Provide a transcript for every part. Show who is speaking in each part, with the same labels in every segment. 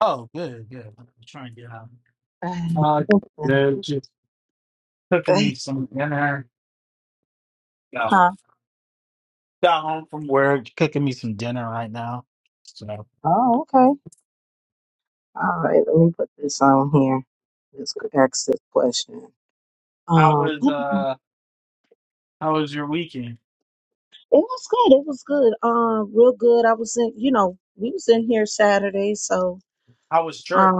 Speaker 1: Oh, good, good. I'm trying to get out. Uh, good. Just cooking me some dinner. Got got home from work, cooking me some dinner right now. So, how was uh, how was your weekend? How was church?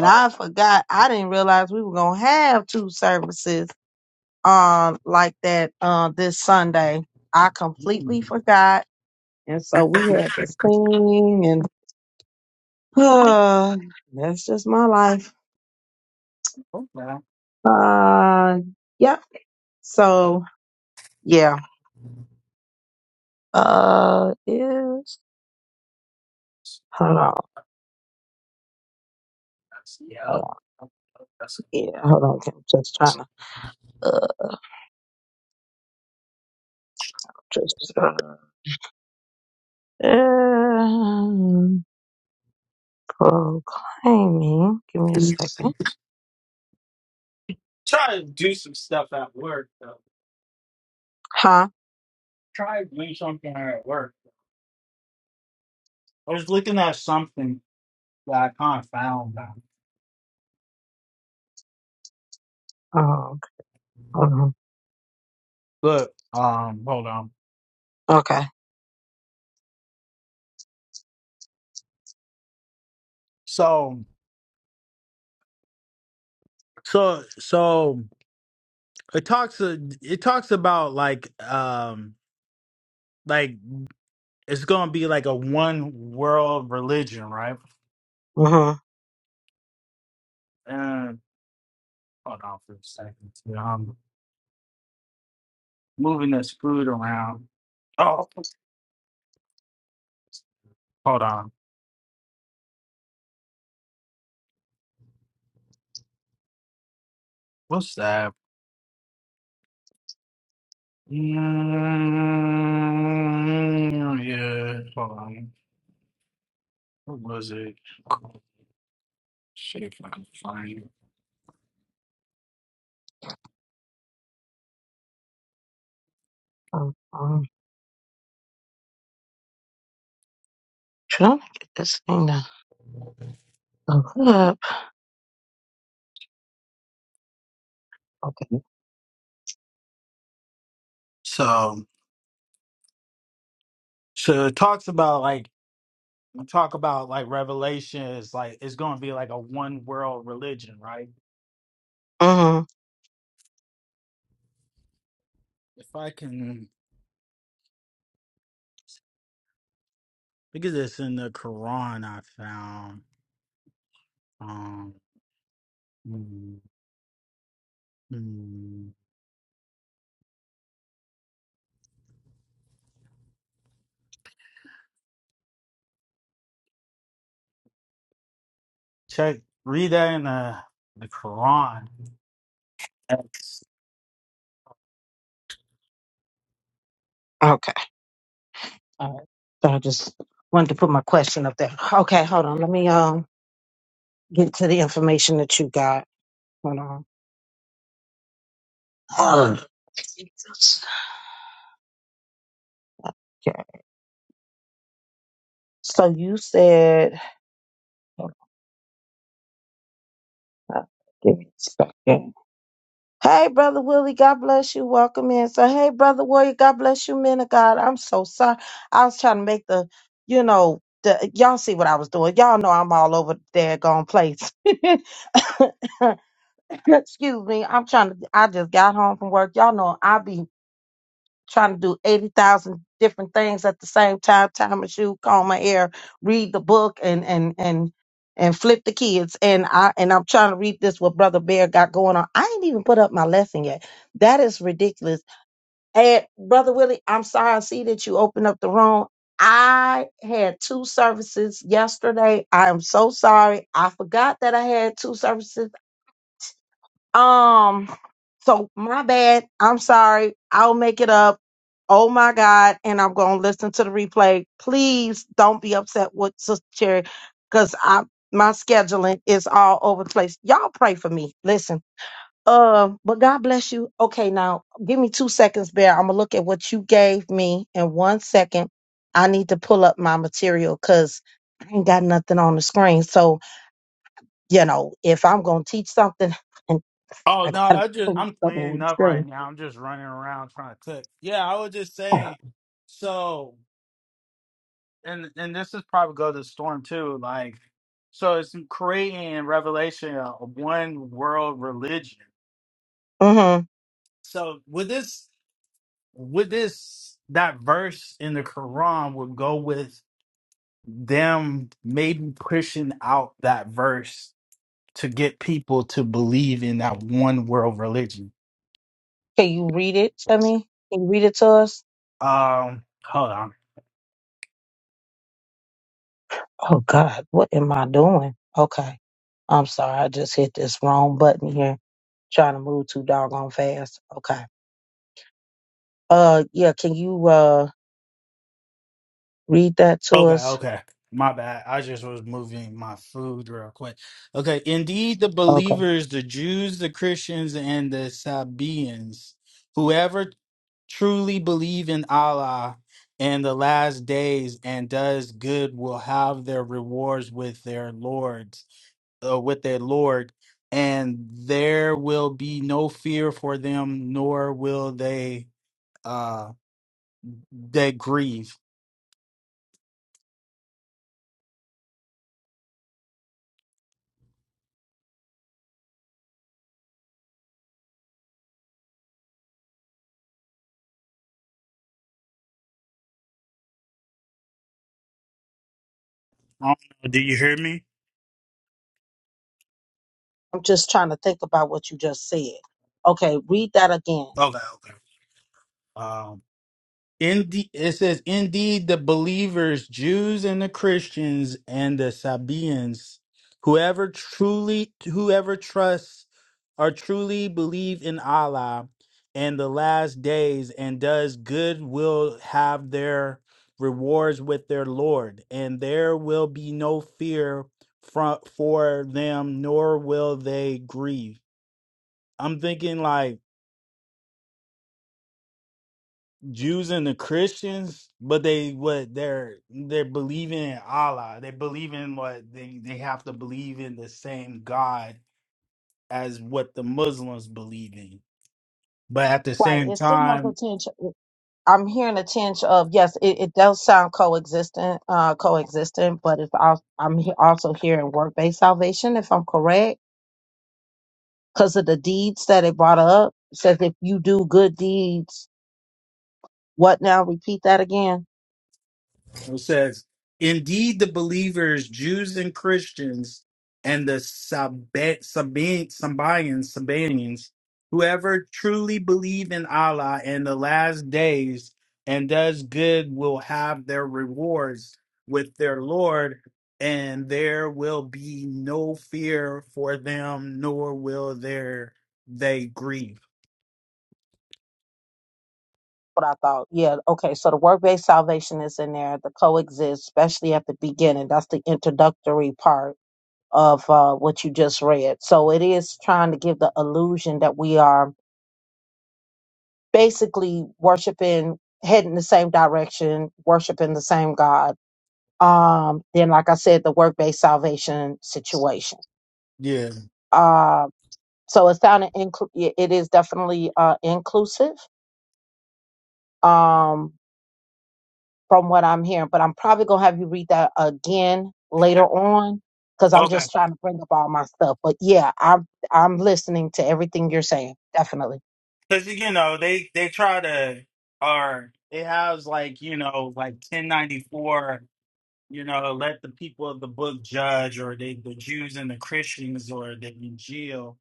Speaker 1: Oh, mm. okay. That's, yep. That's, try to do some stuff at work though. Try to do something at work. I was looking at something that I kind of found. out. Look, um, hold on. So. So so it talks uh, it talks about like um like it's gonna be like a one world religion, right? And hold on for a second. too. I'm moving this food around. Oh, hold on. What's that? Mm, yeah, hold on. What was it? See if I can find it. So so it talks about like talk about like revelation is like it's going to be like a one world religion right if i can because it's in the quran i found um mm, mm. check read that in the the quran That's- oh no i just i'm cleaning up right now i'm just running around trying to cook yeah i was just saying so and and this is probably go to the storm too like so it's creating in revelation a one world religion So with this, with this, that verse in the Quran would go with them maybe pushing out that verse to get people to believe in that one world religion. Um, hold on. Okay, okay. My bad. I just was moving my food real quick. Okay, indeed, the believers, the Jews, the Christians, and the Sabaeans, whoever truly believe in Allah and the last days and does good will have their rewards with their lords, uh, with their Lord, and there will be no fear for them, nor will they uh they grieve. I don't know. Do you hear me? Okay, okay. Um, in the, it says, indeed, the believers, Jews and the Christians and the Sabaeans, whoever truly, whoever trusts or truly believe in Allah and the last days and does good will have their rewards with their Lord, and there will be no fear from for them, nor will they grieve. I'm thinking like Jews and the Christians, but they what they're they're believing in Allah. They believe in what they they have to believe in the same God as what the Muslims believe in. But at the same time, It says, Indeed, the believers, Jews and Christians, and the Sabe- Sabe- Sabaeans, Sabaeans, whoever truly believe in Allah and the last days and does good will have their rewards with their Lord, and there will be no fear for them, nor will there they grieve. Yeah. Cause you know they they try to or it has like you know like 1094 you know let the people of the book judge or they the Jews and the Christians or the Injil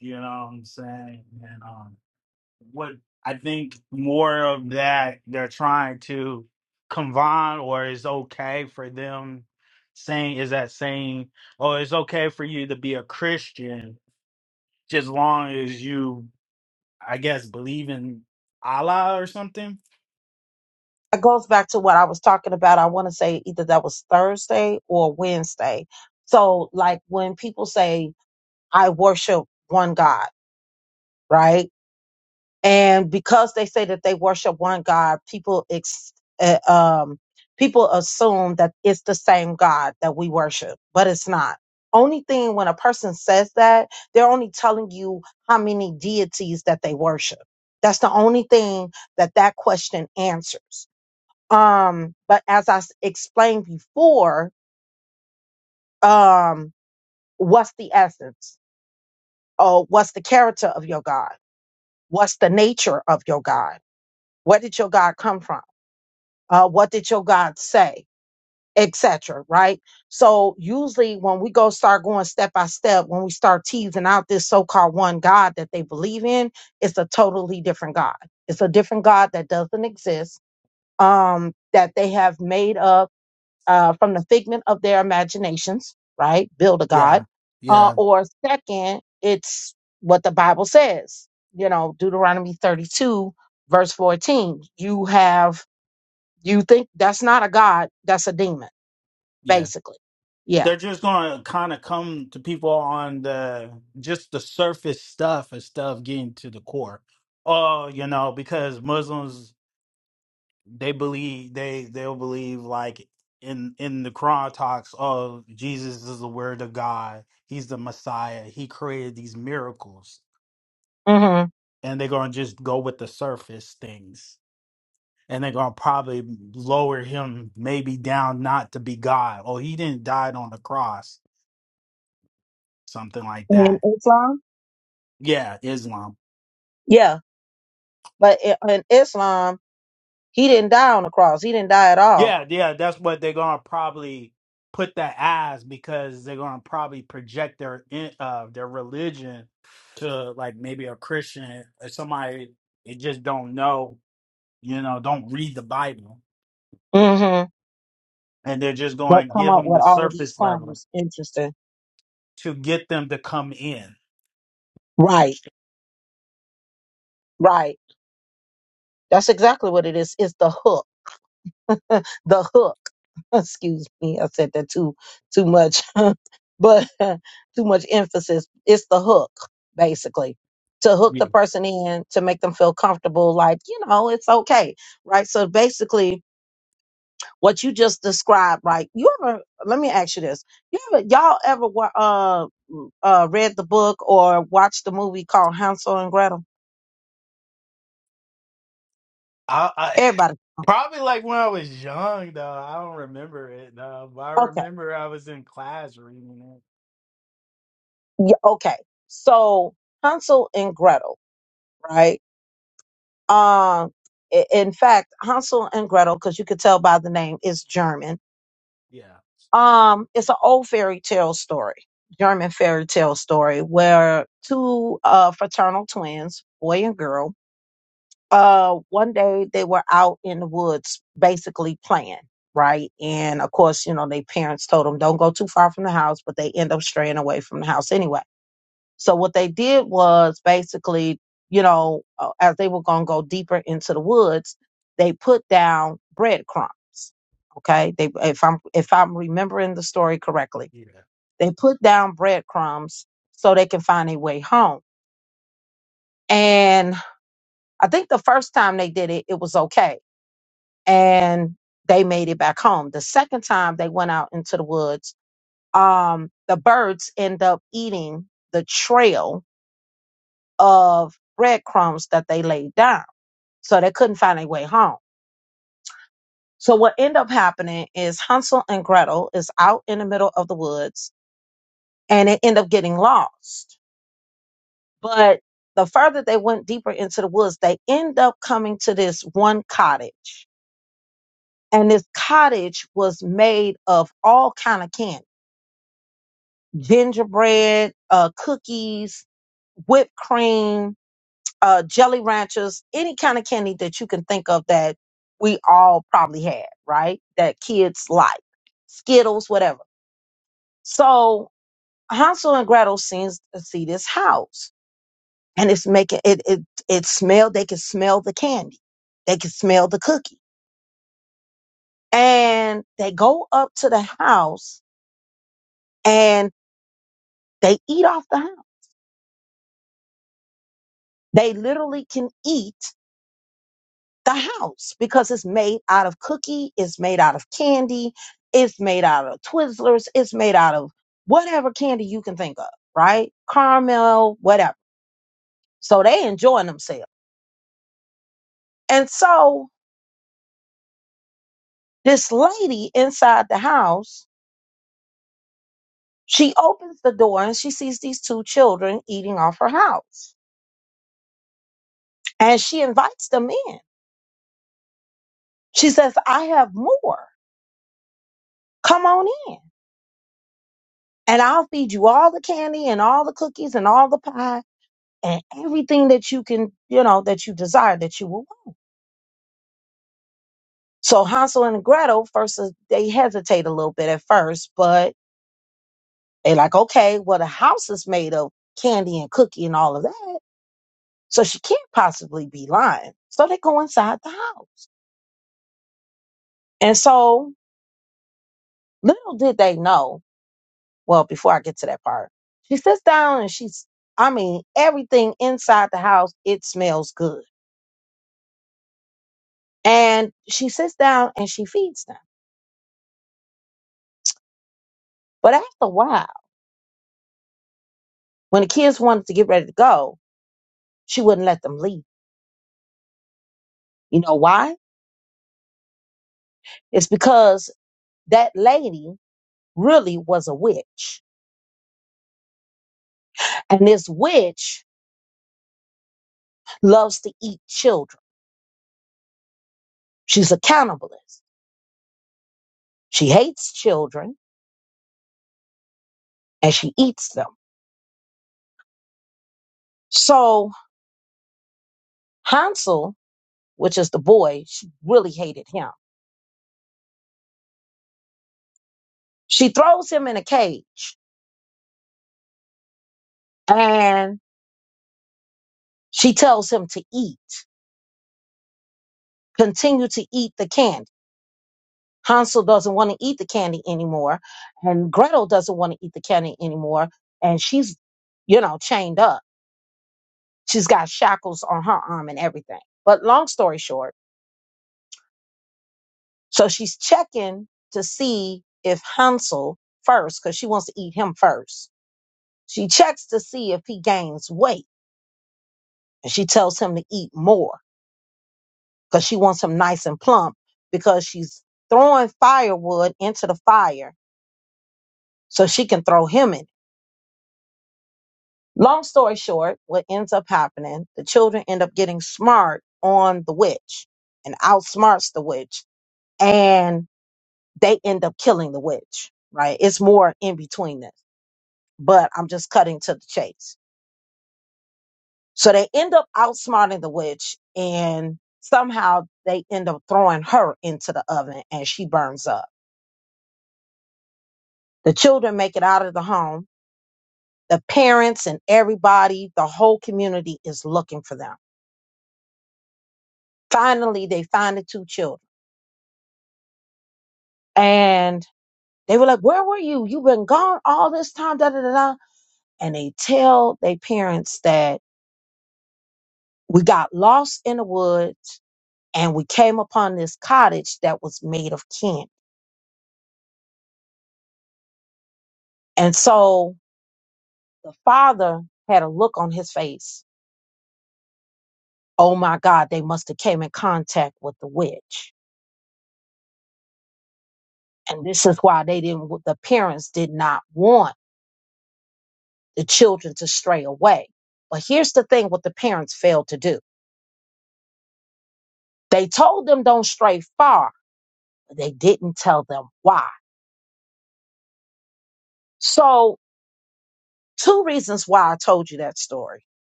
Speaker 1: you know what I'm saying and um what I think more of that they're trying to combine or it's okay for them saying is that saying oh it's okay for you to be a Christian just long as you I guess believe in Allah or something. Yeah, yeah, yeah. They're just gonna kind of come to people on the just the surface stuff and stuff getting to the core. Oh, you know, because Muslims they believe they they'll believe like in in the Quran talks. Oh, Jesus is the Word of God. He's the Messiah. He created these miracles, and they're gonna just go with the surface things and they're gonna probably lower him maybe down not to be God. Oh, he didn't die on the cross, something like that. Yeah, Islam. Yeah, yeah, that's what they're gonna probably put that as because they're gonna probably project their in- uh their religion to like maybe a Christian or somebody they just don't know, you know, don't read the Bible, and they're just gonna give them the surface level to get them to come in. Yeah. I, Probably like when I was young, though. I don't remember it, though. But I remember I was in class reading it. Yeah. Yeah.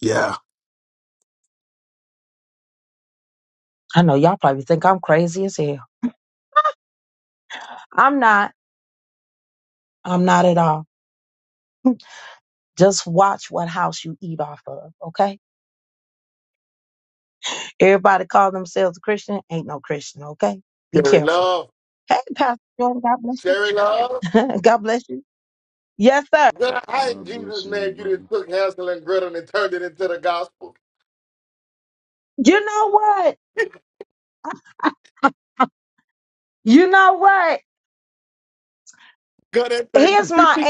Speaker 1: Yeah.
Speaker 2: Cherry Love. Cherry Love. Good how in
Speaker 3: God
Speaker 2: Jesus'
Speaker 3: bless
Speaker 2: name you just
Speaker 3: everybody.
Speaker 2: took Hansel and Gretel and turned it into the gospel. Good at that. thing.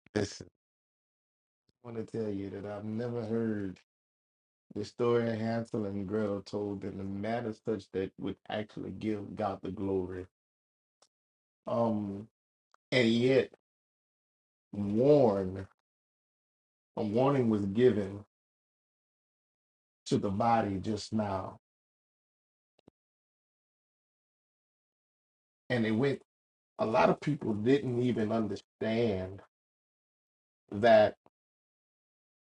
Speaker 2: Listen, I want to tell you that I've never heard the story of Hansel and Gretel told in a manner such that would actually give God the glory. Um, and yet warn a warning was given to the body just now. And it went a lot of people didn't even understand that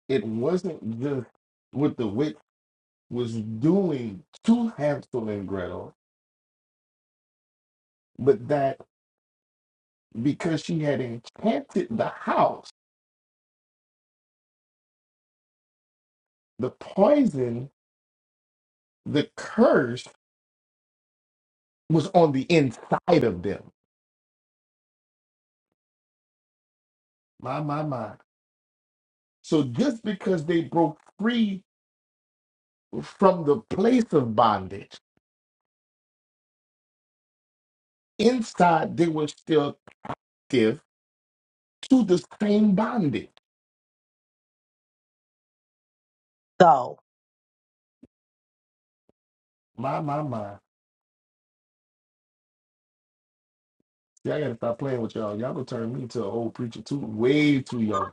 Speaker 2: it wasn't just with the witch. was doing to Hansel and Gretel, but that because she had enchanted the house, the poison, the curse was on the inside of them. My, my, my. So just because they broke free from the place of bondage, inside they were still captive to the same bondage. My, my, my. See, I gotta stop playing with y'all. Y'all gonna turn me into an old preacher too, way too young.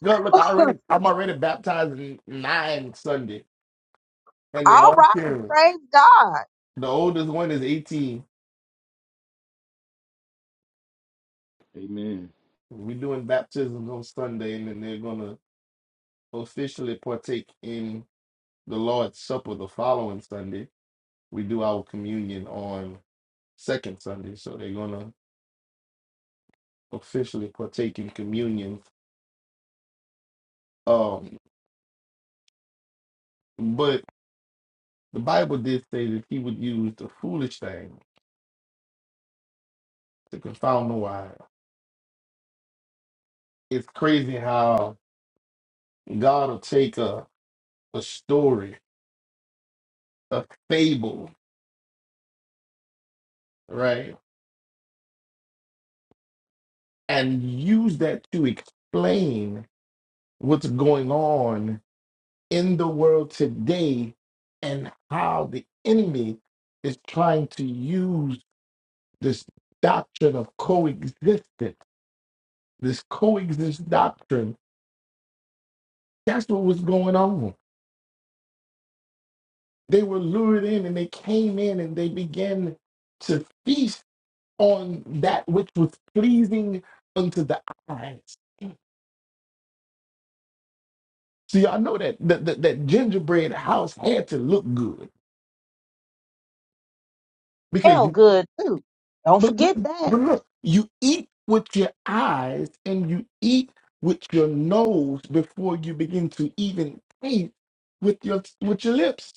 Speaker 2: Look, look, I already, I'm already baptized in nine Sunday, and they all carrying. The oldest one is 18.
Speaker 3: Amen.
Speaker 2: We're doing baptisms on Sunday, and then they're gonna officially partake in the Lord's Supper the following Sunday. We do our communion on second Sunday, so they're gonna officially partake in communion. Um, but the Bible did say that He would use the foolish thing to confound the wise. It's crazy how God will take a a story a fable, right? And use that to explain what's going on in the world today and how the enemy is trying to use this doctrine of coexistence, this coexist doctrine. That's what was going on. They were lured in and they came in and they began to feast on that which was pleasing unto the eyes So y'all know that that, that that gingerbread house had to look good because you but, but but look, you eat with your eyes and you eat with your nose before you begin to even taste with your with your lips.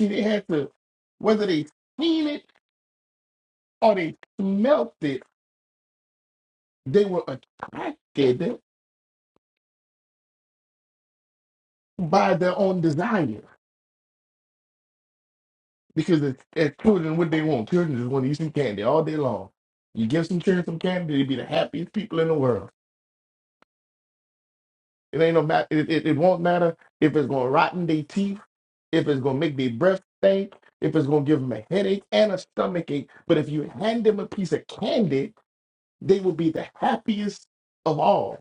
Speaker 2: See, they had to whether they seen it or they smelt it, they were attracted by their own desire. Because as, as children, what they want, children just want to eat some candy all day long. You give some children some candy, they be the happiest people in the world. It ain't no matter. It, it, it won't matter if it's gonna rotten their teeth, if it's gonna make their breath stink, if it's gonna give them a headache and a stomach ache. But if you hand them a piece of candy, they will be the happiest of all.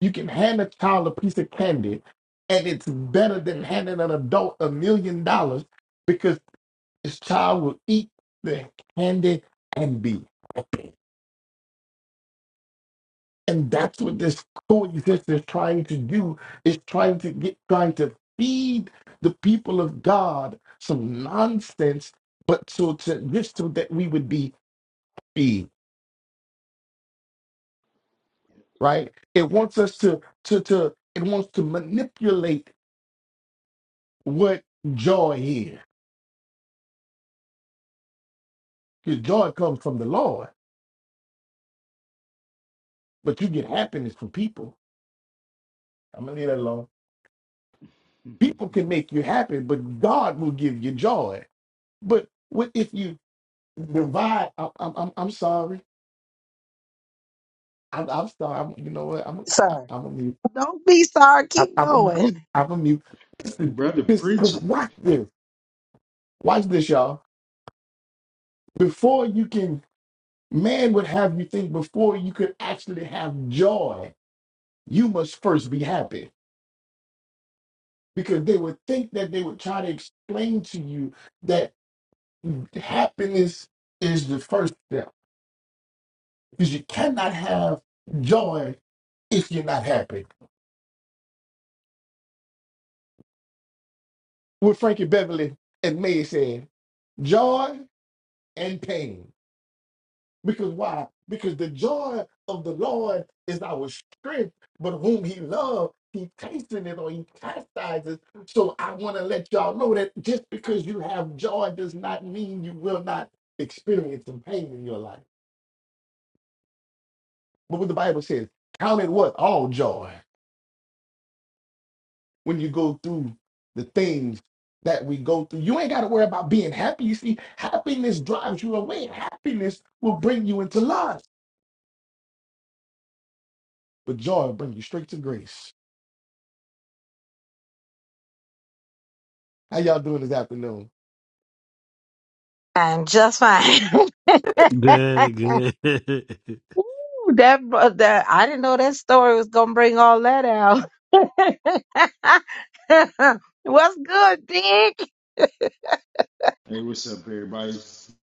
Speaker 2: You can hand a child a piece of candy, and it's better than handing an adult a million dollars because this child will eat the candy and be happy. And that's what this coexistence is trying to do. Is trying to get trying to feed the people of God some nonsense, but so to just so that we would be feed, right? It wants us to to to it wants to manipulate what joy is. Because joy comes from the Lord, but you get happiness from people. I'm gonna leave that alone. People can make you happy, but God will give you joy. But what if you divide? I'm, I'm, I'm I'm sorry. I'm, I'm sorry. I'm, you know what? I'm, a, I'm a mute. I'm, I'm a mute. I'm a mute. Listen,
Speaker 3: brother
Speaker 2: cause, cause
Speaker 3: preacher.
Speaker 2: watch this. Watch this, y'all. Before you can, man would have you think. Before you could actually have joy, you must first be happy. Because they would think that they would try to explain to you that happiness is the first step. Because you cannot have joy if you're not happy. What Frankie Beverly and May said, joy and pain. Because why? Because the joy of the Lord is our strength, but whom he loves, he chasteneth, or he chastises. So I want to let y'all know that just because you have joy does not mean you will not experience some pain in your life. But what the Bible says, count it what? All joy when you go through the things that we go through. You ain't got to worry about being happy. You see, happiness drives you away. Happiness will bring you into love, but joy will bring you straight to grace. How y'all doing this afternoon?
Speaker 1: Good, good.
Speaker 3: Hey, what's up, everybody? It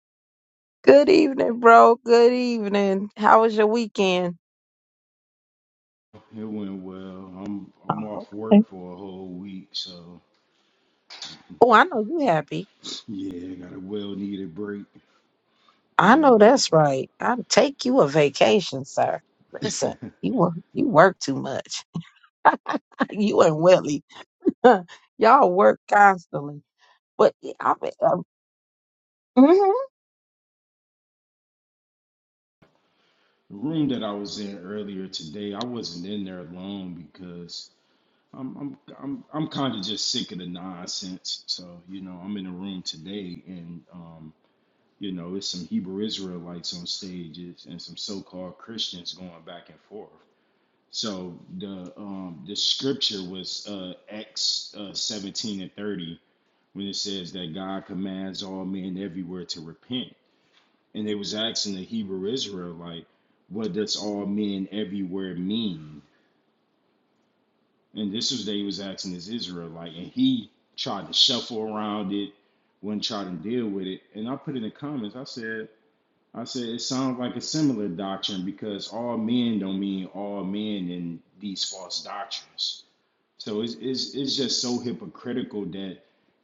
Speaker 3: went well. I'm I'm off work for a whole week, so yeah, got a well needed break. Yeah, but the room that I was in earlier today, I wasn't in there alone because I'm I'm I'm I'm kind of just sick of the nonsense. So you know, I'm in a room today, and um. You know, it's some Hebrew Israelites on stages and some so-called Christians going back and forth. So the um, the scripture was uh, Acts uh, 17 and 30 when it says that God commands all men everywhere to repent. And they was asking the Hebrew Israelite, what does all men everywhere mean? And this was they was asking this Israelite, and he tried to shuffle around it, wouldn't try to deal with it. And I put in the comments, I said, I said it sounds like a similar doctrine because all men don't mean all men in these false doctrines. So it's it's, it's just so hypocritical that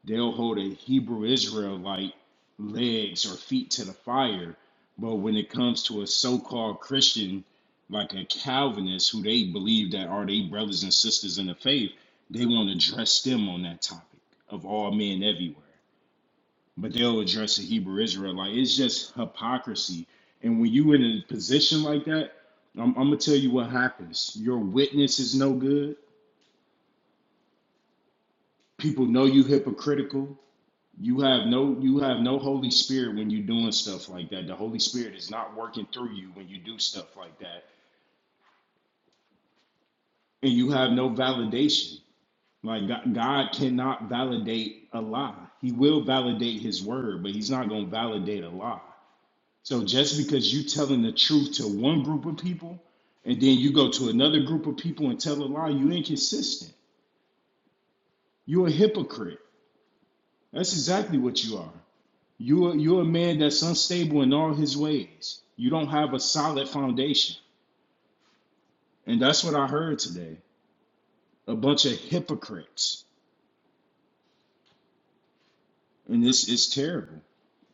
Speaker 3: they'll hold a Hebrew Israelite legs or feet to the fire, but when it comes to a so-called Christian like a Calvinist who they believe that are they brothers and sisters in the faith, they want to dress them on that topic of all men everywhere but they'll address the Hebrew Israelite. Like, It's just hypocrisy. And when you in a position like that, I'm, I'm gonna tell you what happens. Your witness is no good. People know you hypocritical. You have no you have no Holy Spirit when you're doing stuff like that. The Holy Spirit is not working through you when you do stuff like that. And you have no validation. Like God, God cannot validate a lie. He will validate his word, but he's not gonna validate a lie. So just because you telling the truth to one group of people and then you go to another group of people and tell a lie, you inconsistent. You're a hypocrite. That's exactly what you are. You're you're a man that's unstable in all his ways. You don't have a solid foundation. And that's what I heard today. A bunch of hypocrites. And this is terrible.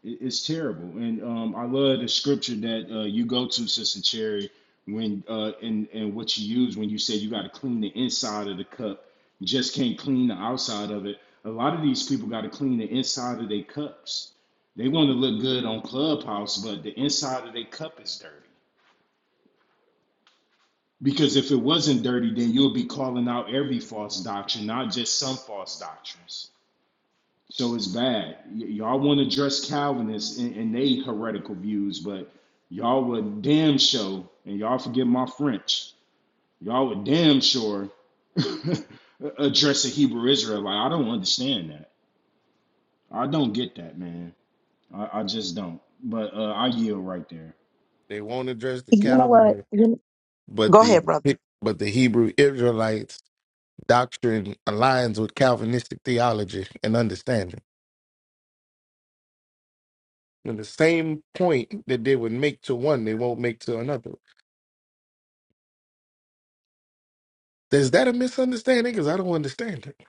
Speaker 3: It- It's terrible. And um, I love the scripture that uh, you go to, Sister Cherry, when uh, and and what you use when you say you got to clean the inside of the cup. You just can't clean the outside of it. A lot of these people got to clean the inside of their cups. They want to look good on Clubhouse, but the inside of their cup is dirty. Because if it wasn't dirty, then you'll be calling out every false doctrine, not just some false doctrines. So it's bad. Y- y'all want to dress Calvinists and, and they heretical views, but y'all would damn sure and y'all forget my French. Y'all would damn sure address a Hebrew Israelite. I don't understand that. I don't get that, man. I, I just don't. But uh, I yield right there.
Speaker 2: They won't address the Calvinist, but the but the Hebrew Israelites doctrine aligns with Calvinistic theology and understanding. And the same point that they would make to one, they won't make to another. Is that a misunderstanding? Because I don't understand it.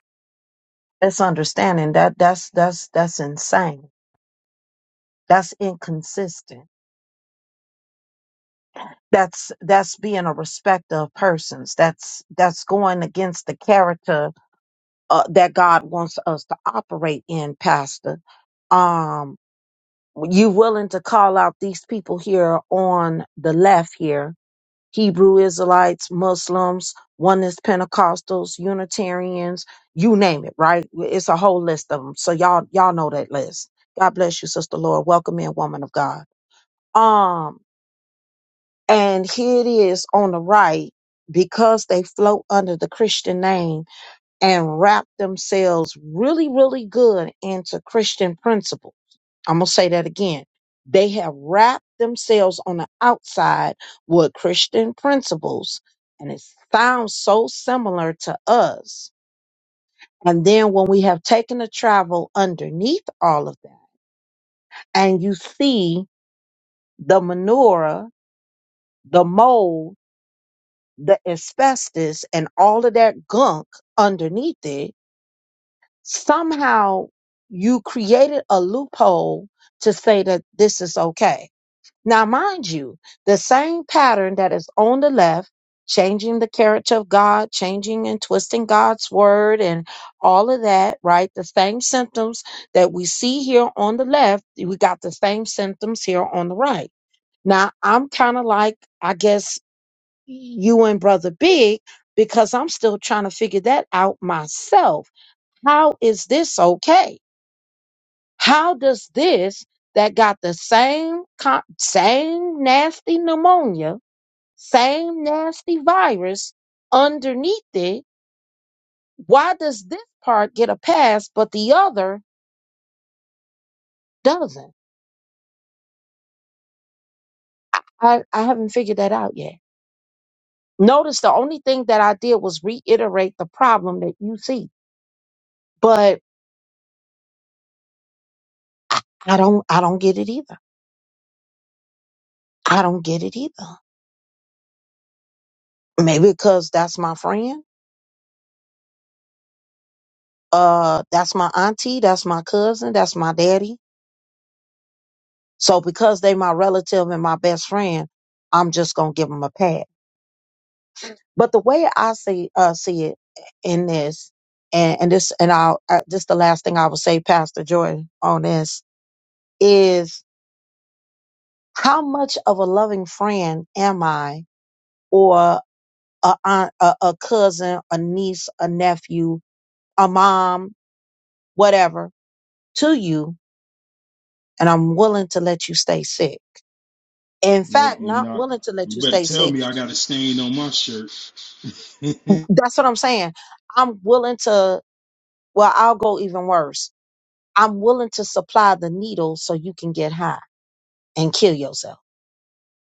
Speaker 3: Nope, you're not. You better tell me I got a stain on my shirt.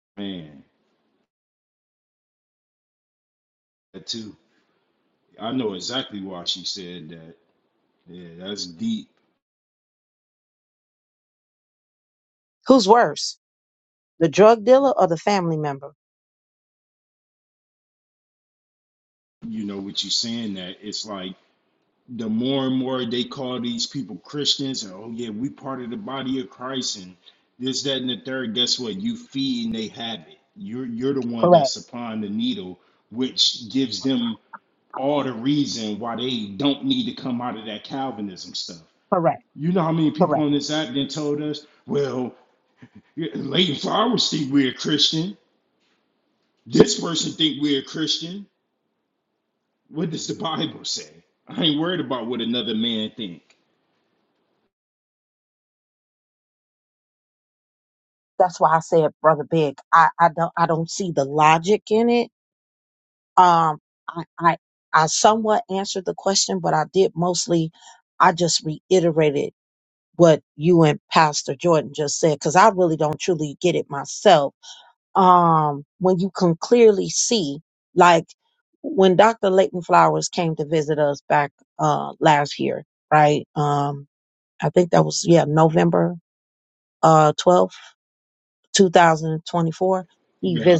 Speaker 3: man, that too. I know exactly why she said that. Yeah, that's deep. you know what you're saying that it's like the more and more they call these people christians and oh yeah we part of the body of christ and this that and the third guess what you feed and they have it you're you're the one that's supplying the needle which gives them all the reason why they don't need to come out of that calvinism stuff you know how many people on this app then told us well Leighton Flowers think we're a Christian. This person think we're a Christian. What does the Bible say? I ain't worried about what another man think. Yeah,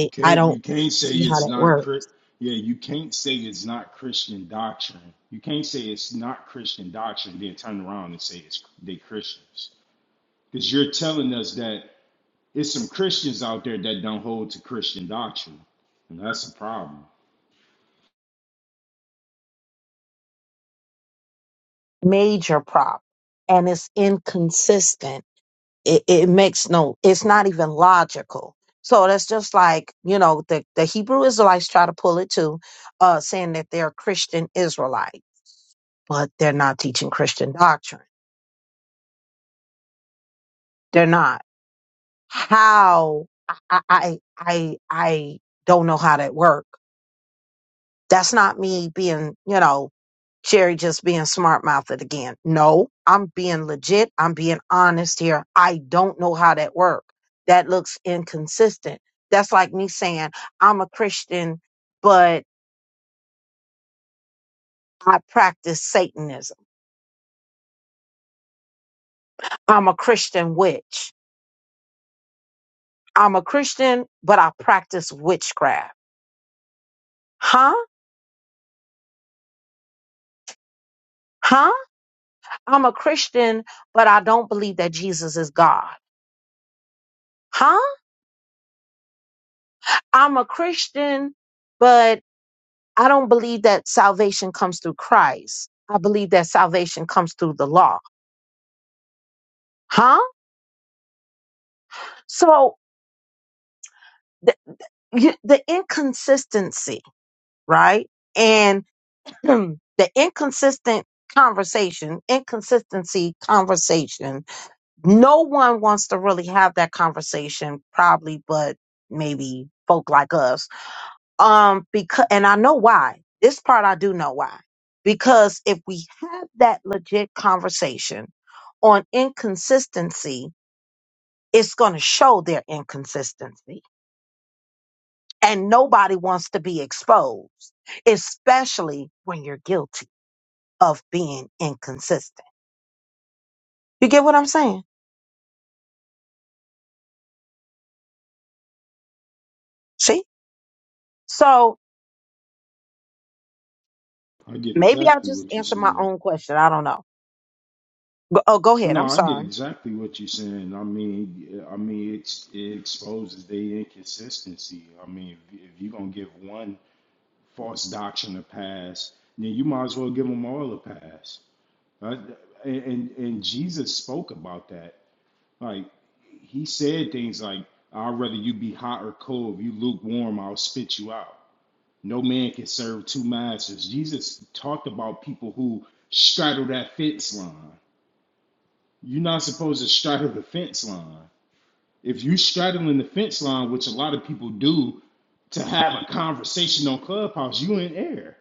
Speaker 3: you can't you can't say it's not Chri- yeah you can't say it's not Christian doctrine. You can't say it's not Christian doctrine. Then turn around and say it's they Christians because you're telling us that it's some Christians out there that don't hold to Christian doctrine, and that's a problem. I get exactly what you're saying. No, I get exactly what you're saying. I mean, I mean, it's, it exposes their inconsistency. I mean, if, if you're gonna give one false doctrine a pass, then you might as well give them all a pass. Right? And, and and Jesus spoke about that. Like he said things like, "I'd rather you be hot or cold. If you lukewarm, I'll spit you out." No man can serve two masters. Jesus talked about people who straddle that fence line. You're not supposed to straddle the fence line. If you straddling the fence line, which a lot of people do, to have a conversation on Clubhouse, you in air.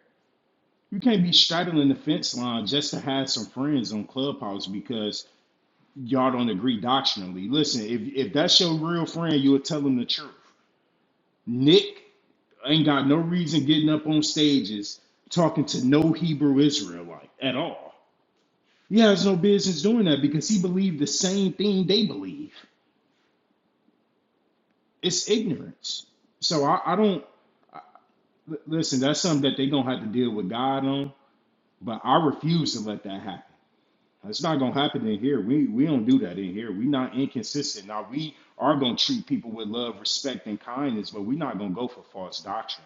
Speaker 3: You can't be straddling the fence line just to have some friends on Clubhouse because y'all don't agree doctrinally. Listen, if if that's your real friend, you'll tell them the truth. Nick ain't got no reason getting up on stages talking to no Hebrew Israelite at all. He has no business doing that because he believed the same thing they believe. It's ignorance. So I, I don't. L- Listen, that's something that they're gonna have to deal with God on. But I refuse to let that happen. It's not gonna happen in here. We we don't do that in here. We're not inconsistent. Now we are gonna treat people with love, respect, and kindness, but we're not gonna go for false doctrine.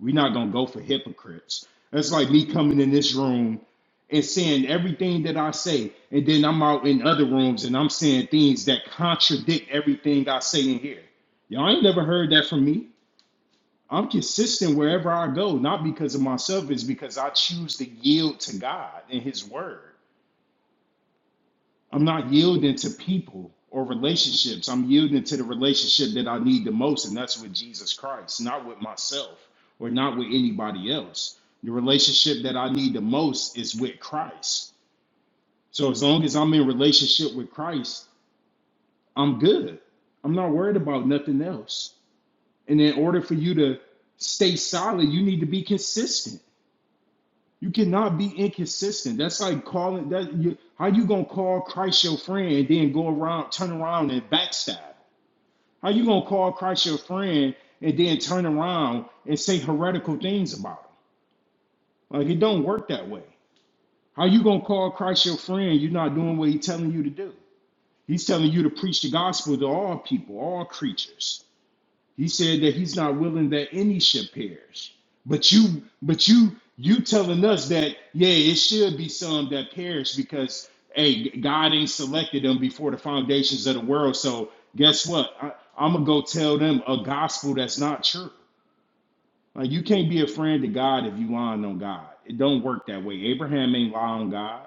Speaker 3: We're not gonna go for hypocrites. That's like me coming in this room and saying everything that I say, and then I'm out in other rooms and I'm saying things that contradict everything I say in here. Y'all ain't never heard that from me. I'm consistent wherever I go, not because of myself, it's because I choose to yield to God and His Word. I'm not yielding to people or relationships. I'm yielding to the relationship that I need the most, and that's with Jesus Christ, not with myself or not with anybody else. The relationship that I need the most is with Christ. So as long as I'm in relationship with Christ, I'm good. I'm not worried about nothing else. And in order for you to stay solid, you need to be consistent You cannot be inconsistent. That's like calling that you how you gonna call Christ your friend and then go around, turn around and backstab? How you gonna call Christ your friend and then turn around and say heretical things about him? Like it don't work that way. How you gonna call Christ your friend? You're not doing what he's telling you to do. He's telling you to preach the gospel to all people, all creatures. He said that he's not willing that any should perish. But you, but you, you telling us that yeah, it should be some that perish because hey, God ain't selected them before the foundations of the world. So guess what? I, I'm gonna go tell them a gospel that's not true. Like you can't be a friend to God if you lying on God. It don't work that way. Abraham ain't lying on God.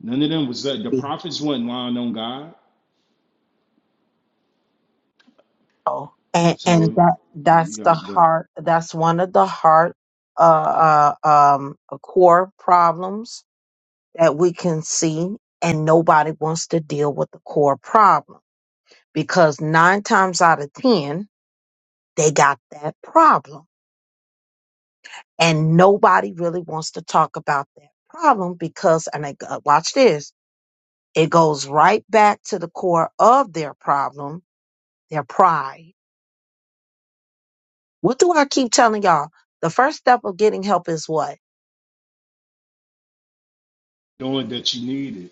Speaker 3: None of them was that. The prophets wasn't lying on God. So you know, the knowing that you needed.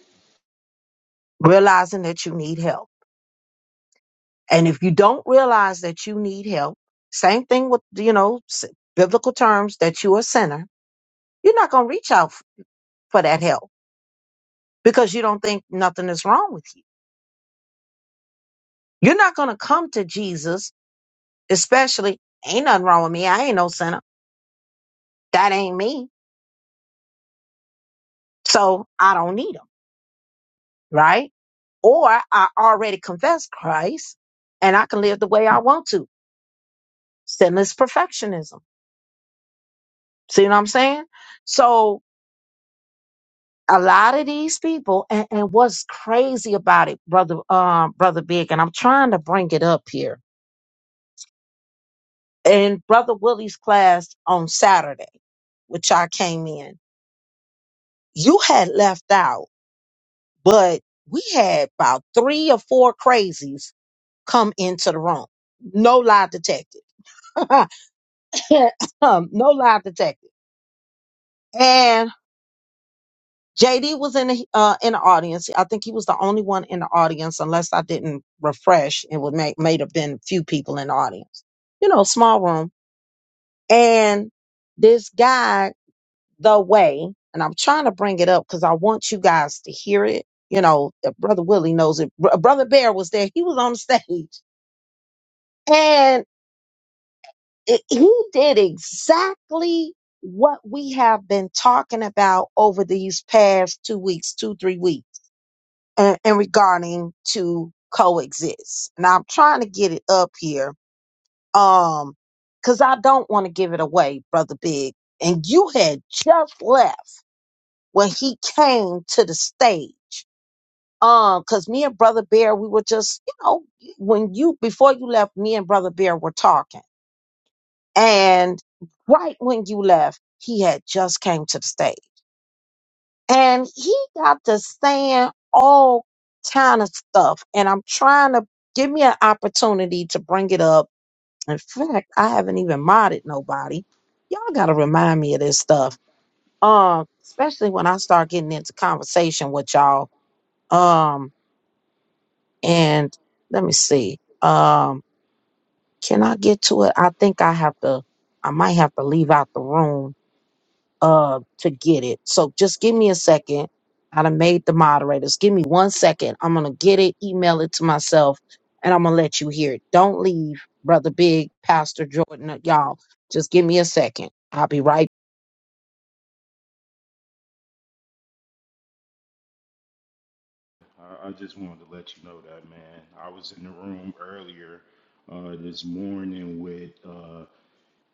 Speaker 3: I, I just wanted to let you know that, man. I was in the room earlier uh, this morning with uh,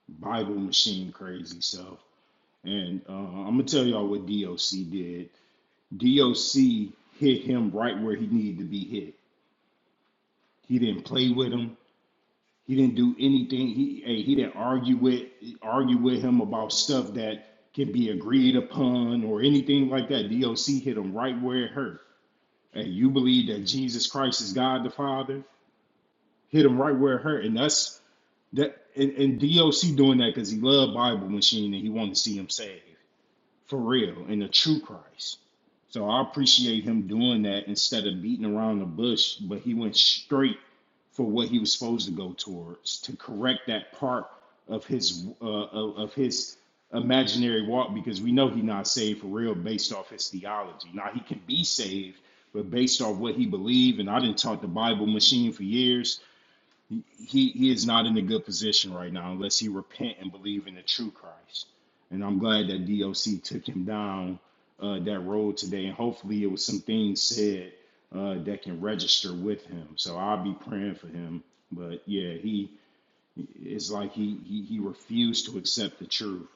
Speaker 3: Bible Machine Crazy Self, and uh, I'm gonna tell y'all what DOC did. DOC hit him right where he needed to be hit. He didn't play with him. He didn't do anything. He hey, he didn't argue with argue with him about stuff that can be agreed upon or anything like that. DOC hit him right where it hurt. Hey, you believe that Jesus Christ is God the Father? hit him right where it hurt, and that's that. And, and DOC doing that because he loved Bible Machine and he wanted to see him saved for real and the true Christ. So I appreciate him doing that instead of beating around the bush, but he went straight for what he was supposed to go towards to correct that part of his uh, of, of his imaginary walk because we know he's not saved for real based off his theology. Now he can be saved, but based off what he believed, and I didn't talk to Bible machine for years he, he he is not in a good position right now unless he repent and believe in the true Christ. And I'm glad that DOC took him down uh, that road today. And hopefully, it was some things said uh, that can register with him. So I'll be praying for him. But yeah, he it's like he he, he refused to accept the truth.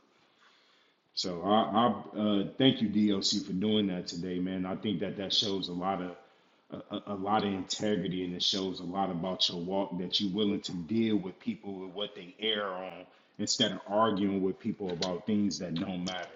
Speaker 3: So I, I uh, thank you, DOC, for doing that today, man. I think that that shows a lot of a, a a lot of integrity and it shows a lot about your walk that you're willing to deal with people with what they err on instead of arguing with people about things that don't matter.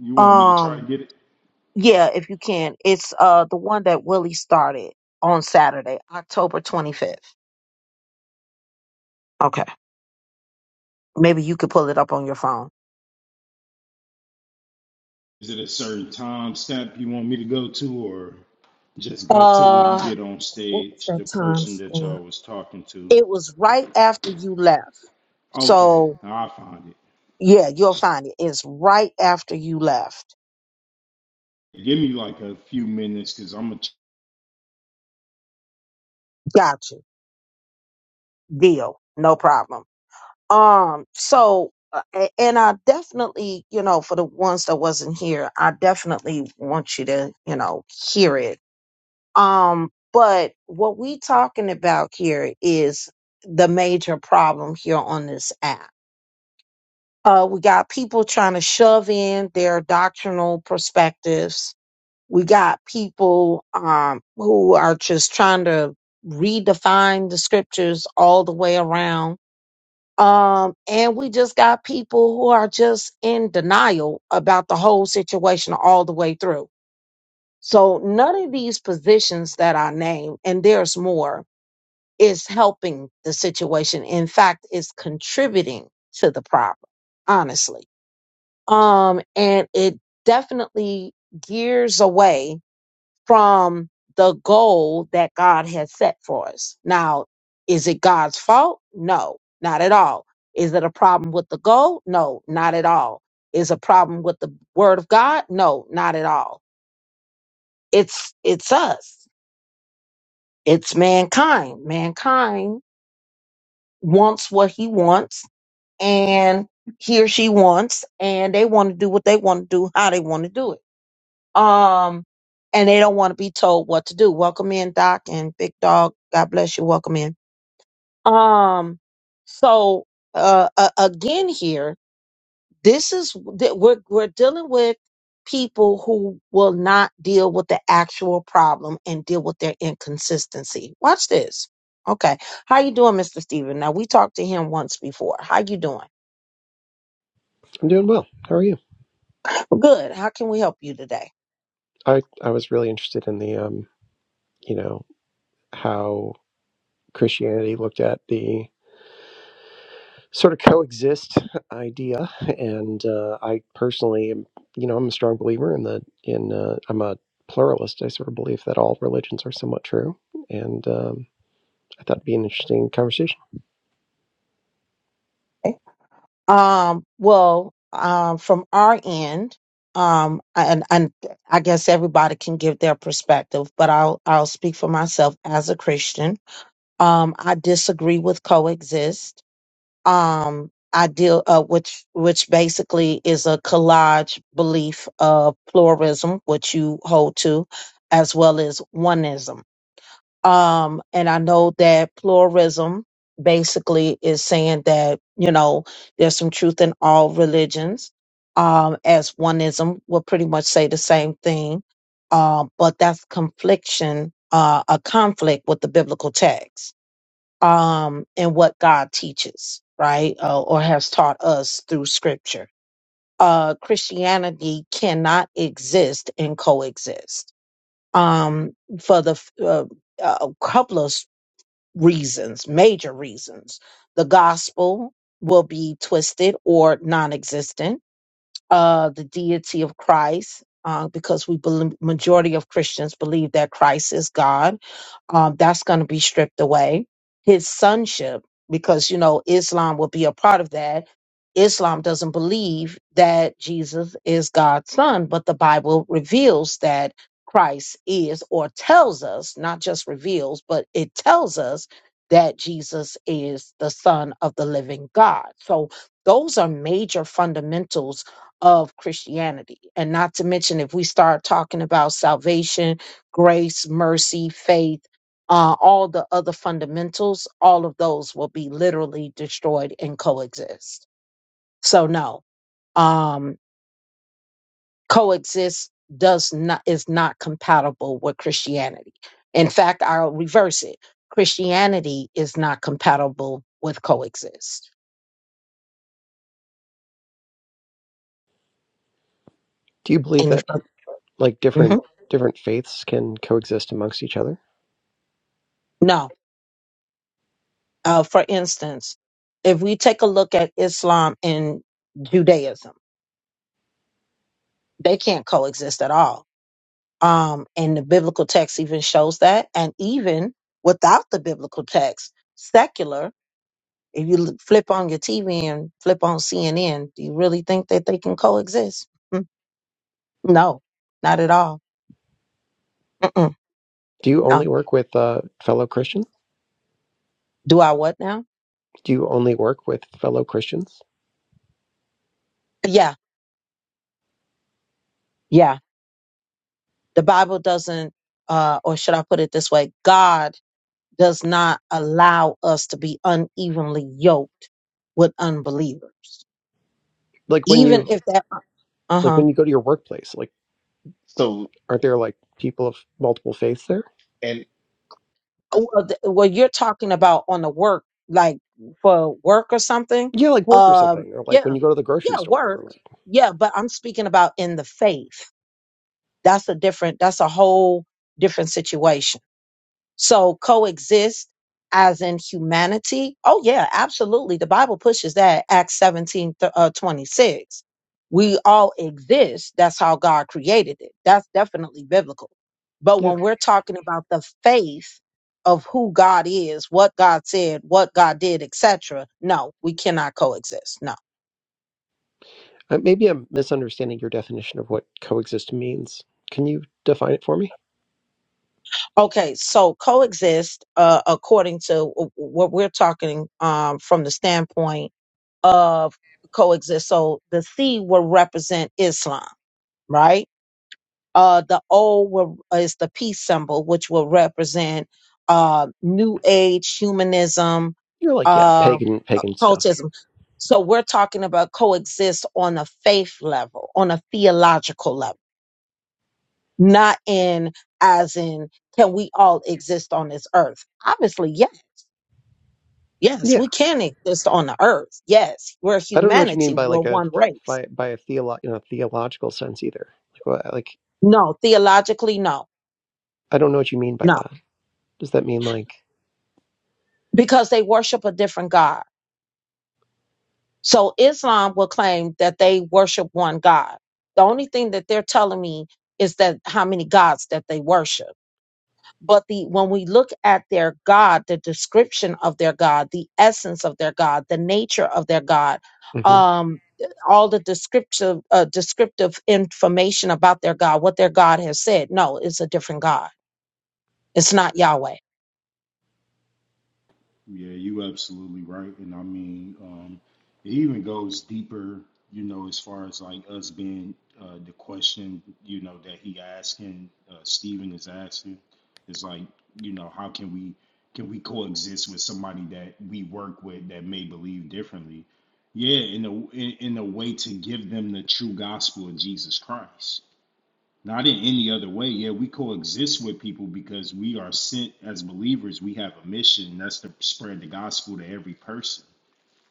Speaker 3: You want me to try to get it? Is it a certain time stamp you want me to go to or just go to when he get on stage, the person that y'all was talking to? Okay, I found it. Give me like a few minutes because I'm gonna
Speaker 4: I'm doing well. How are you? I I was really interested in the um, you know, how Christianity looked at the sort of coexist idea, and uh, I personally, am, you know, I'm a strong believer in the in uh, I'm a pluralist. I sort of believe that all religions are somewhat true, and um, I thought it'd be an interesting conversation. Do you believe that like different different faiths can coexist amongst each other? Do you only work with uh, fellow Christians? Do you only work with fellow Christians? Like when you Like when you go to your workplace, like
Speaker 2: So
Speaker 4: aren't there like people of multiple faiths there?
Speaker 2: and
Speaker 4: Yeah, like work or something, or like when you go to the grocery store, or like yeah. Uh, Maybe I'm misunderstanding your definition of what coexist means. Can you define it for me? You're like yeah, pagan, pagan stuff. Yeah, I don't know what you mean by like a by, by a theolo- in a theological sense either. Like, what, like I don't know what you mean by that. Does that mean like? hmm
Speaker 3: Yeah, you absolutely right. And I mean, um, it even goes deeper, you know, as far as like us being uh, the question, you know, that he asking, uh, Stephen is asking, is like, you know, how can we can we coexist with somebody that we work with that may believe differently? Yeah, in a in, in a way to give them the true gospel of Jesus Christ. Not in any other way. Yeah, we coexist with people because we are sent as believers. We have a mission. That's to spread the gospel to every person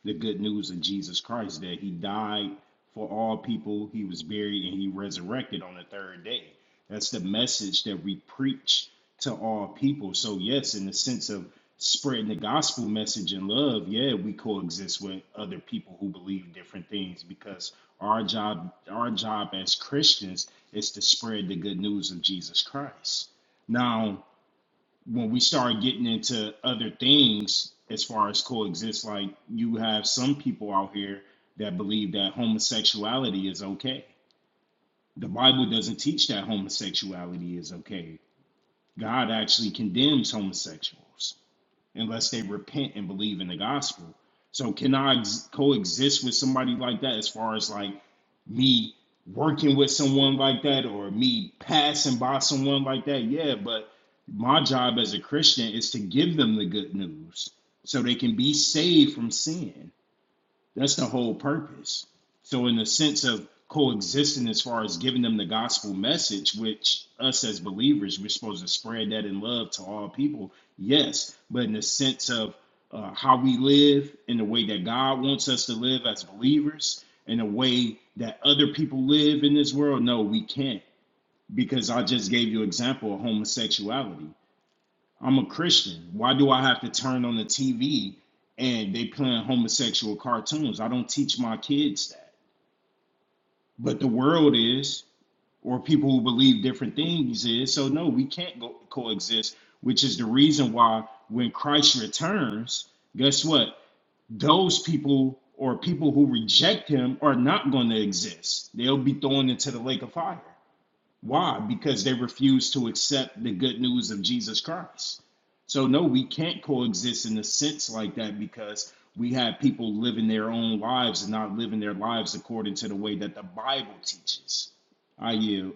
Speaker 3: the good news of Jesus Christ that he died for all people, he was buried, and he resurrected on the third day. That's the message that we preach to all people. So, yes, in the sense of spreading the gospel message and love, yeah, we coexist with other people who believe different things because our job, our job as Christians is to spread the good news of Jesus Christ. Now, when we start getting into other things as far as coexist, like you have some people out here that believe that homosexuality is okay. The Bible doesn't teach that homosexuality is okay. God actually condemns homosexuals unless they repent and believe in the gospel. So can I ex- coexist with somebody like that as far as like me working with someone like that or me passing by someone like that? Yeah, but my job as a Christian is to give them the good news so they can be saved from sin. That's the whole purpose. So, in the sense of coexisting, as far as giving them the gospel message, which us as believers, we're supposed to spread that in love to all people, yes, but in the sense of uh, how we live in the way that God wants us to live as believers, in a way that other people live in this world, no, we can't. Because I just gave you an example of homosexuality. I'm a Christian. Why do I have to turn on the TV and they playing homosexual cartoons? I don't teach my kids that. But the world is, or people who believe different things is. So no, we can't go coexist, which is the reason why when Christ returns, guess what? Those people or people who reject him are not going to exist. They'll be thrown into the lake of fire. Why? Because they refuse to accept the good news of Jesus Christ. So, no, we can't coexist in a sense like that because we have people living their own lives and not living their lives according to the way that the Bible teaches. I yield.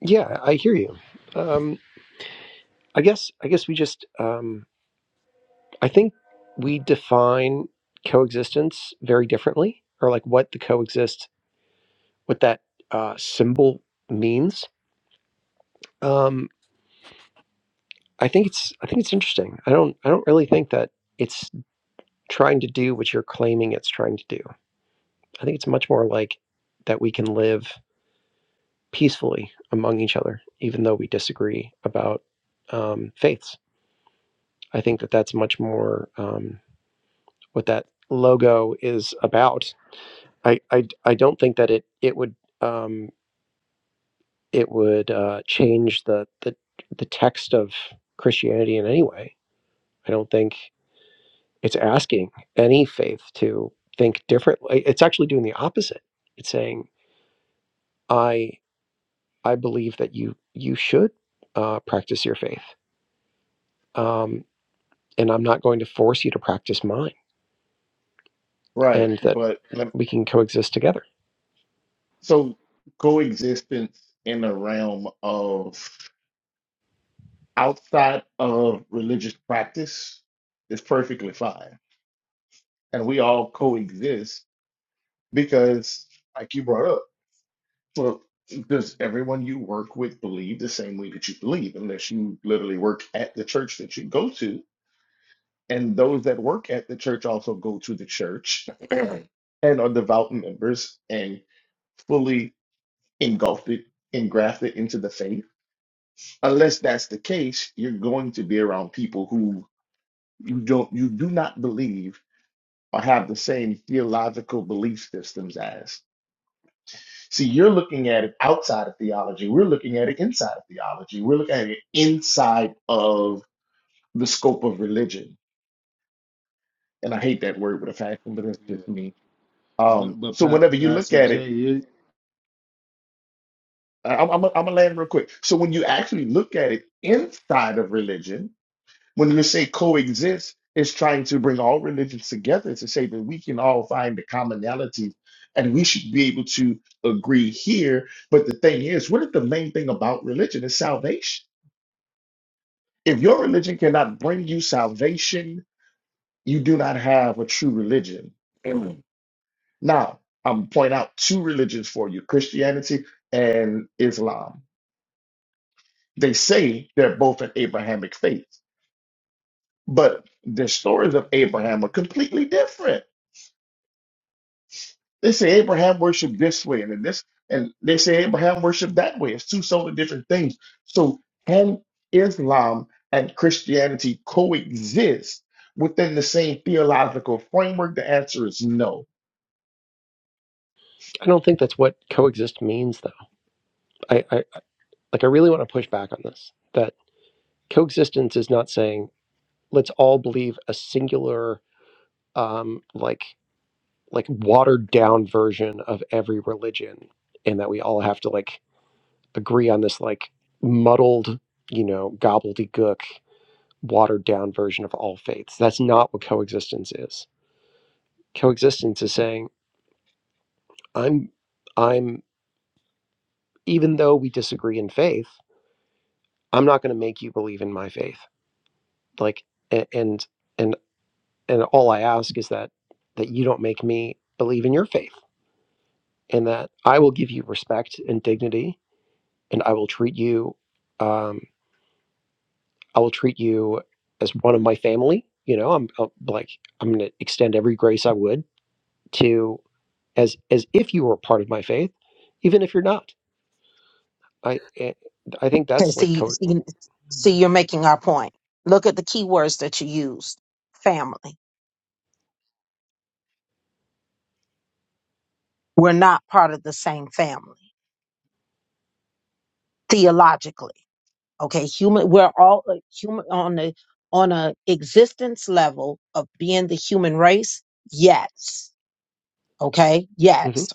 Speaker 4: Yeah, I hear you. Um, I guess I guess we just um, I think we define coexistence very differently, or like what the coexist, what that uh, symbol means. Um, I think it's I think it's interesting. I don't I don't really think that it's trying to do what you're claiming it's trying to do. I think it's much more like that we can live peacefully among each other, even though we disagree about um, faiths. I think that that's much more um, what that logo is about I I I I d- I don't think that it it would um, it would uh, change the, the the text of Christianity in any way. I don't think it's asking any faith to think differently. It's actually doing the opposite. It's saying I I believe that you you should uh, practice your faith, um, and I'm not going to force you to practice mine,
Speaker 2: right,
Speaker 4: and that
Speaker 2: but lem-
Speaker 4: we can coexist together.
Speaker 2: so coexistence in the realm of outside of religious practice is perfectly fine. and we all coexist because, like you brought up, well, does everyone you work with believe the same way that you believe, unless you literally work at the church that you go to? And those that work at the church also go to the church and are devout members and fully engulfed, it, engrafted into the faith. Unless that's the case, you're going to be around people who you don't, you do not believe or have the same theological belief systems as. See, you're looking at it outside of theology. We're looking at it inside of theology. We're looking at it inside of the scope of religion. And I hate that word with a passion, but that's
Speaker 3: Yeah,
Speaker 2: just me. Um,
Speaker 3: but but
Speaker 2: so
Speaker 3: pa-
Speaker 2: whenever you look
Speaker 3: Pastor
Speaker 2: at it,
Speaker 3: Jay, it,
Speaker 2: I- I'm, I'm, I'm gonna land real quick. So when you actually look at it inside of religion, when you say coexist, it's trying to bring all religions together to say that we can all find the commonality and we should be able to agree here. But the thing is, what is the main thing about religion? Is salvation. If your religion cannot bring you salvation, you do not have a true religion. Amen. Now, I'm point out two religions for you, Christianity and Islam. They say they're both an Abrahamic faith, but the stories of Abraham are completely different. They say Abraham worshiped this way, and then this, and they say Abraham worshiped that way. It's two totally different things. So can Islam and Christianity coexist within the same theological framework? The answer is no.
Speaker 4: I don't think that's what coexist means, though. I, I like I really want to push back on this. That coexistence is not saying let's all believe a singular um like like watered down version of every religion and that we all have to like agree on this like muddled you know gobbledygook watered down version of all faiths that's not what coexistence is coexistence is saying i'm i'm even though we disagree in faith i'm not going to make you believe in my faith like and and and all I ask is that that you don't make me believe in your faith, and that I will give you respect and dignity, and I will treat you, um, I will treat you as one of my family. You know, I'm, i like I'm going to extend every grace I would to as as if you were part of my faith, even if you're not. I eh, I think that's like co- Mhm.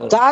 Speaker 2: Um,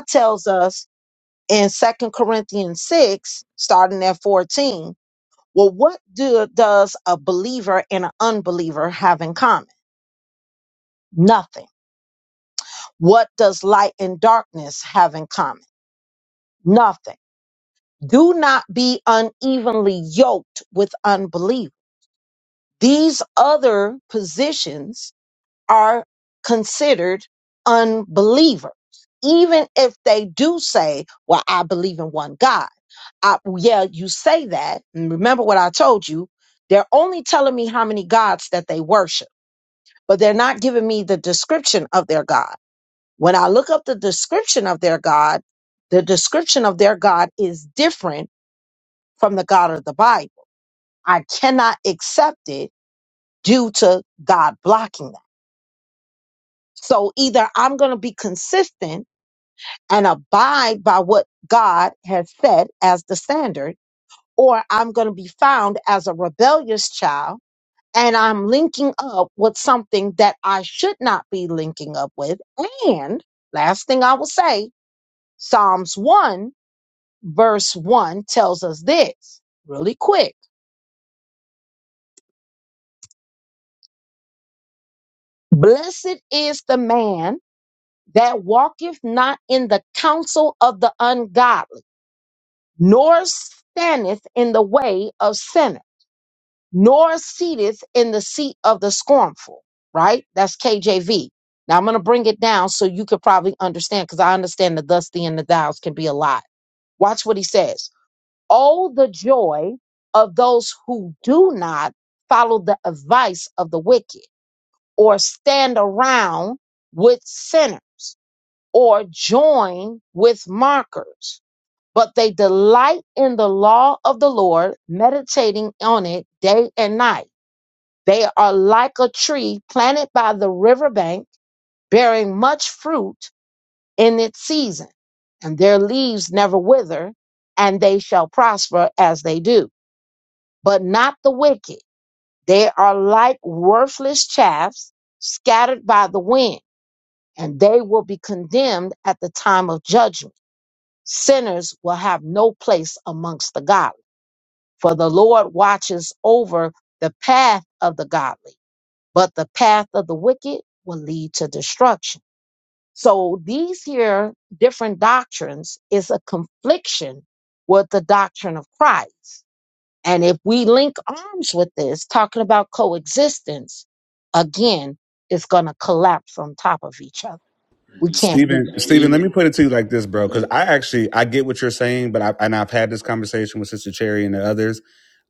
Speaker 3: hmm
Speaker 5: Stephen,
Speaker 3: and
Speaker 5: Stephen, let
Speaker 3: even
Speaker 5: me put it to you like this, bro. Because
Speaker 3: Uh,
Speaker 5: I actually I get what you're saying, but I and I've had this conversation with Sister Cherry and the others.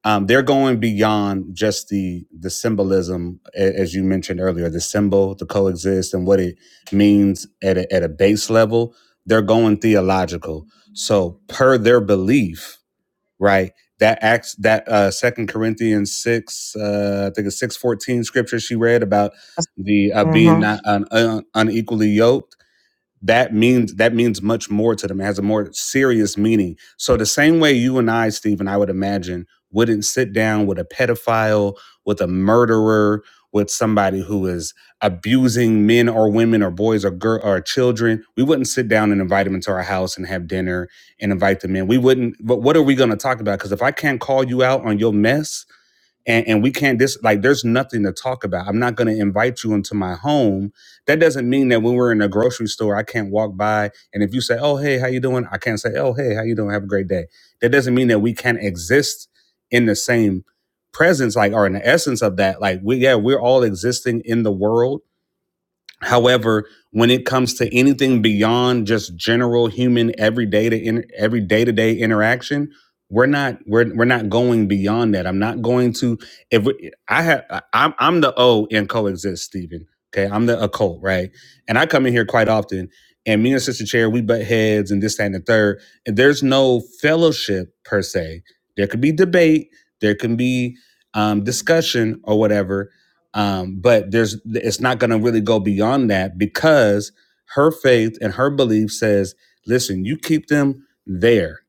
Speaker 5: Um, they're going beyond just the the symbolism, a- as you mentioned earlier, the symbol, the coexist, and what it means at a, at a base level. They're going theological. So per their belief, right? That acts that uh Second Corinthians six, uh, I think it's six fourteen scripture she read about the uh, being not un, un, unequally yoked that means that means much more to them. It has a more serious meaning. So the same way you and I, Stephen, I would imagine, wouldn't sit down with a pedophile, with a murderer, with somebody who is abusing men or women or boys or girl or children. We wouldn't sit down and invite them into our house and have dinner and invite them in. We wouldn't. But what are we going to talk about? Because if I can't call you out on your mess and, and we can't dis like there's nothing to talk about i'm not going to invite you into my home that doesn't mean that when we're in a grocery store i can't walk by and if you say oh hey how you doing i can't say oh hey how you doing have a great day that doesn't mean that we can't exist in the same presence like or in the essence of that like we yeah we're all existing in the world However, when it comes to anything beyond just general human everyday to in, every day to day interaction, we're not we're we're not going beyond that. I'm not going to if we- I have I- I'm I'm the O in coexist, Stephen. Okay, I'm the occult, right? And I come in here quite often, and me and Sister Chair we butt heads and this that, and the third. And there's no fellowship per se. There could be debate, there can be um, discussion or whatever, um, but there's it's not going to really go beyond that because her faith and her belief says listen you keep them there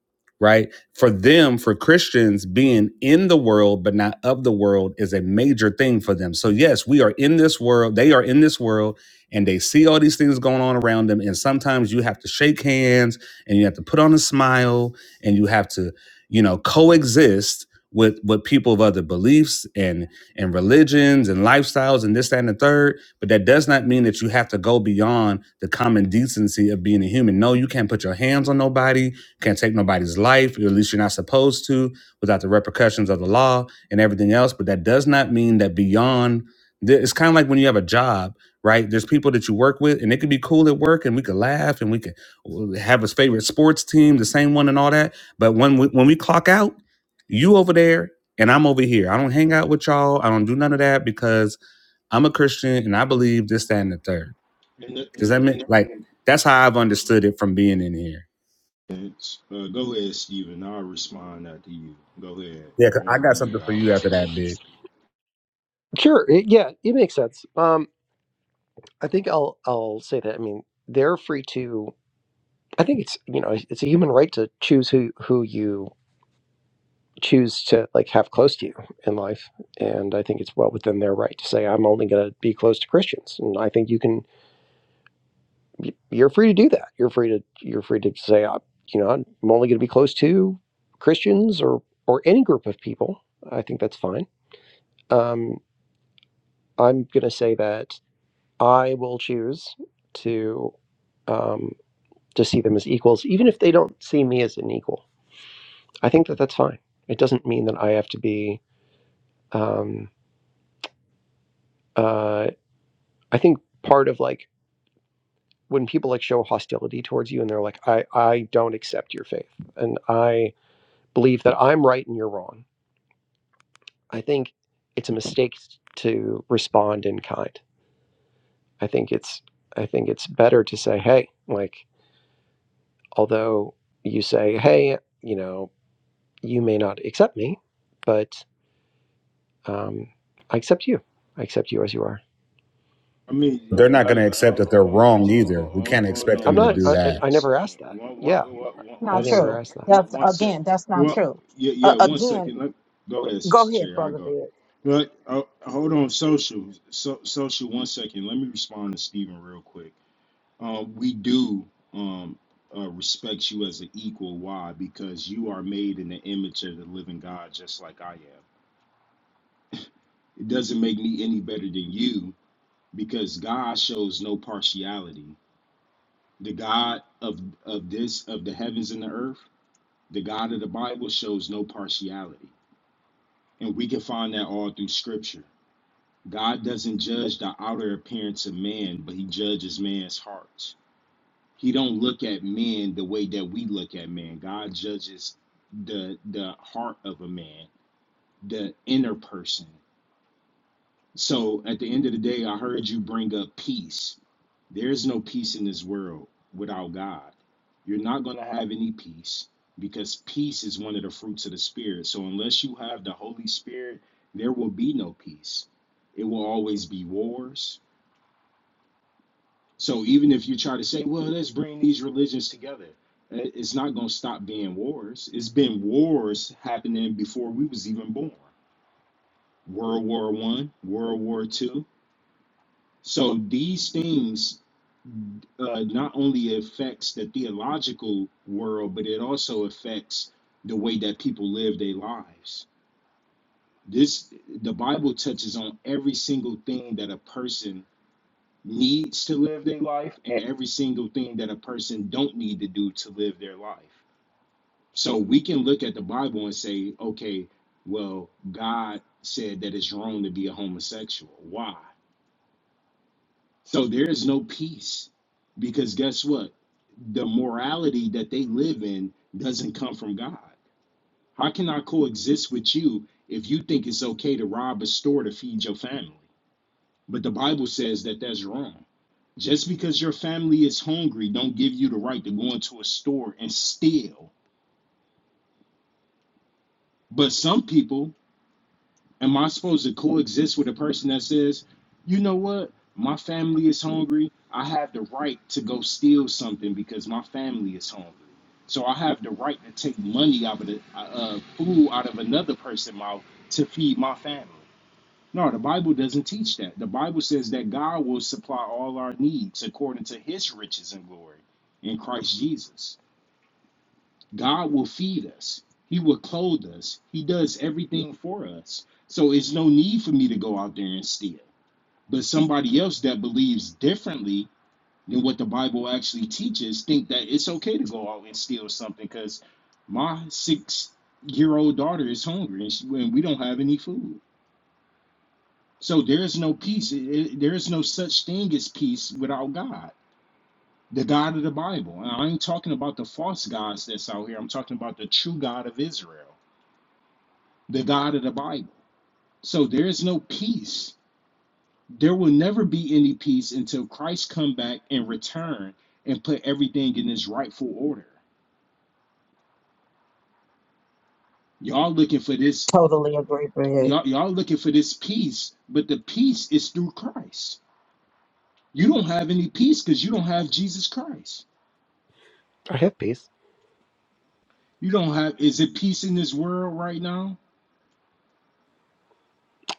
Speaker 5: right for them for christians being in the world but not of the world is a major thing for them so yes we are in this world they are in this world and they see all these things going on around them and sometimes you have to shake hands and you have to put on a smile and you have to you know coexist with with people of other beliefs and religions and lifestyles and this, that, and the third. But that does not mean that you have to go beyond the common decency of being a human. No, you can't put your hands on nobody, you can't take nobody's life, or at least you're not supposed to without the repercussions of the law and everything else. But that does not mean that beyond, th- it's kind of like when you have a job. Right, there's people that you work with, and it could be cool at work, and we could laugh, and we could have a favorite sports team, the same one, and all that. But when we, when we clock out, you over there and I'm over here. I don't hang out with y'all. I don't do none of that because I'm a Christian and I believe this, that, and the third.
Speaker 3: in the in
Speaker 5: Does that
Speaker 3: the
Speaker 5: mean like that's how I've understood it from being in here?
Speaker 3: uh, go ahead, Stephen. I'll respond after you. Go ahead.
Speaker 5: Yeah,
Speaker 3: I
Speaker 5: 'cause I
Speaker 3: want to
Speaker 5: got
Speaker 3: give you
Speaker 5: something
Speaker 3: the
Speaker 5: for you after that,
Speaker 3: opportunity to
Speaker 5: big.
Speaker 3: speak.
Speaker 4: sure, it, yeah, it makes sense. Um, I think I'll I'll say that. I mean, they're free to. I think it's you know it's a human right to choose who who you choose to like have close to you in life, and I think it's well within their right to say I'm only going to be close to Christians, and I think you can y- you're free to do that. You're free to you're free to say I, you know I'm only going to be close to Christians or or any group of people. I think that's fine. Um, I'm going to say that I will choose to um, to see them as equals, even if they don't see me as an equal I think that that's fine. It doesn't mean that I have to be. Um, uh, I think part of like when people like show hostility towards you and they're like, I, I don't accept your faith and I believe that I'm right and you're wrong. I think it's a mistake to respond in kind. I think it's I think it's better to say, hey, like although you say, hey, you know, you may not accept me, but um, I accept you. I accept you as you are.
Speaker 3: I mean,
Speaker 5: They're
Speaker 3: I,
Speaker 5: not gonna
Speaker 3: I,
Speaker 5: accept
Speaker 3: ho-
Speaker 5: that they're wrong
Speaker 3: ho-
Speaker 5: either.
Speaker 3: ho-
Speaker 5: We
Speaker 3: ho-
Speaker 5: can't
Speaker 3: hold
Speaker 5: expect
Speaker 4: I'm
Speaker 5: them
Speaker 3: on
Speaker 5: to
Speaker 4: not.
Speaker 3: one
Speaker 5: do
Speaker 4: I,
Speaker 3: se-
Speaker 4: I
Speaker 5: that.
Speaker 4: I
Speaker 3: one
Speaker 4: never asked
Speaker 3: second.
Speaker 4: that.
Speaker 3: One
Speaker 4: Yeah,
Speaker 3: one one one
Speaker 4: I
Speaker 3: one
Speaker 4: never
Speaker 3: second.
Speaker 4: asked that.
Speaker 3: One one sec. Well, yeah yeah one second. Let go ahead, Sister Chair. I go. But oh, hold on, social so, social. One second. Let me respond to Stephen real quick. Um, we do um uh, respect you as an equal. Why? Because you are made in the image of the living God, just like I am. It doesn't make me any better than you because God shows no partiality. The God of of this of the heavens and the earth, the God of the Bible shows no partiality. And we can find that all through scripture. God doesn't judge the outer appearance of man, but he judges man's hearts. He don't look at men the way that we look at man. God judges the the heart of a man, the inner person. So at the end of the day, I heard you bring up peace There is no peace in this world without God. You're not going to have any peace because peace is one of the fruits of the Spirit. So, unless you have the Holy Spirit, there will be no peace. It will always be wars. So, even if you try to say, well, let's bring these religions together, it's not going to stop being wars. It's been wars happening before we was even born. World War One, World War Two. So these things uh, not only affects the theological world, but it also affects the way that people live their lives. This the Bible touches on every single thing that a person needs to live their life and every single thing that a person don't need to do to live their life. So we can look at the Bible and say, okay, well, God said that it's wrong to be a homosexual. Why? So there is no peace because guess what? The morality that they live in doesn't come from God. How can I coexist with you if you think it's okay to rob a store to feed your family? But the Bible says that that's wrong. Just because your family is hungry, don't give you the right to go into a store and steal. But some people Am I supposed to coexist with a person that says, you know what? My family is hungry. I have the right to go steal something because my family is hungry. So I have the right to take money out of the uh, uh, food out of another person's mouth to feed my family. No, the Bible doesn't teach that. The Bible says that God will supply all our needs according to his riches and glory in Christ Jesus. God will feed us. He will clothe us. He does everything for us. So it's no need for me to go out there and steal. But somebody else that believes differently than what the Bible actually teaches think that it's okay to go out and steal something because my six year old daughter is hungry and, she, and we don't have any food. So there is no peace. It- it- there is no such thing as peace without God, the God of the Bible. And I ain't talking about the false gods that's out here. I'm talking about the true God of Israel the God of the Bible. So there is no peace. There will never be any peace until Christ come back and return and put everything in its rightful order. Y'all looking for this y'all y'all looking for this peace, but the peace is through Christ. You don't have any peace because you don't have Jesus Christ.
Speaker 4: I have peace.
Speaker 3: You don't have is it peace in this world right now?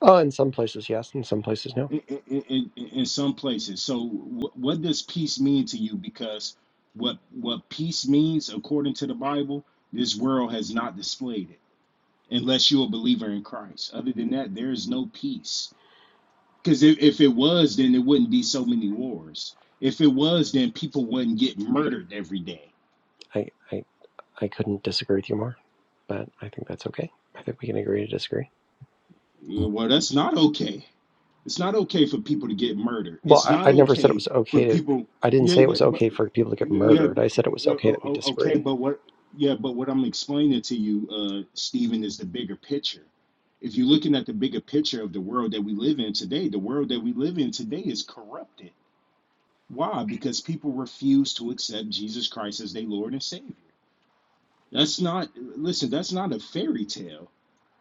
Speaker 4: Oh, in some places yes, in some places no.
Speaker 3: in, in, in in some places. So, wh- what does peace mean to you? Because what what peace means, according to the Bible, this world has not displayed it, unless you're a believer in Christ. Other than that, there is no peace. Because if, if it was, then there wouldn't be so many wars. If it was, then people wouldn't get murdered every day.
Speaker 4: I I, I couldn't disagree with you more, but I think that's okay. I think we can agree to disagree.
Speaker 3: Well, that's not okay. It's not okay for people to get murdered.
Speaker 4: Well,
Speaker 3: It's
Speaker 4: I,
Speaker 3: not
Speaker 4: I never said it
Speaker 3: okay
Speaker 4: was
Speaker 3: for
Speaker 4: okay to.
Speaker 3: people.
Speaker 4: I didn't
Speaker 3: Yeah,
Speaker 4: say it
Speaker 3: yeah,
Speaker 4: was
Speaker 3: but
Speaker 4: okay for people to get
Speaker 3: yeah,
Speaker 4: murdered. I said it was
Speaker 3: yeah,
Speaker 4: okay that we
Speaker 3: okay,
Speaker 4: disagree.
Speaker 3: but what? Yeah, but what I'm explaining to you, uh, Stephen, is the bigger picture. If you're looking at the bigger picture of the world that we live in today, the world that we live in today is corrupted. Why? Because people refuse to accept Jesus Christ as their Lord and Savior. That's not. Listen, that's not a fairy tale.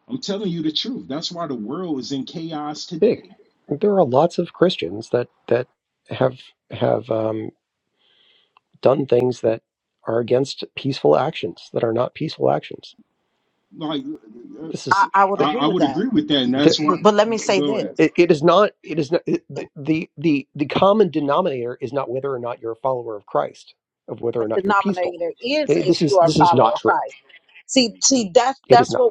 Speaker 3: I'm telling you the truth. That's why the world is in chaos
Speaker 4: Big.
Speaker 3: today
Speaker 4: There are lots of Christians that that have have um, done things that are against peaceful actions that are not peaceful actions.
Speaker 3: like uh,
Speaker 4: This is.
Speaker 3: I, I would agree with that, and that's why. Go go ahead.
Speaker 4: it, it is not it is not it- the, the the the common denominator is not whether or not you're a follower of christ of whether or not you're peaceful okay this is this is not true it is not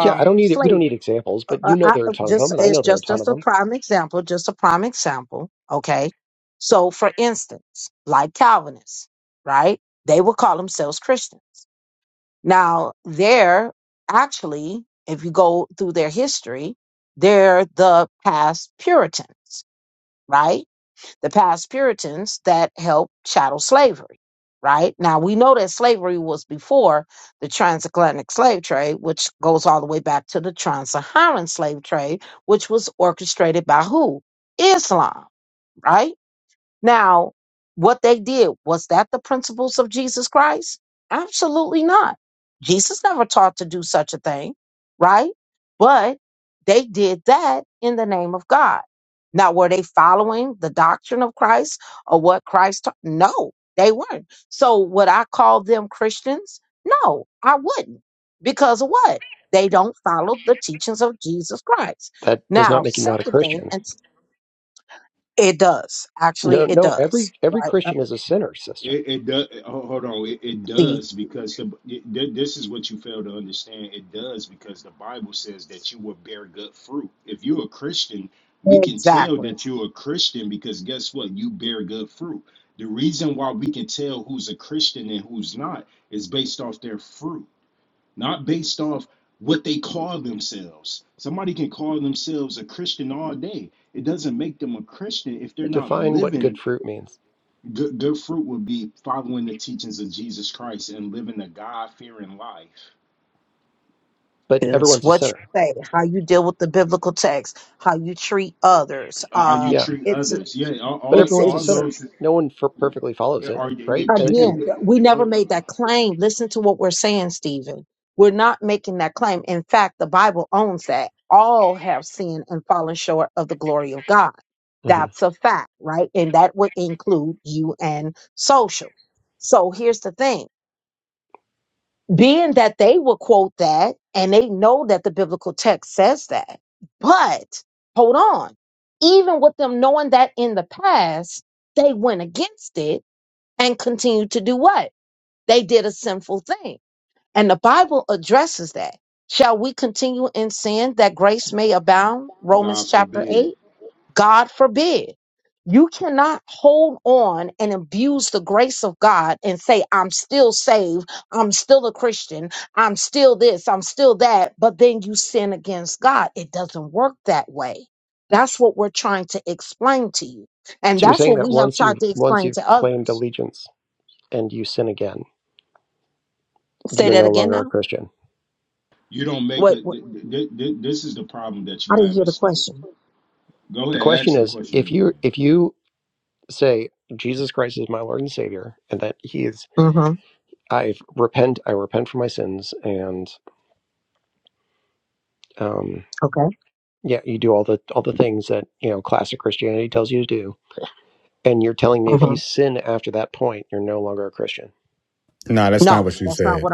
Speaker 4: yeah i don't need it we don't need examples but you know there are a ton of them and i know there are a ton of them that does not make you not a christian no no every every christian is a sinner sister
Speaker 3: It, it does. Hold on. It, it does because the it, th- this is what you fail to understand. It does because the Bible says that you will bear good fruit. If you're a Christian, we can tell that you're a Christian because guess what? You bear good fruit. The reason why we can tell who's a Christian and who's not is based off their fruit. not based off what they call themselves. Somebody can call themselves a Christian all day. It doesn't make them a Christian if they're not
Speaker 4: define what good
Speaker 3: living.
Speaker 4: fruit means
Speaker 3: Good, good fruit would be following the teachings of Jesus Christ and living a God fearing life.
Speaker 4: but everyone's a sinner
Speaker 3: Uh, How you
Speaker 4: yeah
Speaker 3: treat others. Yeah, all,
Speaker 4: but
Speaker 3: all,
Speaker 4: everyone's a
Speaker 3: all
Speaker 4: sinner
Speaker 3: those
Speaker 4: no one for perfectly follows it
Speaker 3: are
Speaker 4: right and, and
Speaker 3: people. uh, uh,
Speaker 4: Mhm.
Speaker 3: God forbid.
Speaker 4: so you're saying that once you've once you've claimed allegiance and you sin again, you're no longer a Christian.
Speaker 3: You don't make a. th- th- th- This is the problem that you have, Steve. Go
Speaker 4: The
Speaker 3: ahead,
Speaker 4: question
Speaker 3: ask your
Speaker 4: is
Speaker 3: question
Speaker 4: if you
Speaker 3: again.
Speaker 4: if you say Jesus Christ is my Lord and Savior, and that He is, I repent, I repent for my sins, and um, yeah, you do all the all the things that you know classic Christianity tells you to do, and you're telling me if you sin after that point, you're no longer a Christian.
Speaker 5: No, that's not what you said.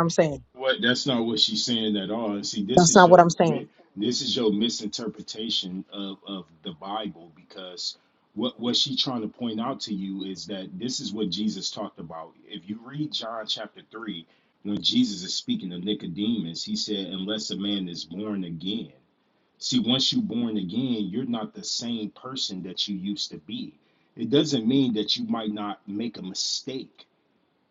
Speaker 3: What? That's not what she's saying at all. see, this is your mi- this is your misinterpretation of of the Bible because what what she trying to point out to you is that this is what Jesus talked about. If you read John chapter three, when Jesus is speaking to Nicodemus, he said, "Unless a man is born again." See, once you're born again, you're not the same person that you used to be. It doesn't mean that you might not make a mistake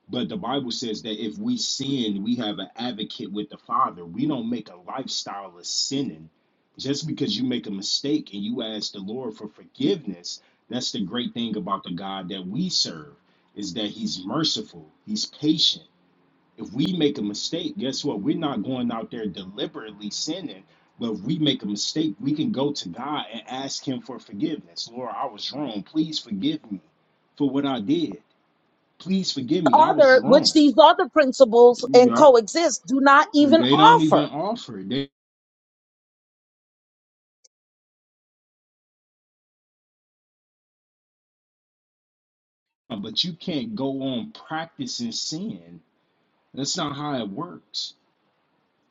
Speaker 3: but the Bible says that if we sin, we have an advocate with the Father. We don't make a lifestyle of sinning. Just because you make a mistake and you ask the Lord for forgiveness, that's the great thing about the God that we serve is that he's merciful, he's patient. If we make a mistake, guess what? We're not going out there deliberately sinning, but if we make a mistake, we can go to God and ask him for forgiveness. Lord, I was wrong. Please forgive me for what I did. Please forgive me. I was wrong. Yep. And they don't even offer. it. They but you can't go on practicing sin. That's not how it works.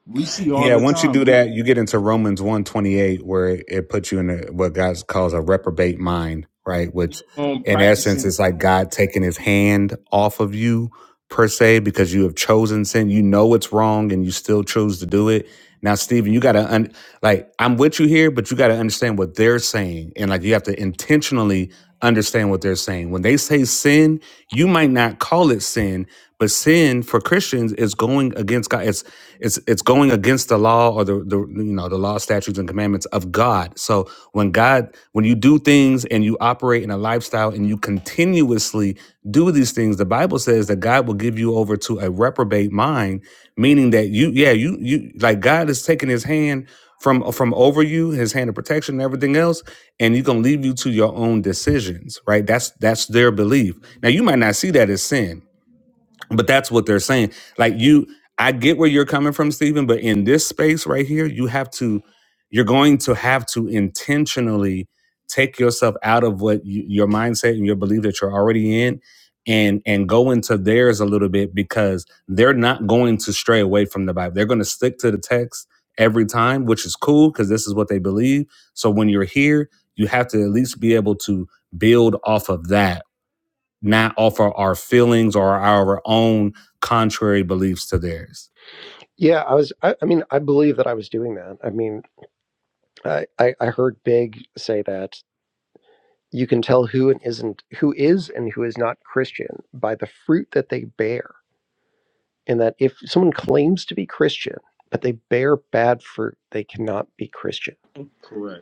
Speaker 3: We see all
Speaker 5: Yeah,
Speaker 3: the
Speaker 5: once you
Speaker 3: time.
Speaker 5: do that, you get into
Speaker 3: We
Speaker 5: Romans 128 where it, it puts you in a, what God calls a reprobate mind, right? Which
Speaker 3: on
Speaker 5: in essence
Speaker 3: practicing
Speaker 5: is like God taking his hand off of you per se because you have chosen sin. You know it's wrong and you still choose to do it. Now, Stephen, you got to un- like I'm with you here, but you got to understand what they're saying and like you have to intentionally understand what they're saying. When they say sin, you might not call it sin, but sin for Christians is going against God. It's it's it's going against the law or the, the you know the law, statutes, and commandments of God. So when God, when you do things and you operate in a lifestyle and you continuously do these things, the Bible says that God will give you over to a reprobate mind, meaning that you, yeah, you you like God is taking His hand from from over you, his hand of protection and everything else, and you can leave you to your own decisions, right? That's that's their belief. Now you might not see that as sin. But that's what they're saying. Like you, I get where you're coming from, Stephen. But in this space right here, you have to, you're going to have to intentionally take yourself out of what you, your mindset and your belief that you're already in, and and go into theirs a little bit because they're not going to stray away from the Bible. They're going to stick to the text every time, which is cool because this is what they believe. So when you're here, you have to at least be able to build off of that not offer our feelings or our own contrary beliefs to theirs.
Speaker 4: Yeah, I was. I, I mean, I believe that I was doing that. I mean, I, I I heard Big say that you can tell who and isn't who is and who is not Christian by the fruit that they bear. in that if someone claims to be Christian but they bear bad fruit, they cannot be Christian.
Speaker 3: correct.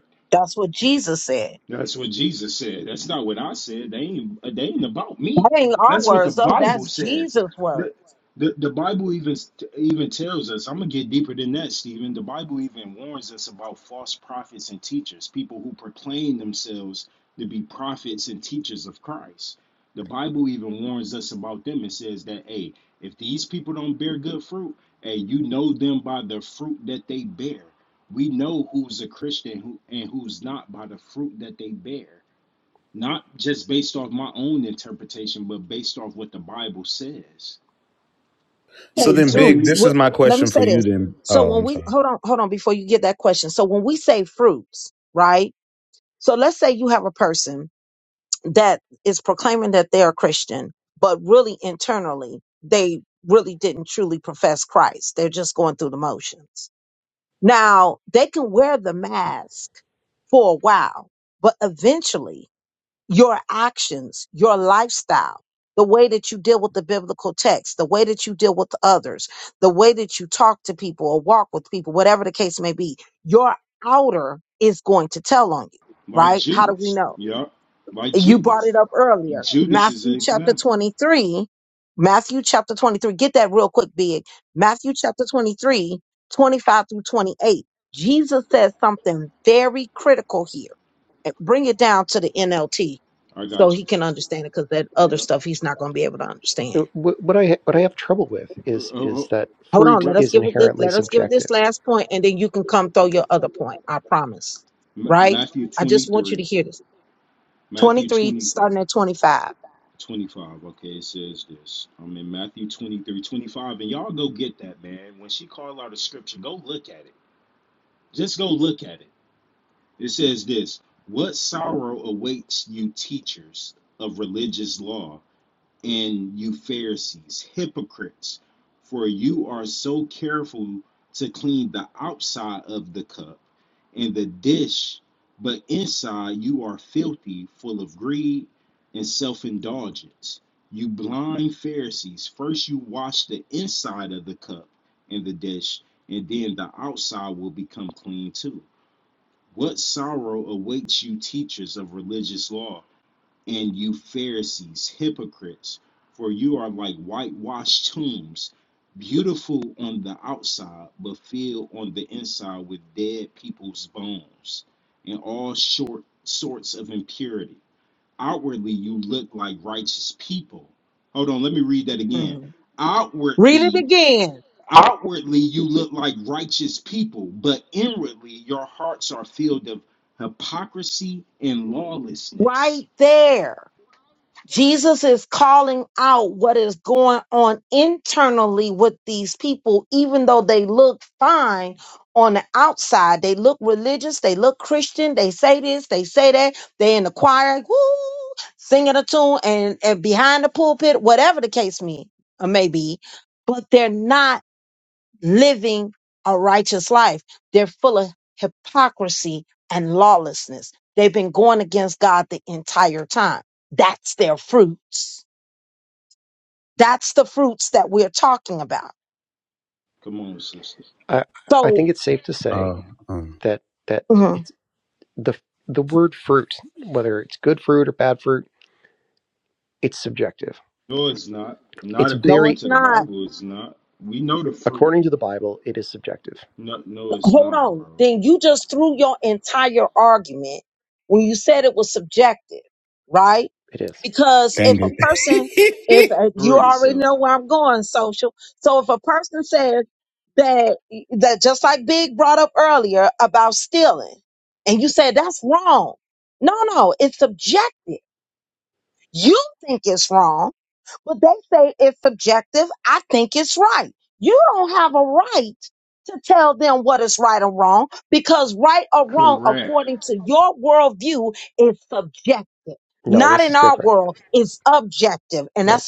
Speaker 3: That's what Jesus said. That's not what I said. They ain't they ain't about me. That's what the Bible says. The the, the Bible even even tells us. I'm gonna get deeper than that, Stephen. The Bible even warns us about false prophets and teachers, people who proclaim themselves to be prophets and teachers of Christ. The Bible even warns us about them and says that, hey, if these people don't bear good fruit, hey, you know them by the fruit that they bear we know who's a Christian who and who's not by the fruit that they bear, not just based off my own interpretation, but based off what the Bible says. If
Speaker 5: So
Speaker 3: you are
Speaker 5: then,
Speaker 3: telling
Speaker 5: Big,
Speaker 3: me
Speaker 5: this is my question for you then. Oh, I'm sorry.
Speaker 3: like Judas, yeah, like Judas, Judas is an example. I got you. Yeah,
Speaker 4: Uh, What I what I have trouble with
Speaker 3: Uh,
Speaker 4: is
Speaker 3: uh,
Speaker 4: is
Speaker 3: uh,
Speaker 4: that fruit is inherently subjective.
Speaker 3: Matthew twenty three, Matthew 23, 25. Okay, it says this. I'm in Matthew 23, 25, and y'all go get that man. When she called out a scripture, go look at it Just go look at it. It says this What sorrow awaits you, teachers of religious law, and you Pharisees, hypocrites, for you are so careful to clean the outside of the cup and the dish, but inside you are filthy, full of greed and self indulgence. You blind Pharisees, first you wash the inside of the cup and the dish, and then the outside will become clean too. What sorrow awaits you, teachers of religious law, and you, Pharisees, hypocrites, for you are like whitewashed tombs, beautiful on the outside, but filled on the inside with dead people's bones and all short sorts of impurity. Outwardly, you look like righteous people. Hold on, let me read that again. Outwardly, outwardly, you look like righteous people, but inwardly, your hearts are filled of hypocrisy and lawlessness. Come on, sister.
Speaker 4: I I think it's safe to say
Speaker 5: Oh, uh, um,
Speaker 4: that that it's the the word fruit, whether it's good fruit or bad fruit, it's subjective.
Speaker 3: No, it's not. Not
Speaker 4: It's
Speaker 3: according
Speaker 4: very
Speaker 3: to the Bible, it's not. We know the fruit.
Speaker 4: according to the Bible, it is subjective.
Speaker 3: No, no it's not, bro.
Speaker 4: It is.
Speaker 5: dang it.
Speaker 3: Word itself. Correct.
Speaker 4: No, this is different. No,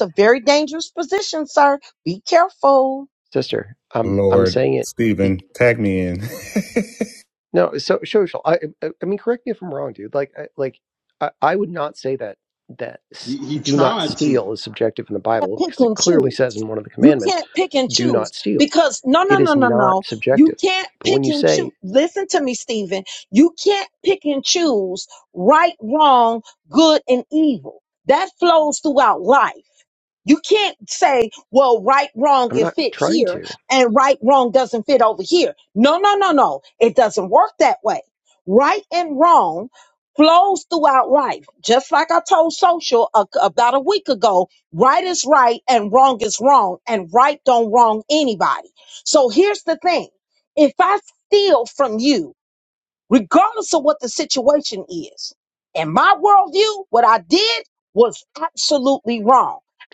Speaker 4: sister, I'm I'm
Speaker 5: Lord,
Speaker 4: saying it. be.
Speaker 5: Stephen, tag me in.
Speaker 4: No, so social. I, I I mean, correct me if I'm wrong, dude. Like, I, like, I, I would not say that that s-
Speaker 3: He, he
Speaker 4: do not
Speaker 3: tried to.
Speaker 4: steal is subjective in the Bible because it clearly says in one of the commandments, "Do not steal." It is not subjective. But when you say, "I'm not trying to,"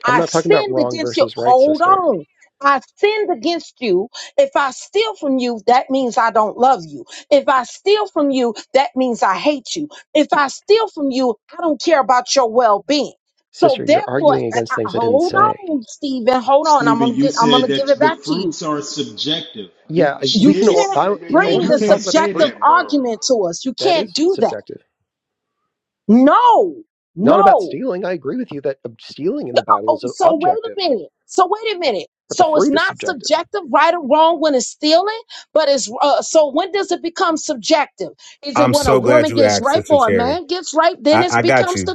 Speaker 4: I'm not talking about wrong versus right, sister. Y- Sister, you're arguing against things I didn't say.
Speaker 3: Stephen, you said that the fruits are subjective. You,
Speaker 4: Yeah, I-
Speaker 3: she
Speaker 4: we can all.
Speaker 3: is. Yeah,
Speaker 4: I
Speaker 3: yeah,
Speaker 4: I
Speaker 3: yeah.
Speaker 4: want
Speaker 3: You
Speaker 4: her to
Speaker 3: can't
Speaker 4: talk about the
Speaker 3: say
Speaker 4: fruit.
Speaker 3: that, bro.
Speaker 4: That is subjective, not about stealing. I agree with you that ob- stealing in the Bible is ob- objective, but the fruit is subjective.
Speaker 5: I'm so glad you asked, Sister Cherry. I, I got you.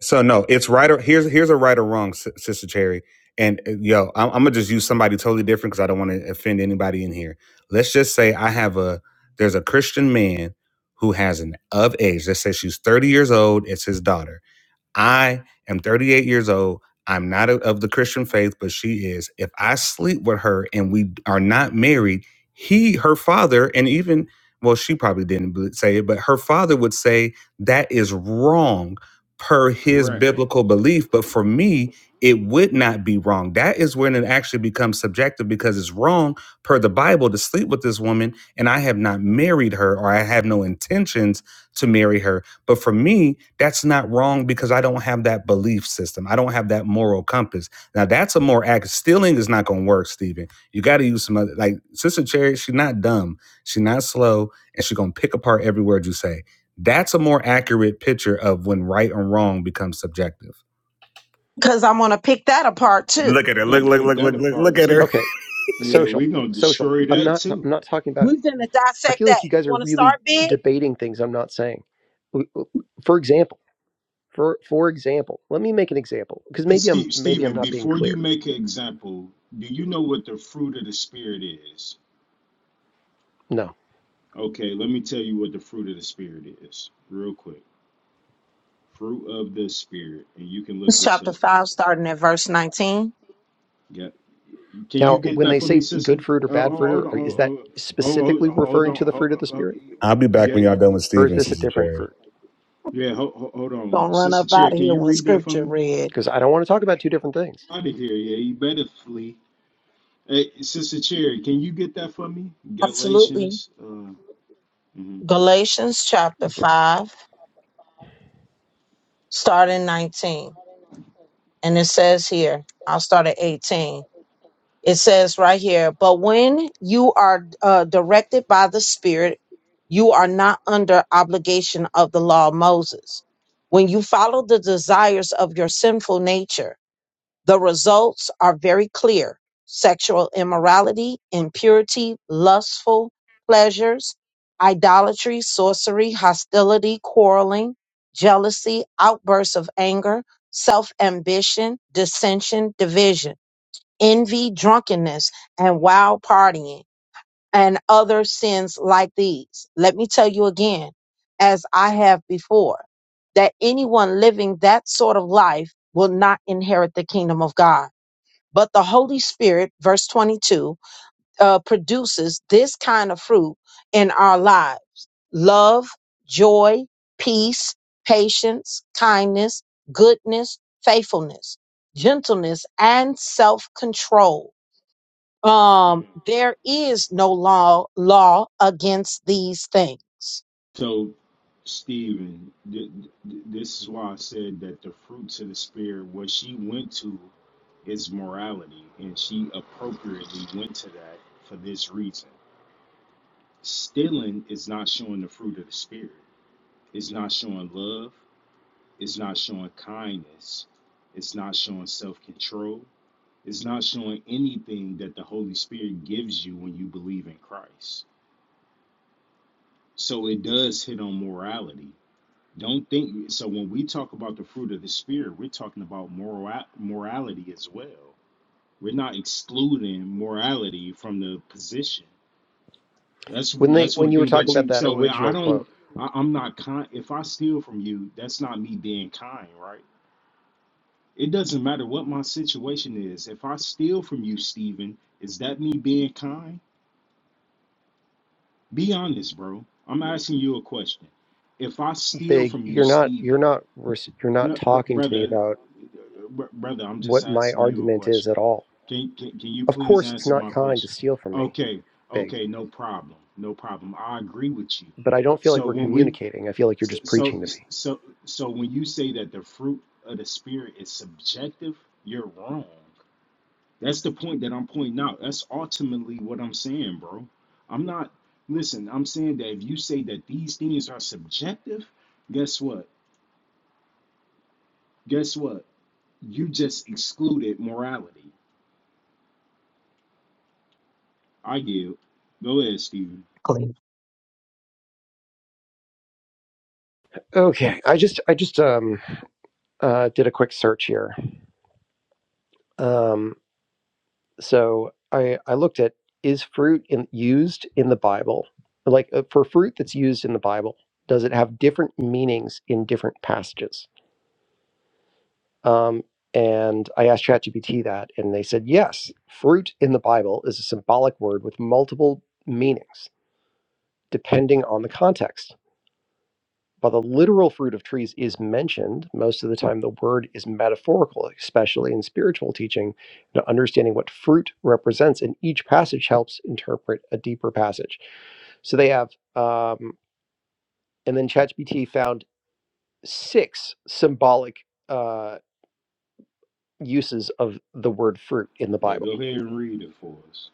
Speaker 5: So no, it's right or here's here's a right or wrong, Sis- Sister Cherry. And uh, yo, I'm, I'm gonna just use somebody totally different because I don't want to offend anybody in here. Let's just say I have a there's a Christian man who has an of age. Let's say she's 30 years old. It's his daughter I am 38 years old. I'm not a- of the Christian faith, but she is. If I sleep with her and we are not married, he, her father, and even, well, she probably didn't bel- say it, but her father would say that is wrong per his
Speaker 3: Correct.
Speaker 5: biblical belief. But for me, it would not be wrong. That is when it actually becomes subjective because it's wrong per the Bible to sleep with this woman and I have not married her or I have no intentions to marry her but for me, that's not wrong because I don't have that belief system. I don't have that moral compass. Now that's a more act. Stealing is not going to work, Stephen. You got to use some other. Like Sister Cherry, she's not dumb. She's not slow, and she's going to pick apart every word you say. That's a more accurate picture of when right and wrong becomes subjective. Look at her.
Speaker 3: We're
Speaker 5: Look,
Speaker 3: gonna
Speaker 5: look,
Speaker 3: pick
Speaker 5: look,
Speaker 3: that
Speaker 5: look, look, look
Speaker 3: apart
Speaker 5: at her.
Speaker 3: too.
Speaker 4: Okay,
Speaker 3: Yeah,
Speaker 4: social,
Speaker 3: we're gonna
Speaker 4: social.
Speaker 3: destroy
Speaker 4: I'm
Speaker 3: that
Speaker 4: not.
Speaker 3: too.
Speaker 4: I'm not talking about. I feel like you guys are really debating things I'm not saying. W- w- For example, for for example, let me make an example because maybe I'm
Speaker 3: Steve,
Speaker 4: maybe I'm
Speaker 3: Stephen,
Speaker 4: not being
Speaker 3: before you
Speaker 4: clear.
Speaker 3: make an example, do you know what the fruit of the spirit is?
Speaker 4: No.
Speaker 3: Okay, let me tell you what the fruit of the spirit is, real quick. Fruit of the spirit, and you can look this up. Yeah. Can
Speaker 4: Now,
Speaker 3: you get
Speaker 4: when
Speaker 3: that
Speaker 4: they
Speaker 3: for
Speaker 4: say
Speaker 3: me, sister?
Speaker 4: good fruit or
Speaker 3: Oh,
Speaker 4: bad
Speaker 3: oh,
Speaker 4: fruit,
Speaker 3: hold
Speaker 4: or,
Speaker 3: on.
Speaker 4: or
Speaker 3: Oh,
Speaker 4: is that
Speaker 3: oh, oh,
Speaker 4: specifically
Speaker 3: oh, hold
Speaker 4: referring
Speaker 3: on.
Speaker 4: to the
Speaker 3: Oh,
Speaker 4: fruit of
Speaker 3: oh,
Speaker 4: the
Speaker 3: oh,
Speaker 4: spirit,
Speaker 5: I'll be back
Speaker 3: yeah,
Speaker 5: when y'all done with
Speaker 4: or is
Speaker 5: Stephen,
Speaker 4: this a
Speaker 5: Sister
Speaker 4: different
Speaker 5: Cherry.
Speaker 4: fruit?
Speaker 3: Yeah, ho- hold on. Sister Cherry, can you read that for me?
Speaker 4: Because I don't want to talk about two different things.
Speaker 3: Out of here, yeah. You better flee. Hey, Sister Cherry, can you get that for me? Galatians. Uh, mhm. So, Stephen, th- th- this is why I said that the fruits of the Spirit, what she went to is morality, and she appropriately went to that for this reason. Stealing is not showing the fruit of the spirit. It's not showing love. It's not showing kindness. It's not showing self control. It's not showing anything that the Holy Spirit gives you when you believe in Christ. So it does hit on morality. Don't think so. When we talk about the fruit of the Spirit, we're talking about moral morality as well. We're not excluding morality from the position. That's
Speaker 4: When they
Speaker 3: that's
Speaker 4: when
Speaker 3: one
Speaker 4: you were
Speaker 3: thing
Speaker 4: talking
Speaker 3: that
Speaker 4: about
Speaker 3: you.
Speaker 4: that
Speaker 3: So I
Speaker 4: original quote.
Speaker 3: don't. I, I'm not kind. If I steal from you, that's not me being kind, right? It doesn't matter what my situation is. If I steal from you, Stephen, is that me being kind? Be honest, bro. I'm asking you a question. If I steal
Speaker 4: big
Speaker 3: from you,
Speaker 4: you're not you're
Speaker 3: Stephen,
Speaker 4: not you're not
Speaker 3: no, br-
Speaker 4: talking to me
Speaker 3: brother,
Speaker 4: about
Speaker 3: br- brother, I'm just
Speaker 4: what my
Speaker 3: asking you a
Speaker 4: argument is
Speaker 3: question.
Speaker 4: at all
Speaker 3: Can, can can you
Speaker 4: of
Speaker 3: please
Speaker 4: course it's
Speaker 3: answer
Speaker 4: not
Speaker 3: my
Speaker 4: kind to
Speaker 3: question?
Speaker 4: steal from me
Speaker 3: Okay,
Speaker 4: big
Speaker 3: okay, no problem, no problem. I agree with you.
Speaker 4: but i don't feel like
Speaker 3: So
Speaker 4: we're
Speaker 3: when we
Speaker 4: communicating i feel like you're
Speaker 3: So,
Speaker 4: just
Speaker 3: so,
Speaker 4: preaching to me
Speaker 3: so, so when you say that the fruit of the spirit is subjective, you're wrong. That's the point that I'm pointing out. That's ultimately what I'm saying, bro. I'm not, listen, I'm saying that if you say that these things are subjective, guess what? Guess what? You just excluded morality. I give. Go ahead, Stephen.
Speaker 4: okay i just i just um uh did a quick search here um so i i looked at is fruit in, used in the bible like uh, for fruit that's used in the bible does it have different meanings in different passages Um, and I asked ChatGPT that, and they said, yes, fruit in the Bible is a symbolic word with multiple meanings, depending on the context. While the literal fruit of trees is mentioned, most of the time the word is metaphorical, especially in spiritual teaching. And understanding what fruit represents in each passage helps interpret a deeper passage. So they have, um, and then ChatGPT found six symbolic uh, uses of the word fruit in the
Speaker 3: Yeah,
Speaker 4: Bible
Speaker 3: go ahead and read it for us.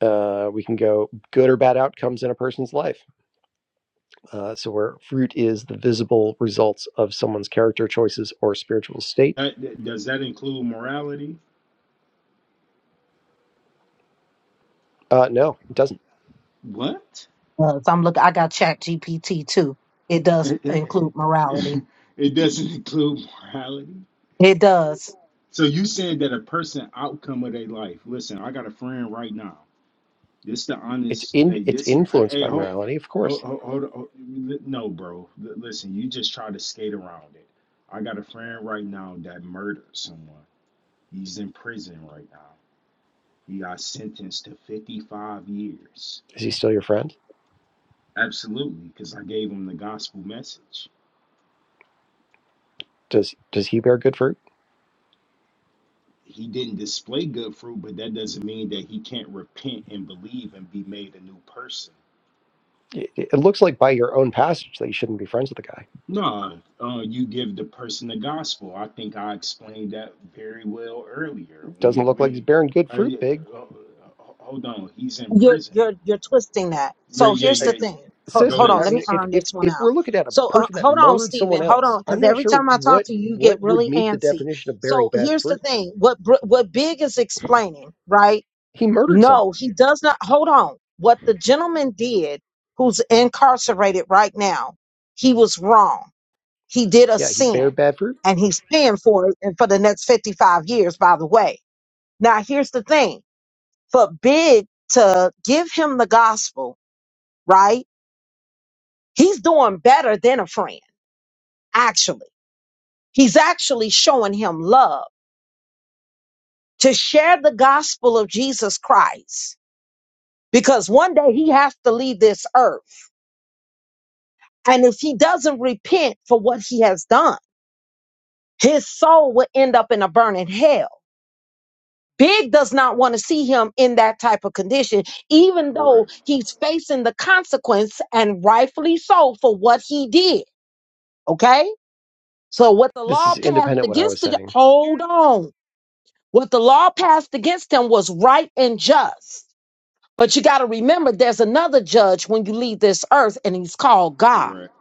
Speaker 4: uh, we can go good or bad outcomes in a person's life. Uh, so, where fruit is the visible results of someone's character choices or spiritual state.
Speaker 3: That, that- does that include morality?
Speaker 4: Uh, no, it doesn't.
Speaker 3: What? It, it- it- doesn't include morality. So you saying that a person outcome of their life? Listen, I got a friend right now. This the
Speaker 4: It's
Speaker 3: honest.
Speaker 4: in
Speaker 3: Hey,
Speaker 4: it's
Speaker 3: this is.
Speaker 4: influenced
Speaker 3: Hey,
Speaker 4: by
Speaker 3: hold,
Speaker 4: morality, of course.
Speaker 3: hold, hold, hold, hold no, bro. L- listen, you just try to skate around it. I got a friend right now that murdered someone. He's in prison right now. He got sentenced to 55 years.
Speaker 4: Is he still your friend?
Speaker 3: Absolutely, because I gave him the gospel message.
Speaker 4: Does does he bear good fruit?
Speaker 3: he didn't display good fruit, but that doesn't mean that he can't repent and believe and be made a new person.
Speaker 4: It, it looks like by your own passage that you shouldn't be friends with the guy.
Speaker 3: No, uh, you give the person the gospel. I think I explained that very well earlier when
Speaker 4: Doesn't look like he's
Speaker 3: we.
Speaker 4: bearing good
Speaker 3: I, uh,
Speaker 4: fruit,
Speaker 3: yeah,
Speaker 4: big
Speaker 3: uh, uh, hold on, he's in prison. Yeah, yeah,
Speaker 4: I,
Speaker 3: yeah. Go
Speaker 4: sister.
Speaker 3: ahead,
Speaker 4: I mean,
Speaker 3: sister.
Speaker 4: if if if we're looking at a person that murdered someone else, I'm not sure what what would meet the definition of bearing bad fruit. He murdered someone Yeah, he Bear Bedford.
Speaker 3: Correct,
Speaker 4: This is independent what I was saying.
Speaker 3: correct.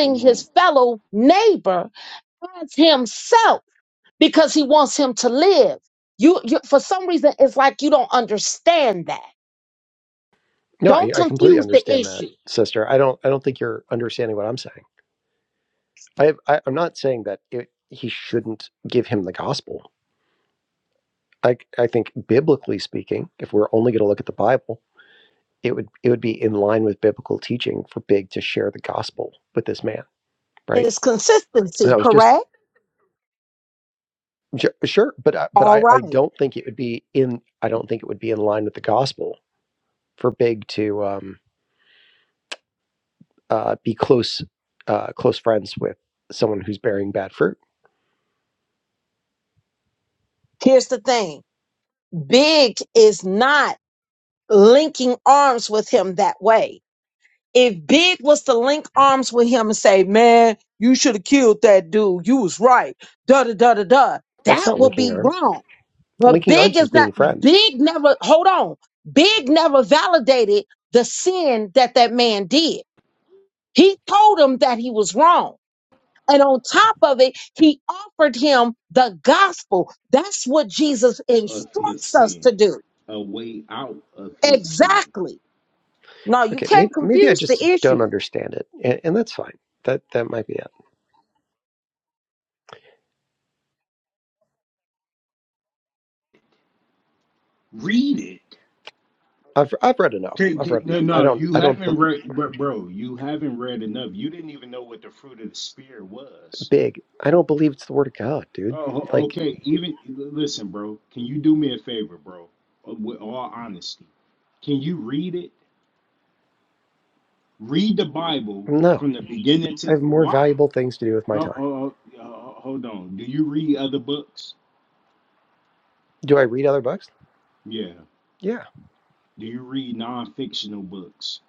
Speaker 3: Come on.
Speaker 4: No, I, I completely understand that, sister. I don't I don't think you're understanding what I'm saying. I, I I'm not saying that it, he shouldn't give him the gospel. I I think biblically speaking, if we're only going to look at the Bible, it would it would be in line with biblical teaching for Big to share the gospel with this man, right? And I was just ju- sure, but I, but I I don't think it would be in I don't think it would be in line with the gospel for Big to um uh, be close uh, close friends with someone who's bearing bad fruit. That's not linking arms.
Speaker 3: Correct.
Speaker 4: Linking arms is being friends.
Speaker 3: Of his sin, a way out of his sin.
Speaker 4: Okay, maybe maybe I just don't understand it, and, and that's fine. That that might be it.
Speaker 3: Read it.
Speaker 4: I've I've read enough.
Speaker 3: Take,
Speaker 4: I've
Speaker 3: take-
Speaker 4: read
Speaker 3: no,
Speaker 4: enough. I
Speaker 3: no,
Speaker 4: don't
Speaker 3: you
Speaker 4: I don't be-
Speaker 3: haven't read, bro, bro. You haven't read enough. You didn't even know what the fruit of the spirit was.
Speaker 4: big. I don't believe it's the word of God, dude.
Speaker 3: Oh,
Speaker 4: Like
Speaker 3: okay. Even listen, bro. Can you do me a favor, bro? Uh, With all honesty, can you read it? Read the Bible
Speaker 4: no,
Speaker 3: from the beginning
Speaker 4: I
Speaker 3: to
Speaker 4: have more
Speaker 3: why?
Speaker 4: valuable things to do with my
Speaker 3: Oh,
Speaker 4: time.
Speaker 3: oh, oh, oh, hold on. Do you read other books?
Speaker 4: Do I read other books?
Speaker 3: Yeah.
Speaker 4: Yeah,
Speaker 3: Do you read non-fictional books?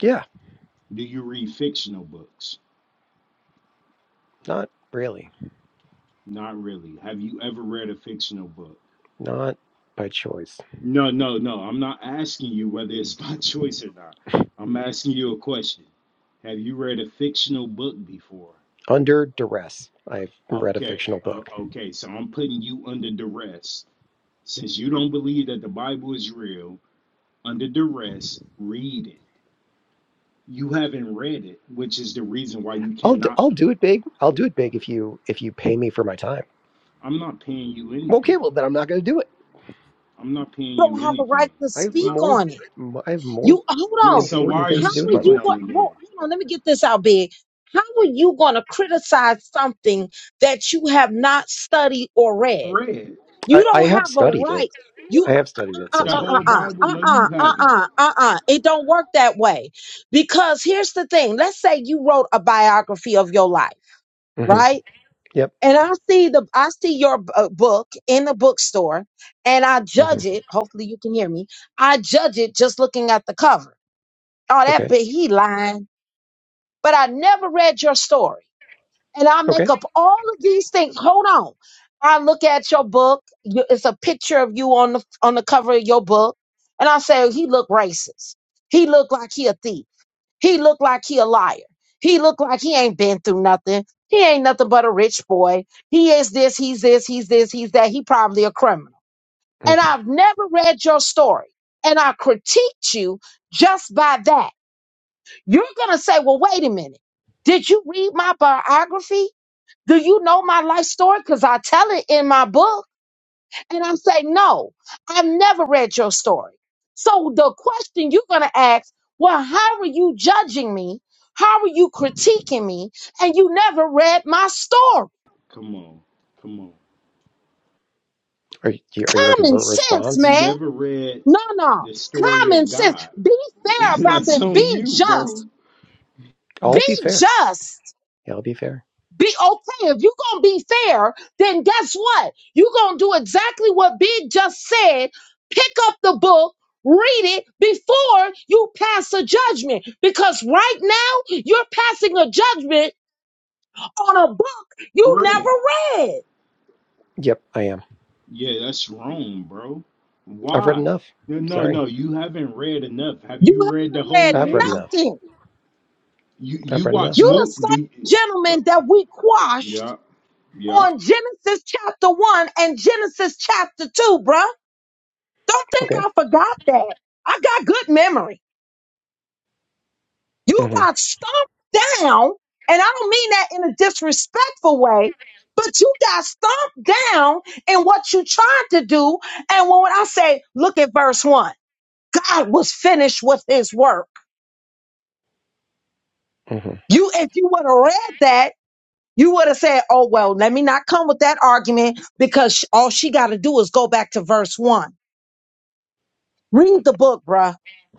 Speaker 4: yeah.
Speaker 3: Do you read fictional books?
Speaker 4: Not really.
Speaker 3: Not really. Have you ever read a fictional book?
Speaker 4: Not by choice.
Speaker 3: No, no, no. I'm not asking you whether it's by choice or not. I'm asking you a question. Have you read a fictional book before?
Speaker 4: Under duress, I've read a
Speaker 3: Okay,
Speaker 4: fictional
Speaker 3: uh,
Speaker 4: book.
Speaker 3: okay. So I'm putting you under duress. Since you don't believe that the Bible is real, under duress, read it. You haven't read it, which is the reason why you
Speaker 4: I'll do,
Speaker 3: cannot.
Speaker 4: I'll do it big. I'll do it big if you if you pay me for my time.
Speaker 3: I'm not paying you
Speaker 4: Well, Okay,
Speaker 3: anything.
Speaker 4: well then I'm not going to do it.
Speaker 3: I'm not paying you anything.
Speaker 4: I have
Speaker 3: Well,
Speaker 4: more I have more
Speaker 3: well, so why
Speaker 4: important
Speaker 3: are
Speaker 4: things
Speaker 3: you
Speaker 4: to do with my
Speaker 3: speaking
Speaker 4: life.
Speaker 3: on it then? Read
Speaker 4: I, I have studied it. I have studied it,
Speaker 3: the
Speaker 4: sister.
Speaker 3: whole Bible? No, you haven't.
Speaker 4: hmm Yep. hmm Okay. Okay. hmm
Speaker 3: Come on, come on.
Speaker 4: Are you are you looking for a
Speaker 3: You
Speaker 4: response?
Speaker 3: never read the story of God. that's on you, bro.
Speaker 4: I'll be fair. Yeah, I'll be fair.
Speaker 3: Read.
Speaker 4: Yep, I am.
Speaker 3: Yeah, that's wrong, bro.
Speaker 4: I've read
Speaker 3: Why?
Speaker 4: enough.
Speaker 3: No, no,
Speaker 4: Sorry,
Speaker 3: no. You haven't read enough. Have you read the whole
Speaker 4: I've read
Speaker 3: thing?
Speaker 4: enough.
Speaker 3: You
Speaker 4: I've
Speaker 3: you
Speaker 4: read enough.
Speaker 3: watch mo do you, yeah, yeah,
Speaker 4: Okay. hmm hmm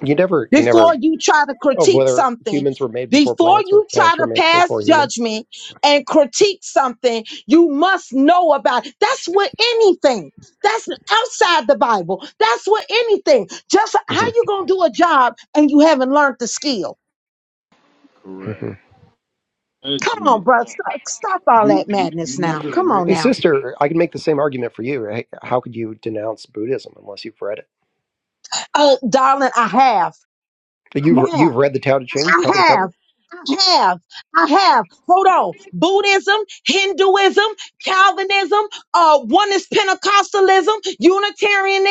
Speaker 4: You never you never of whether humans were made before plants or plants were made before humans. hmm
Speaker 3: correct. Judgment. Uh, You you you never read
Speaker 4: Hey, sister, I can make the same argument for you. Right? How could you denounce Buddhism unless you've read it? But You've you've read the Tao Te Ching cover to cover.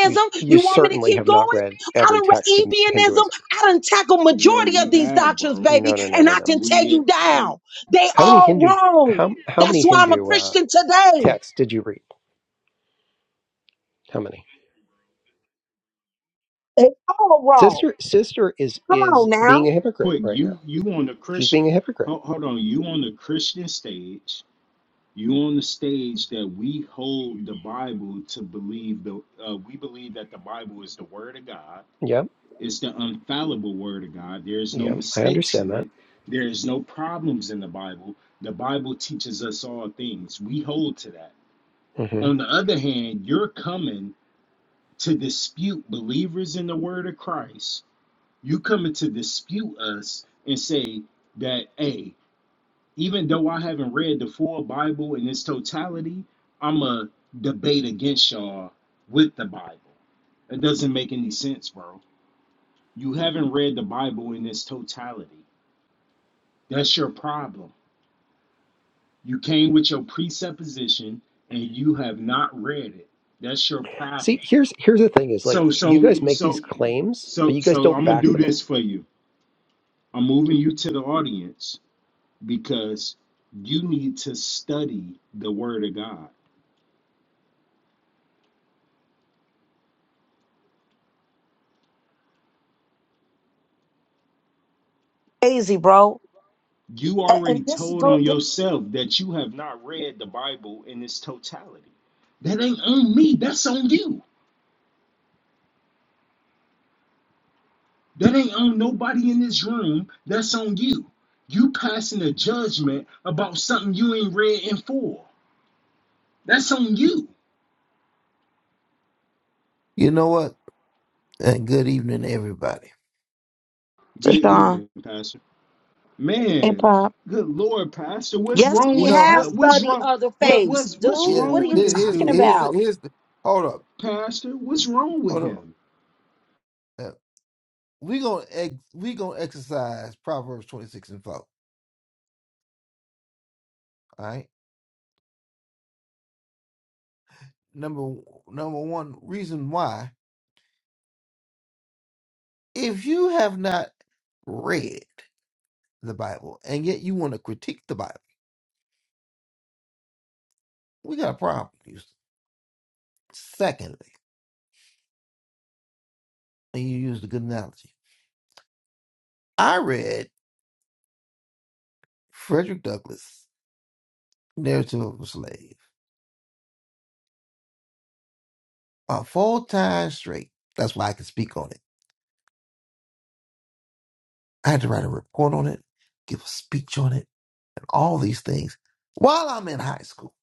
Speaker 4: You you certainly have not read every text in Hinduism.
Speaker 3: Yeah, we have, bro.
Speaker 4: No, no, no, no, no.
Speaker 3: We
Speaker 4: How many Hindu how how many Hindu uh, texts did you read? How many? Sister sister is is being a hypocrite
Speaker 3: quick,
Speaker 4: right now.
Speaker 3: you you on the
Speaker 4: She's being a
Speaker 3: Christian
Speaker 4: hypocrite.
Speaker 3: hold, hold on, you on the Christian stage you on the stage that we hold the Bible to believe the uh, we believe that the Bible is the word of God.
Speaker 4: Yeah,
Speaker 3: It's the infallible word of God. There's no
Speaker 4: yeah, I
Speaker 3: mistakes
Speaker 4: understand
Speaker 3: in
Speaker 4: that.
Speaker 3: it. There's no problems in the Bible. The Bible teaches us all things. We hold to that.
Speaker 4: hmm
Speaker 3: On the other hand, you're coming to dispute believers in the word of Christ. You coming to dispute us and say that, hey, even though I haven't read the full Bible in its totality, I'm a debate against y'all with the Bible. It doesn't make any sense, bro. You haven't read the Bible in its totality. That's your problem. You came with your presupposition and you have not read it. That's your
Speaker 4: See,
Speaker 3: problem.
Speaker 4: here's here's the thing: is like
Speaker 3: So
Speaker 4: you
Speaker 3: so
Speaker 4: guys make these
Speaker 3: so
Speaker 4: claims, but
Speaker 3: so
Speaker 4: you guys
Speaker 3: so
Speaker 4: don't
Speaker 3: I'm gonna
Speaker 4: back
Speaker 3: do
Speaker 4: them.
Speaker 3: this for you. I'm moving you to the audience because you need to study the word of God. You already told on yourself that you have not read the Bible in its totality. That ain't on me. That's on you. That ain't on nobody in this room. That's on you. You passing a judgment about something you ain't read in full. That's on you.
Speaker 6: You know what? And good evening, everybody.
Speaker 3: Good evening, Pastor. Man, good Lord, Pastor. What's wrong
Speaker 6: You
Speaker 3: with
Speaker 6: know, I
Speaker 3: what what's wrong? What was? what's
Speaker 6: yeah.
Speaker 3: wrong
Speaker 6: here-
Speaker 3: with this
Speaker 6: Here's
Speaker 3: dude?
Speaker 6: here's here's the hold up,
Speaker 3: Pastor, what's wrong with
Speaker 6: hold up.
Speaker 3: him?
Speaker 6: Uh, we gonna ex, we gonna exercise Proverbs twenty six and four. All right. Number number one reason why, if you have not read the Bible and yet you want to critique the Bible, we got a problem. Houston. Secondly, and you used a good analogy. I read Frederick Douglass' Narrative of a Slave. a full time straight. That's why I could speak on it. I had to write a report on it, give a speech on it, and all these things while I'm in high school.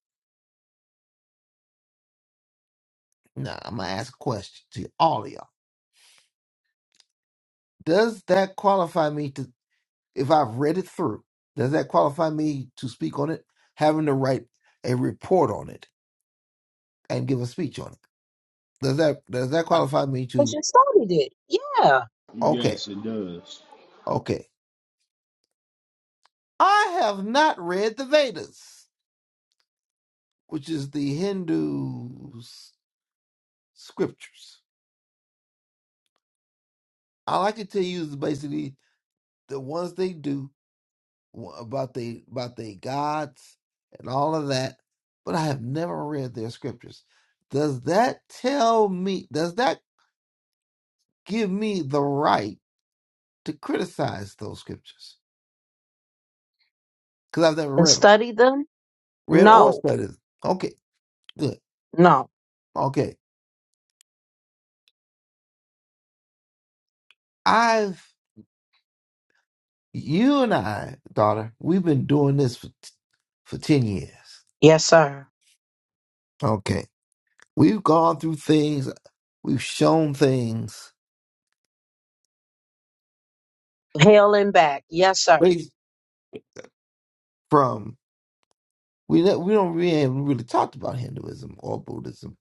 Speaker 6: Now I'm gonna ask a question to all of y'all. Does that qualify me to if I've read it through, does that qualify me to speak on it? Having to write a report on it and give a speech on it. Does that does that qualify me to okay,
Speaker 3: Yes, it does.
Speaker 6: okay. I have not read the Vedas, which is the Hindu s- scriptures. All I can tell you is basically the ones they do wa- about they about they gods and all of that, but I have never read their scriptures. Does that tell me? Does that give me the right to criticize those scriptures? Because I've never read them, read or studied. Them. Okay, good. Okay, I've you and I, daughter, we've been doing this for t- for ten years. Okay, we've gone through things. We've shown things from we ne- we don't we ain't really talked about Hinduism or Buddhism.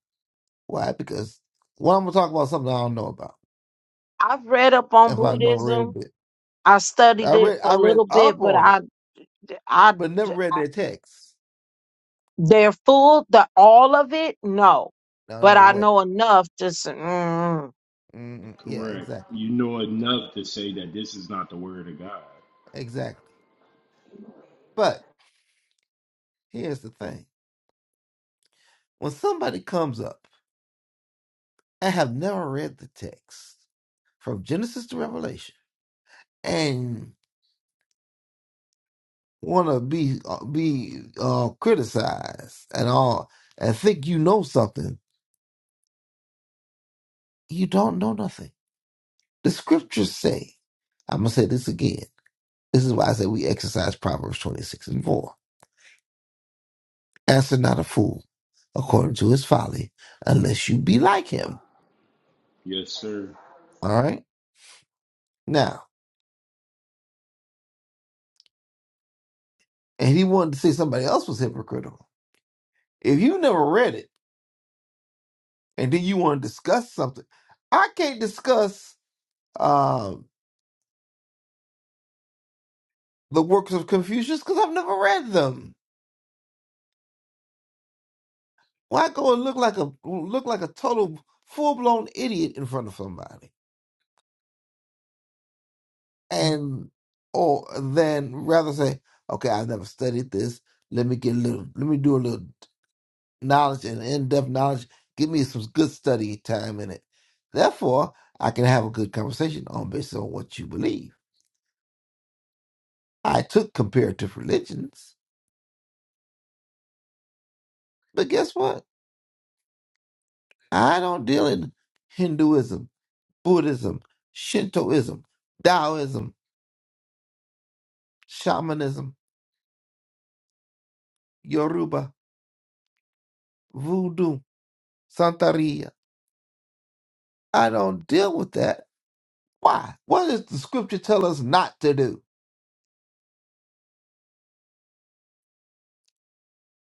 Speaker 6: Why? Because well, I'm gonna talk about something I don't know about. If I don't read it, I read I read up on it, but never read their text. No, no way. mm Yeah,
Speaker 3: Correct.
Speaker 6: exactly,
Speaker 3: You know enough to say that this is not the word of God.
Speaker 6: exactly. But here's the thing: when somebody comes up and have never read the text from Genesis to Revelation and want to be uh, be uh, criticized and all and think you know something You don't know nothing. The scriptures say, I'm going to say this again. This is why I say we exercise Proverbs 26 and 4. Answer not a fool according to his folly, unless you be like him.
Speaker 3: Yes, sir.
Speaker 6: All right? Now, and he wanted to say somebody else was hypocritical. If you never read it and then you want to discuss something, I can't discuss um, the works of Confucius because I've never read them. Why go and look like a look like a total full blown idiot in front of somebody? and or then rather say, okay, I've never studied this. Let me get a little, let me do a little knowledge and in-depth knowledge. Give me some good study time in it. Therefore, I can have a good conversation on based on what you believe. I took comparative religions, but guess what? I don't deal in Hinduism, Buddhism, Shintoism, Taoism, shamanism, Yoruba, voodoo, Santeria. I don't deal with that Why? What does the scripture tell us not to do?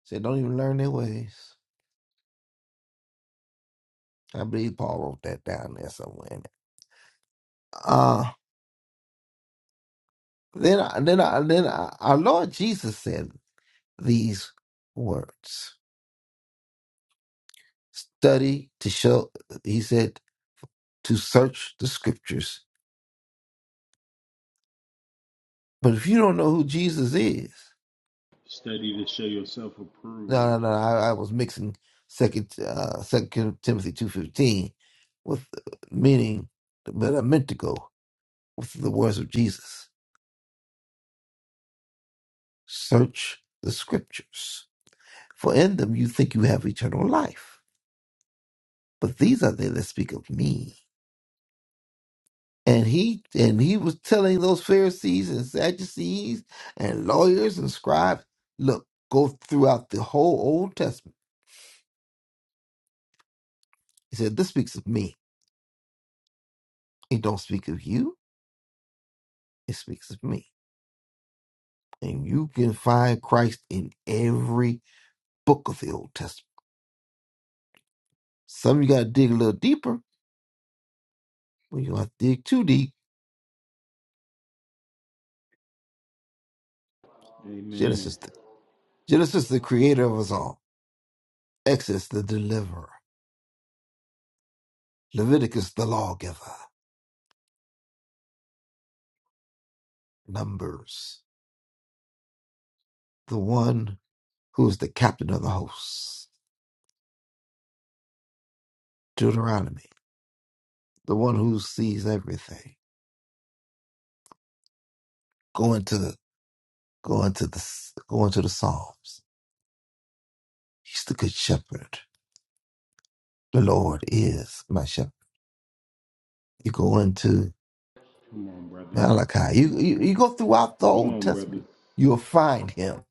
Speaker 6: Say, don't even learn their ways. I believe Paul wrote that down there somewhere. Uh, then, I, then, I, then I, our Lord Jesus said these words: "Study to show." He said to search the scriptures. But if you don't know who Jesus is,
Speaker 3: Study to show yourself
Speaker 6: no,
Speaker 3: approved.
Speaker 6: no, no. I, I was mixing second, uh, second Timothy two fifteen with uh, meaning, but I meant to go with the words of Jesus Search the scriptures, for in them you think you have eternal life. But these are they that speak of me. And he and he was telling those Pharisees and Sadducees and lawyers and scribes, look, go throughout the whole Old Testament. He said, This speaks of me. It don't speak of you, it speaks of me. And you can find Christ in every book of the Old Testament. Some you gotta dig a little deeper, but you don't have to dig too deep.
Speaker 3: Amen.
Speaker 6: Genesis the, Genesis the creator of us all. Exodus, the deliverer. Leviticus, the lawgiver. Numbers, the one who is the captain of the hosts. Deuteronomy, the one who sees everything. Go into, go into the, go into the Psalms. He's the good shepherd. The Lord is my shepherd. You go into
Speaker 3: Come on, brother.
Speaker 6: Malachi. You,
Speaker 3: Come on.
Speaker 6: you, you go throughout the
Speaker 3: Come
Speaker 6: Old
Speaker 3: on, brother.
Speaker 6: Testament. You'll find him.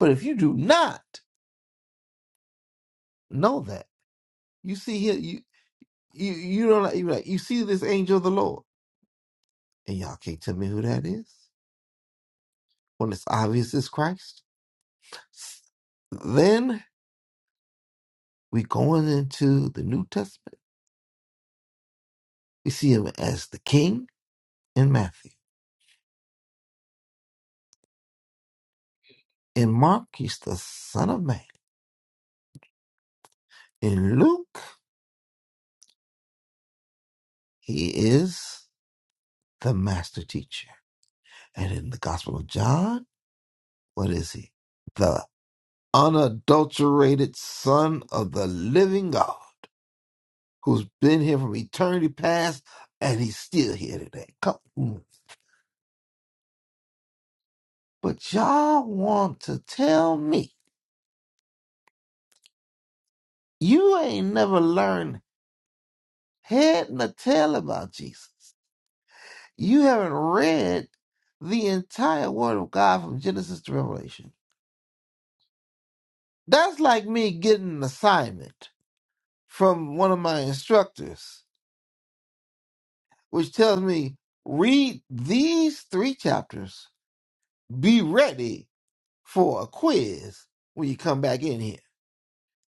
Speaker 6: But if you do not know that, you see him, you, you, you don't, you, like you see this angel of the Lord. and y'all can't tell me who that is when it's obvious it's Christ. Then we going into the New Testament. We see him as the King in Matthew. In Mark, he's the Son of Man. In Luke, he is the Master Teacher. And in the Gospel of John, what is he? The unadulterated Son of the Living God, who's been here from eternity past, and he's still here today. Come. on. But y'all want to tell me you ain't never learned head nor tail about Jesus. You haven't read the entire Word of God from Genesis to Revelation. That's like me getting an assignment from one of my instructors, which tells me read these three chapters, be ready for a quiz when you come back in here.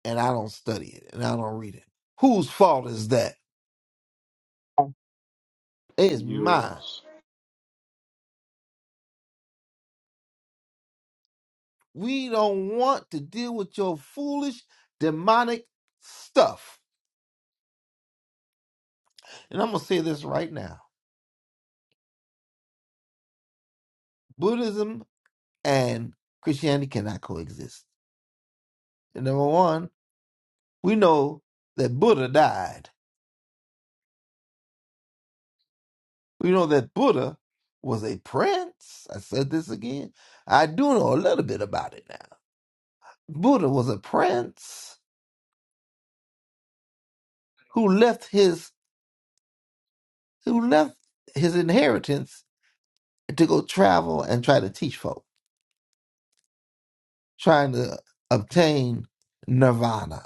Speaker 6: And I don't study it and I don't read it. Whose fault is that? It's mine
Speaker 3: Yours.
Speaker 6: We don't want to deal with your foolish demonic stuff. And I'm going to say this right now Buddhism and Christianity cannot coexist. And number one, we know that Buddha died. We know that Buddha was a prince. I said this again. I do know a little bit about it now. Buddha was a prince who left his who left his inheritance to go travel and try to teach folk. trying to obtain nirvana.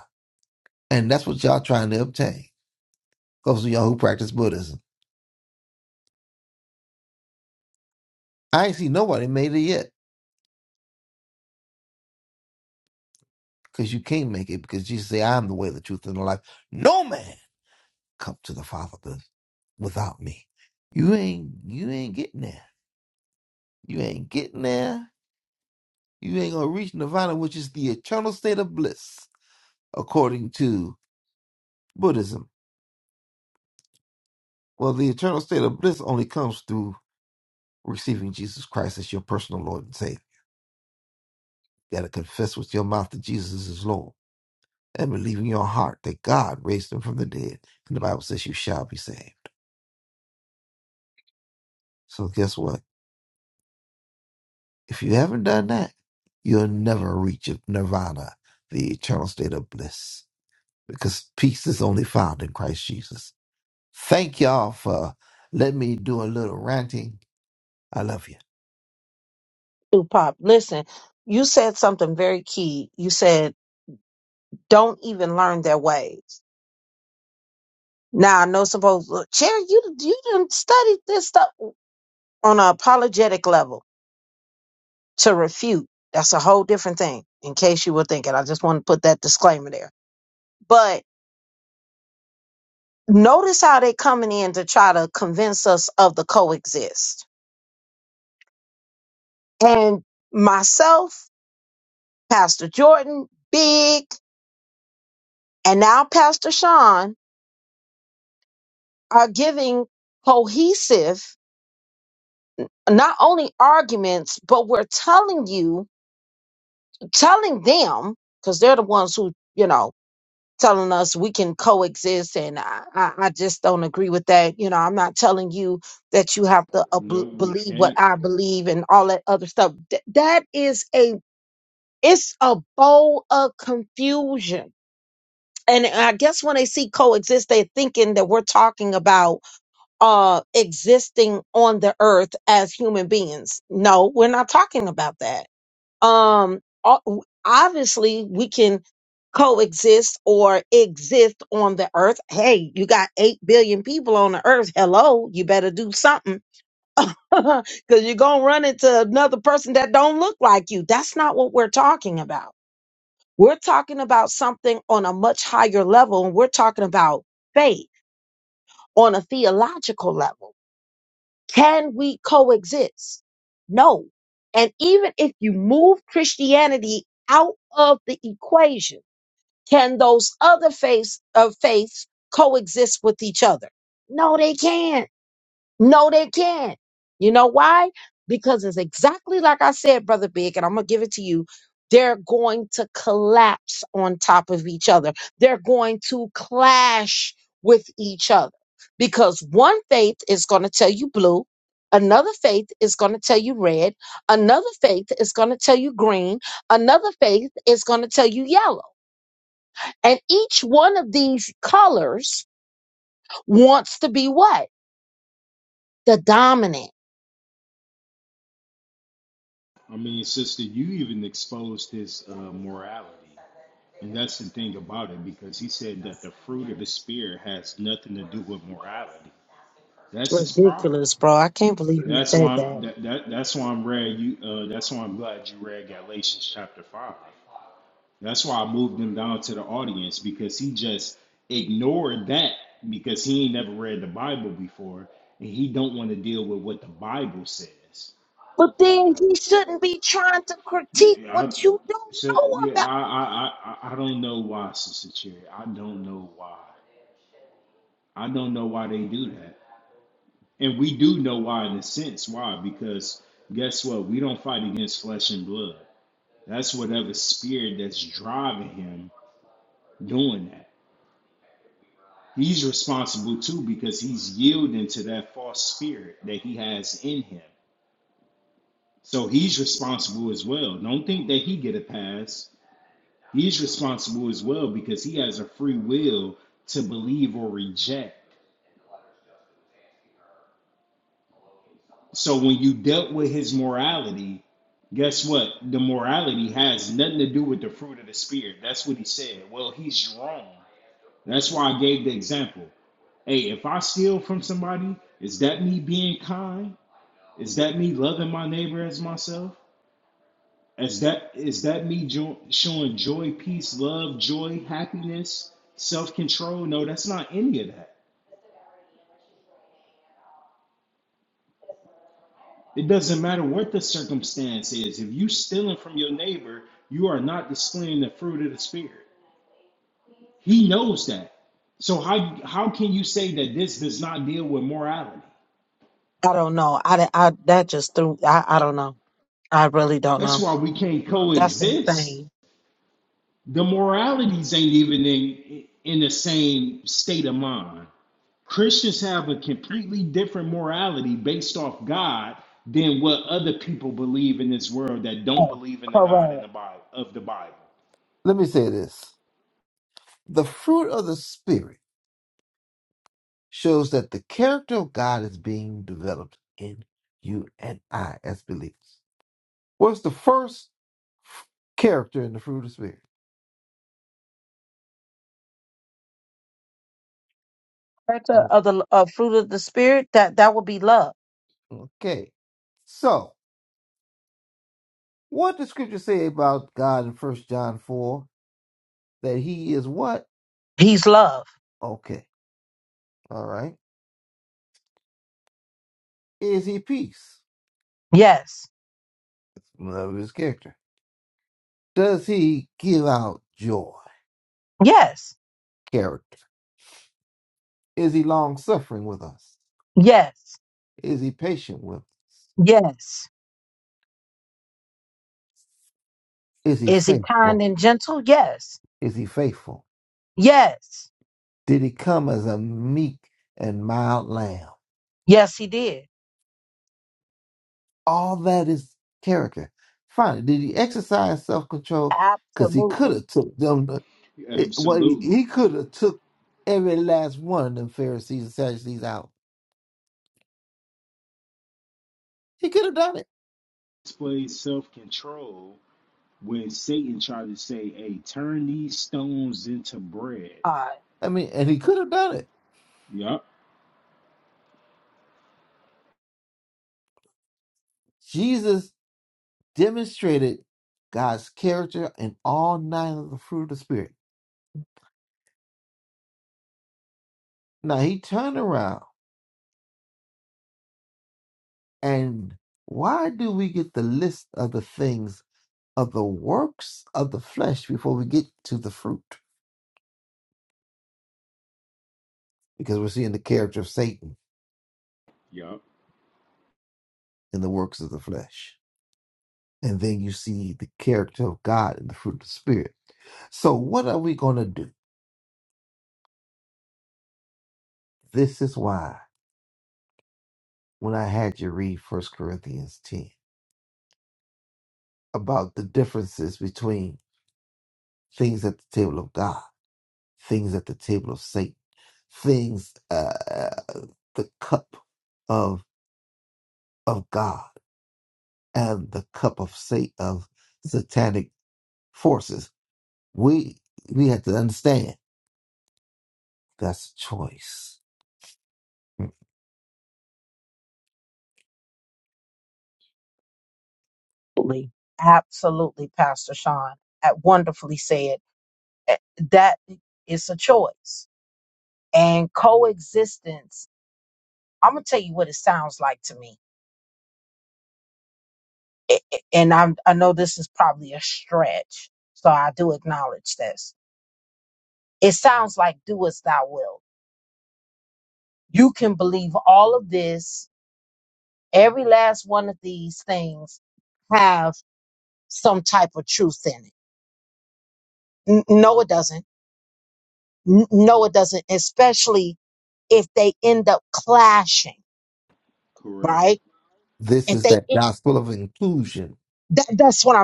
Speaker 6: And that's what y'all trying to obtain. Those of y'all who practice Buddhism. I ain't seen nobody made it yet. Because you can't make it because Jesus said, I am the way, the truth, and the life. No man come to the Father but without me. You ain't you ain't getting there. You ain't getting there. You ain't gonna reach nirvana, which is the eternal state of bliss, according to Buddhism. Well, the eternal state of bliss only comes through receiving Jesus Christ as your personal Lord and Savior. You got to confess with your mouth that Jesus is Lord and believe in your heart that God raised him from the dead. And the Bible says you shall be saved. So guess what? If you haven't done that, you'll never reach nirvana, the eternal state of bliss, because peace is only found in Christ Jesus. Thank y'all for letting me do a little ranting. I love you.
Speaker 3: No, we can't. I mean, sister, you even exposed his uh, morality. And that's the thing about it because he said that the fruit of the Spirit has nothing to do with morality. That's his problem. That's why I'm that, that that's why I'm rare. You uh, that's why I'm glad you read Galatians chapter five. That's why I moved him down to the audience because he just ignored that because he ain't never read the Bible before and he don't want to deal with what the Bible says. Yeah, I so, yeah, I, I I I I don't know why, Sister Cherry. I don't know why. I don't know why they do that. And we do know why in a sense. Why? Because guess what? We don't fight against flesh and blood. That's whatever spirit that's driving him doing that. He's responsible too because he's yielding to that false spirit that he has in him. So he's responsible as well. Don't think that he get a pass. He's responsible as well because he has a free will to believe or reject. So when you dealt with his morality, guess what? The morality has nothing to do with the fruit of the spirit. That's what he said. Well, he's wrong. That's why I gave the example. Hey, if I steal from somebody, is that me being kind? Is that me loving my neighbor as myself? Is that is that me jo- showing joy, peace, love, joy, happiness, self control? No, that's not any of that. It doesn't matter what the circumstance is. If you are stealing from your neighbor, you are not displaying the fruit of the spirit. He knows that. So how how can you say that this does not deal with morality? That's why we can't coexist. the moralities ain't even in in the same state of mind. Christians have a completely different morality based off God than what other people believe in this world that don't believe in the God in the Bible of the Bible.
Speaker 6: Let me say this. The fruit of the Spirit shows that the character of God is being developed in you and I as believers. What's the first character in the fruit of the spirit? Oh, okay. So, what does scripture say about God in First John 4? That he is what? Okay. All right. Is he peace? That's one of his character. Does he give out joy? Character. Is he long suffering with us? Is he patient with us? Is he faithful? Is he faithful? Did he come as a meek and mild lamb? All that is character. Finally, did he exercise self control? Because he could have took them. to- It, well, he,
Speaker 3: Absolutely.
Speaker 6: he could have took every last one of them Pharisees and Sadducees out. He could have done it.
Speaker 3: Display self-control when Satan tried to say, hey, turn these stones into bread.
Speaker 6: I mean, and he could have done it.
Speaker 3: Yup,
Speaker 6: Jesus demonstrated God's character in all nine of the fruit of the Spirit. Now he turned around and why do we get the list of the things of the works of the flesh before we get to the fruit? because we're seeing the character of Satan
Speaker 3: yup,
Speaker 6: in the works of the flesh. And then you see the character of God in the fruit of the Spirit. So, what are we going to do? This is why when I had you read First Corinthians 10 about the differences between things at the table of God, things at the table of Satan, things, uh, the cup of, of God and the cup of, Satan, of satanic forces, we, we had to understand. That's a choice. Mm.
Speaker 3: correct.
Speaker 6: This is that gospel of inclusion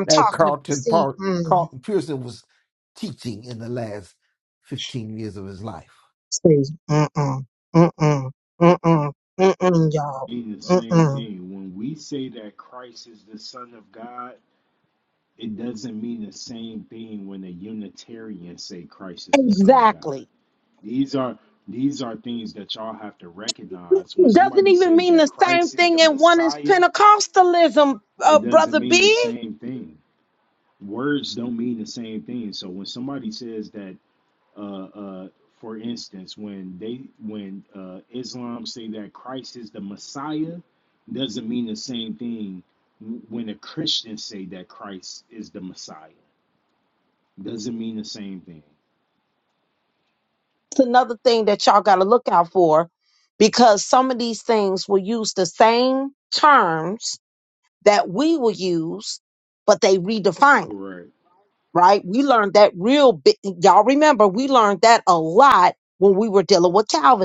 Speaker 6: that Carlton Park, Carlton Pearson was teaching in the last 15 years of his life.
Speaker 3: Ain't the same thing. When we say that Christ is the Son of God, it doesn't mean the same thing when the Unitarians say Christ is the Son of God. These are these are things that y'all have to recognize. When somebody say that Christ is the Messiah, it doesn't mean the same thing. Words don't mean the same thing. So when somebody says that, uh, uh, for instance, when they when uh, Islam say that Christ is the Messiah, doesn't mean the same thing when the Christians say that Christ is the Messiah doesn't mean the same thing. Correct.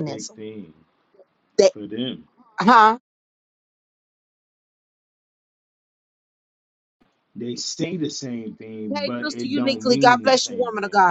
Speaker 3: Big thing for them. They say the same thing, but it don't mean the same thing.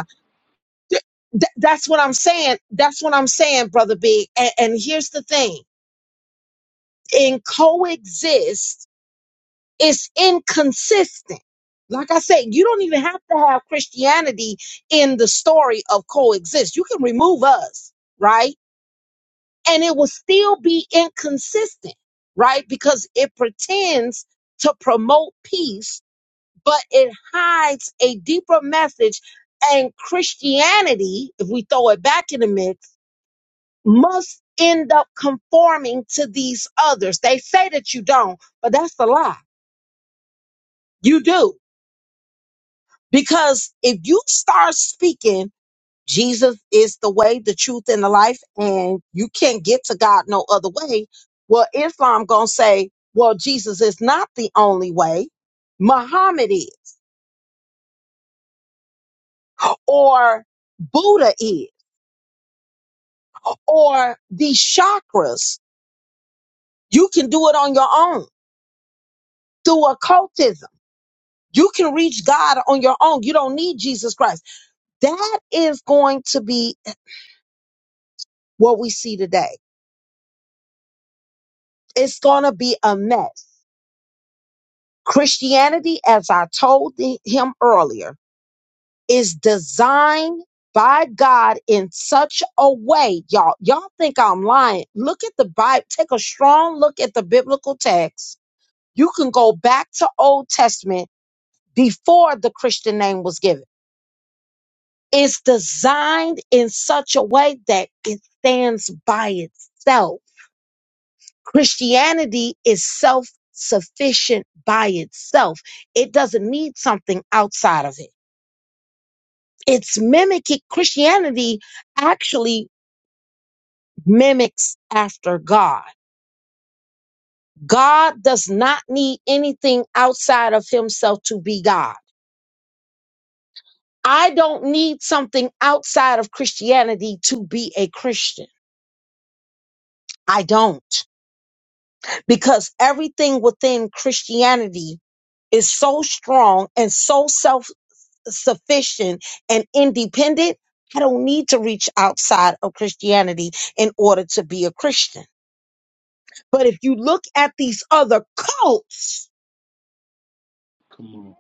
Speaker 3: Come on.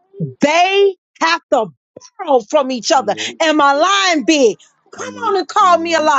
Speaker 3: Nope. Nope. I'm not.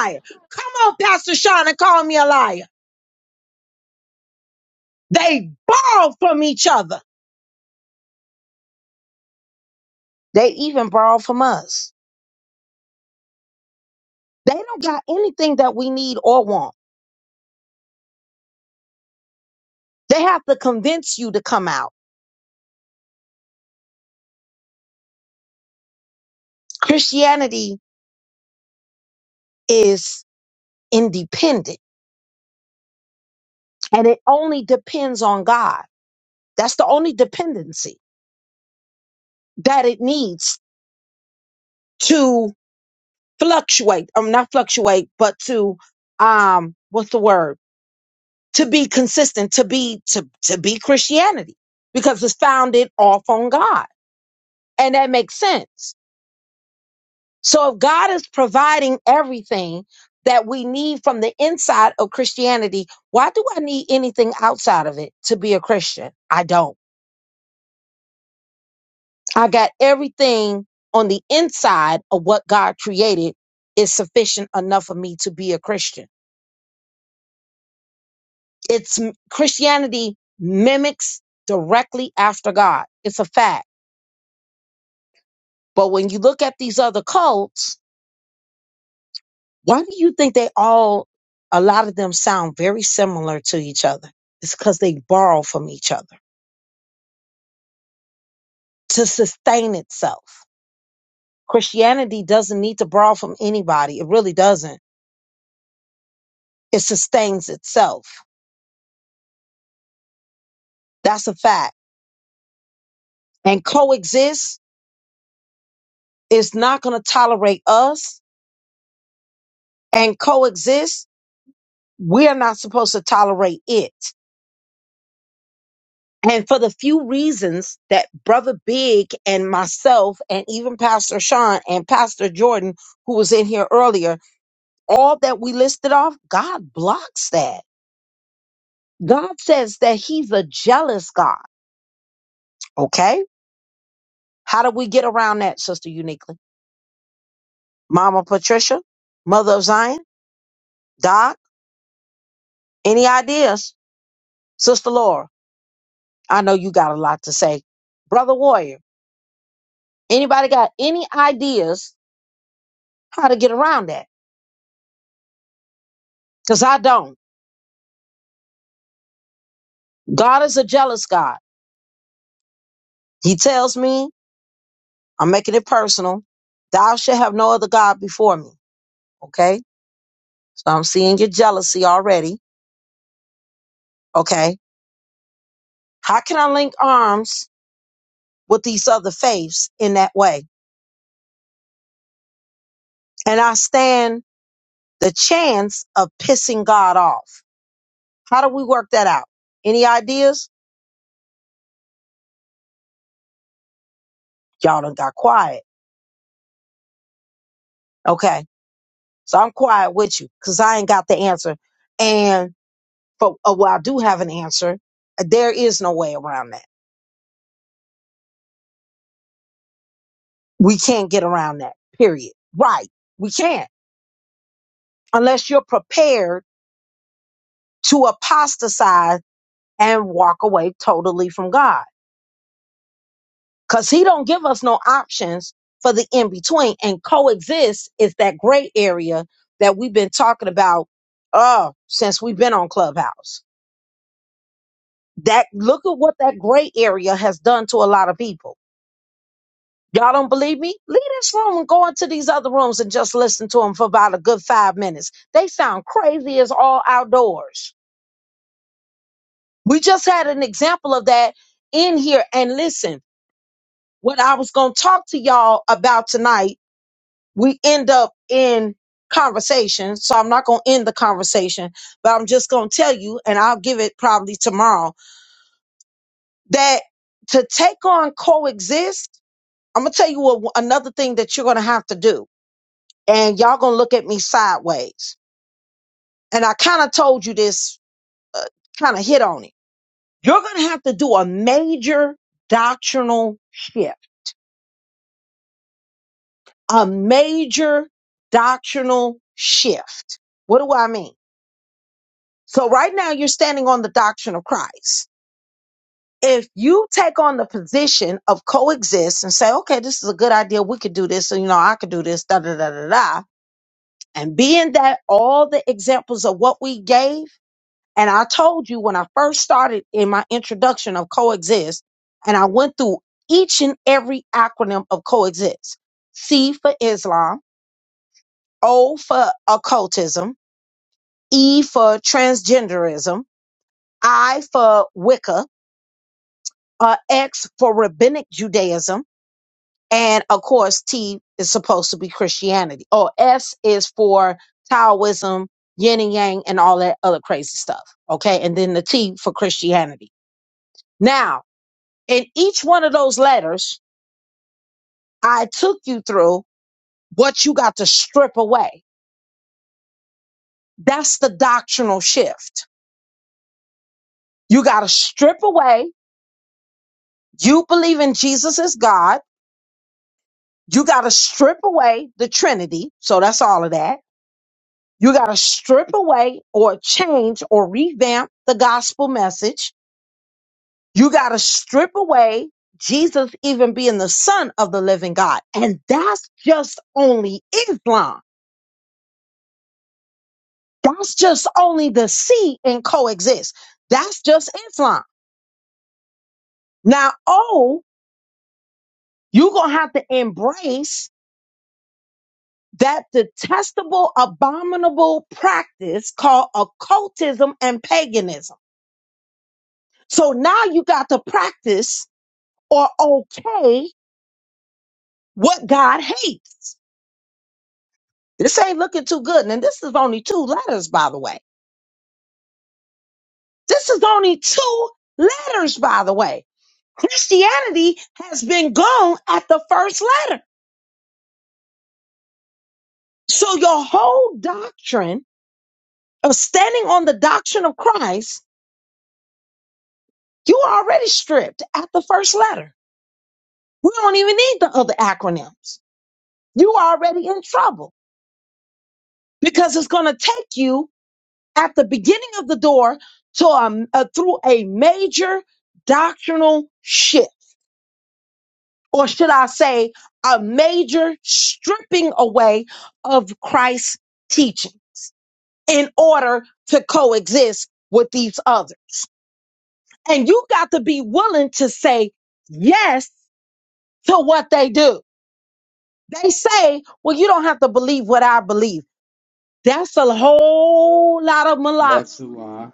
Speaker 3: That's a lie.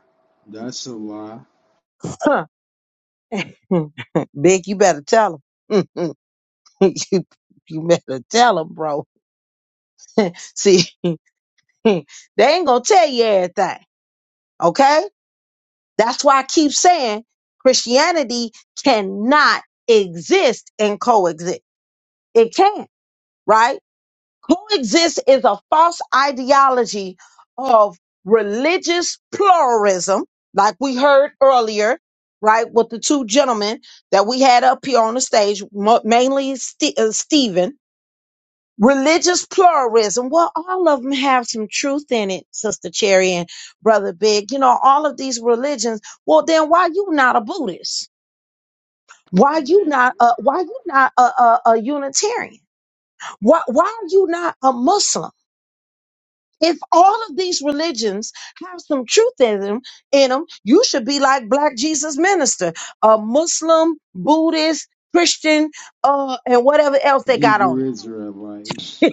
Speaker 3: That's a lie. Man. Hebrew Israelite.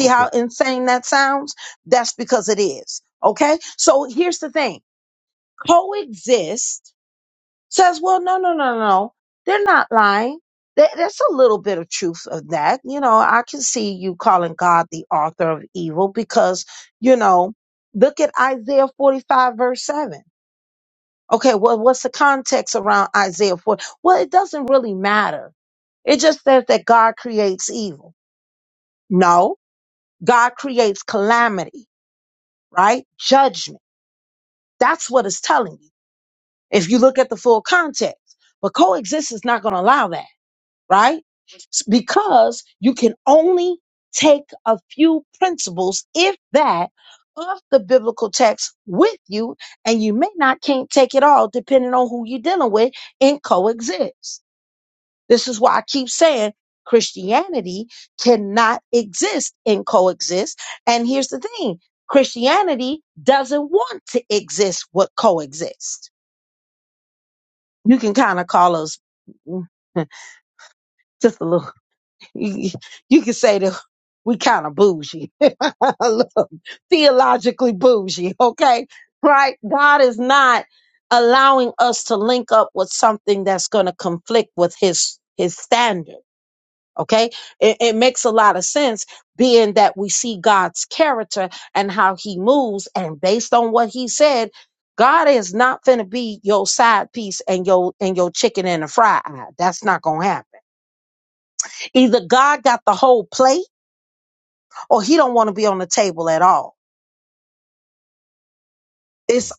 Speaker 6: Okay. Mm.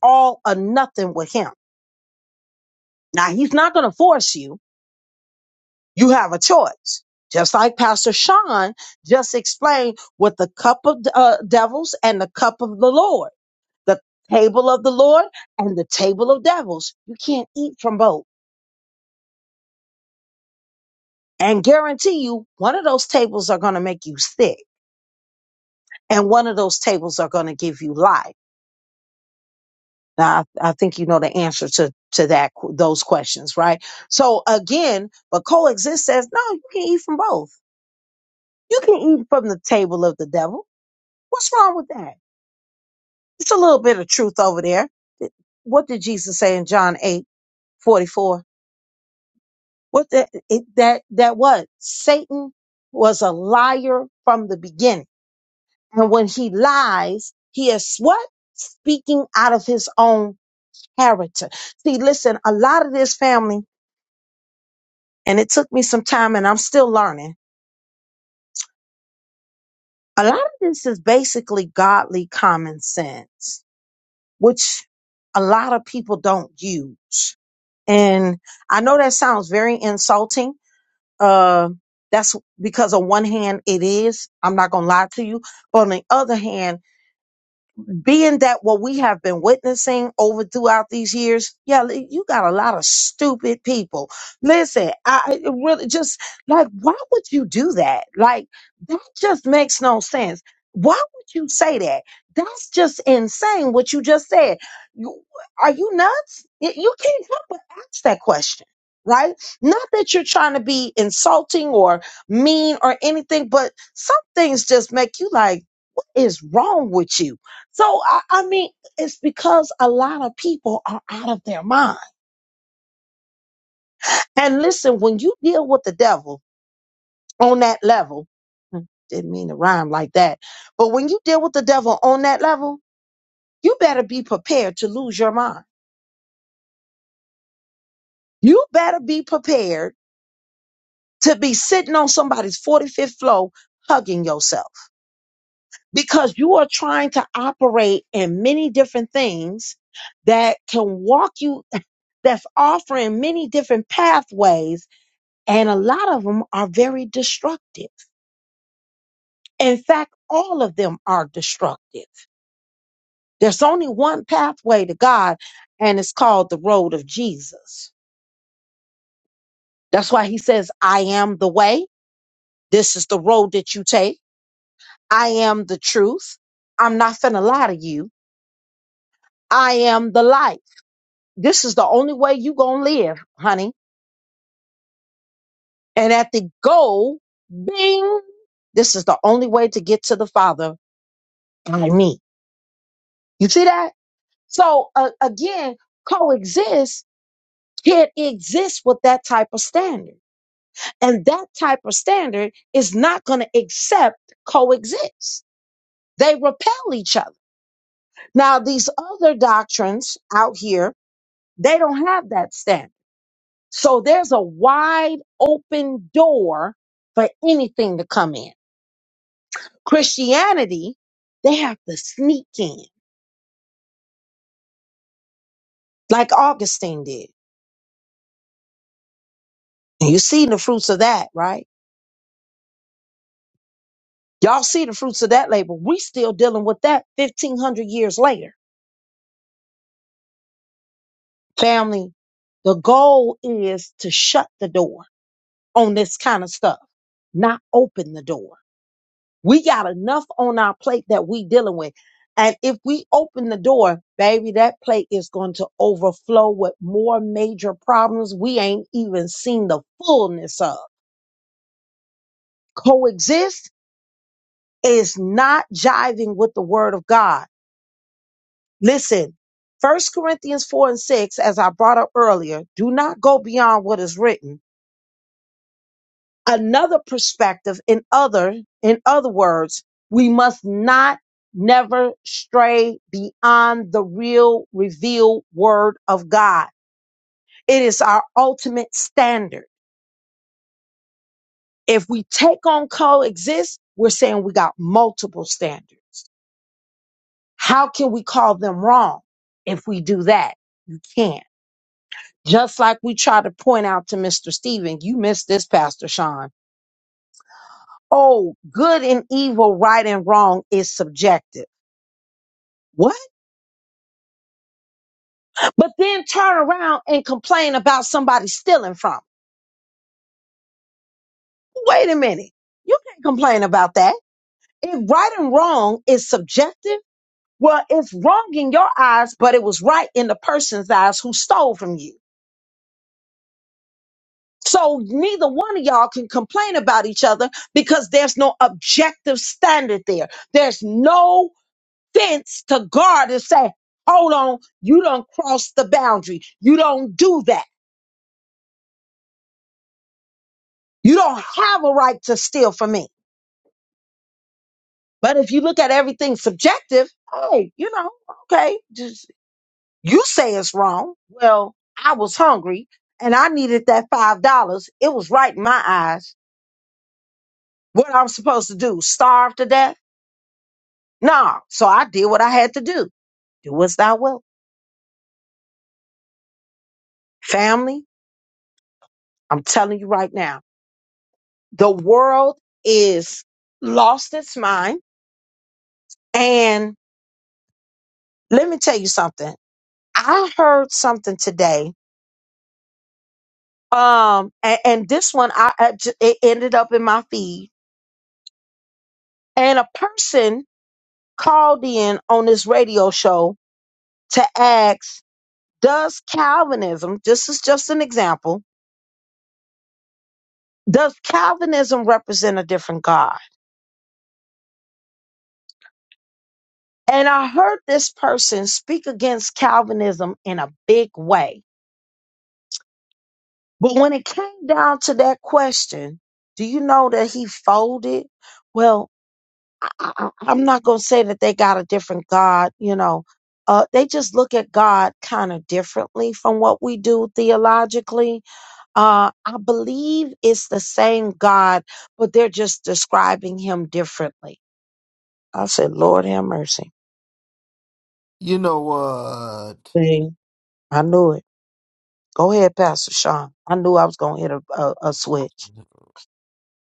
Speaker 6: You know what?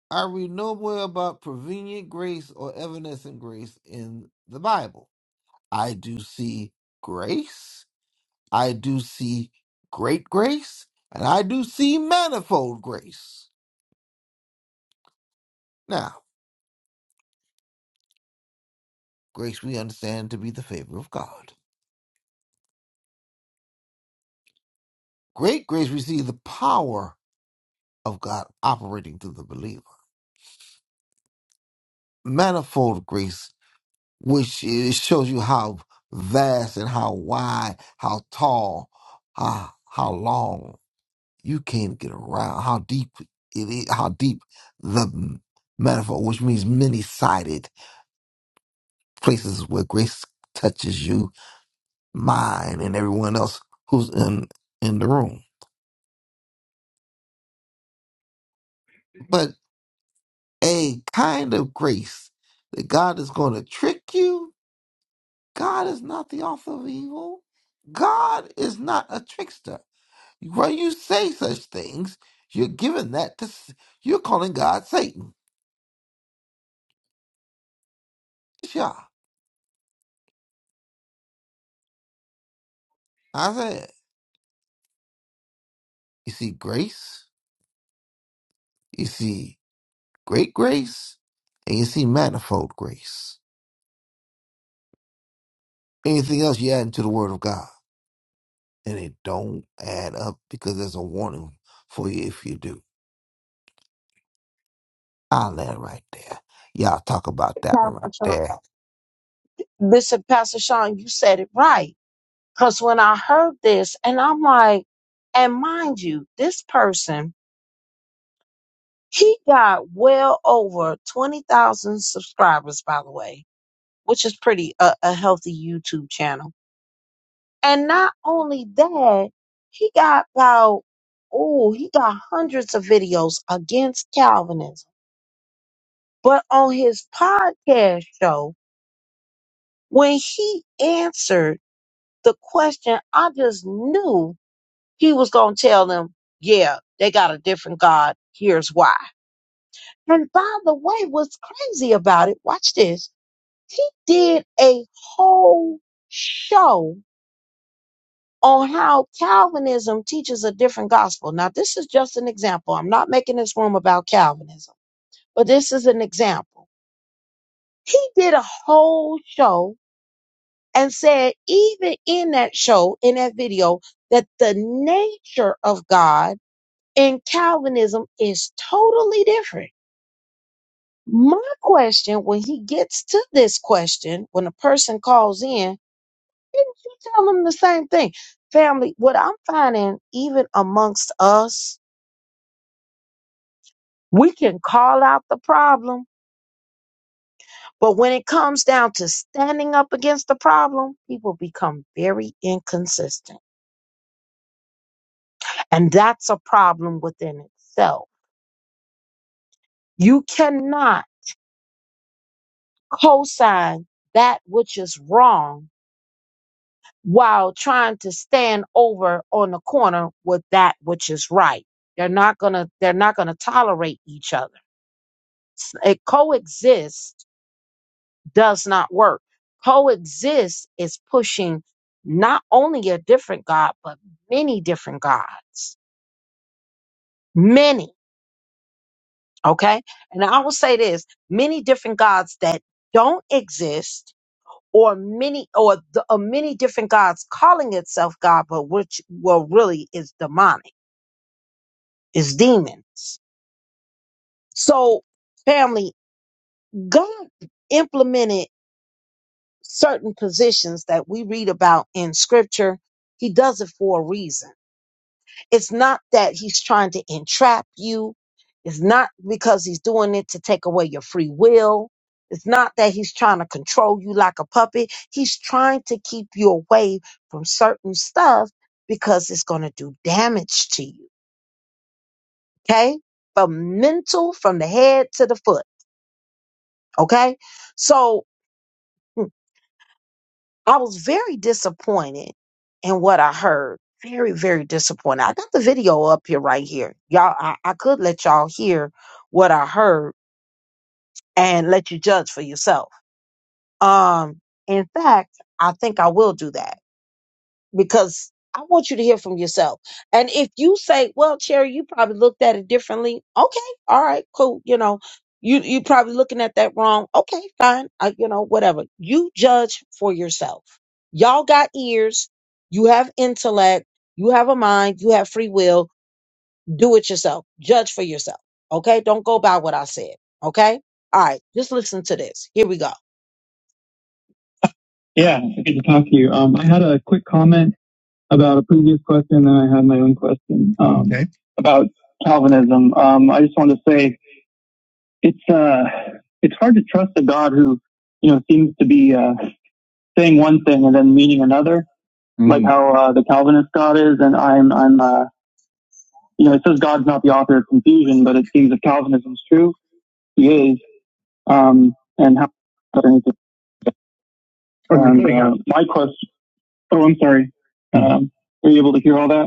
Speaker 6: I read nowhere about prevenient grace or evanescent grace in the Bible. I do see grace. I do see great grace and I do see manifold grace. Now, grace we understand to be the favor of God. Great grace, we see the power of God operating through the believer. Manifold grace, which is, shows you how vast and how wide, how tall, how, how long you can't get around, how deep it is, how deep the manifold, which means many sided places where grace touches you mine and everyone else who's in in the room. But a kind of grace that God is going to trick you. God is not the author of evil. God is not a trickster. When you say such things, you're giving that to s- you're calling God Satan. Yeah, I said. You see grace. You see great grace, and you see manifold grace. Anything else you add into the Word of God? and it don't add up because there's a warning for you if you do. I'll let right there. Y'all talk about that one right there.
Speaker 7: Yeah, good to talk to you. Um, I had a quick comment about a previous question, and I had my own question um, Okay. about Calvinism. Um, I just want to say it's uh, it's hard to trust a God who, you know, seems to be uh, saying one thing and then meaning another, mm. like how uh, the Calvinist God is. And I'm I'm uh, you know, it says God's not the author of confusion, but it seems if Calvinism's true, He is. Um, and how? And, uh, my question. Oh, I'm sorry. Um, were you able to hear all that?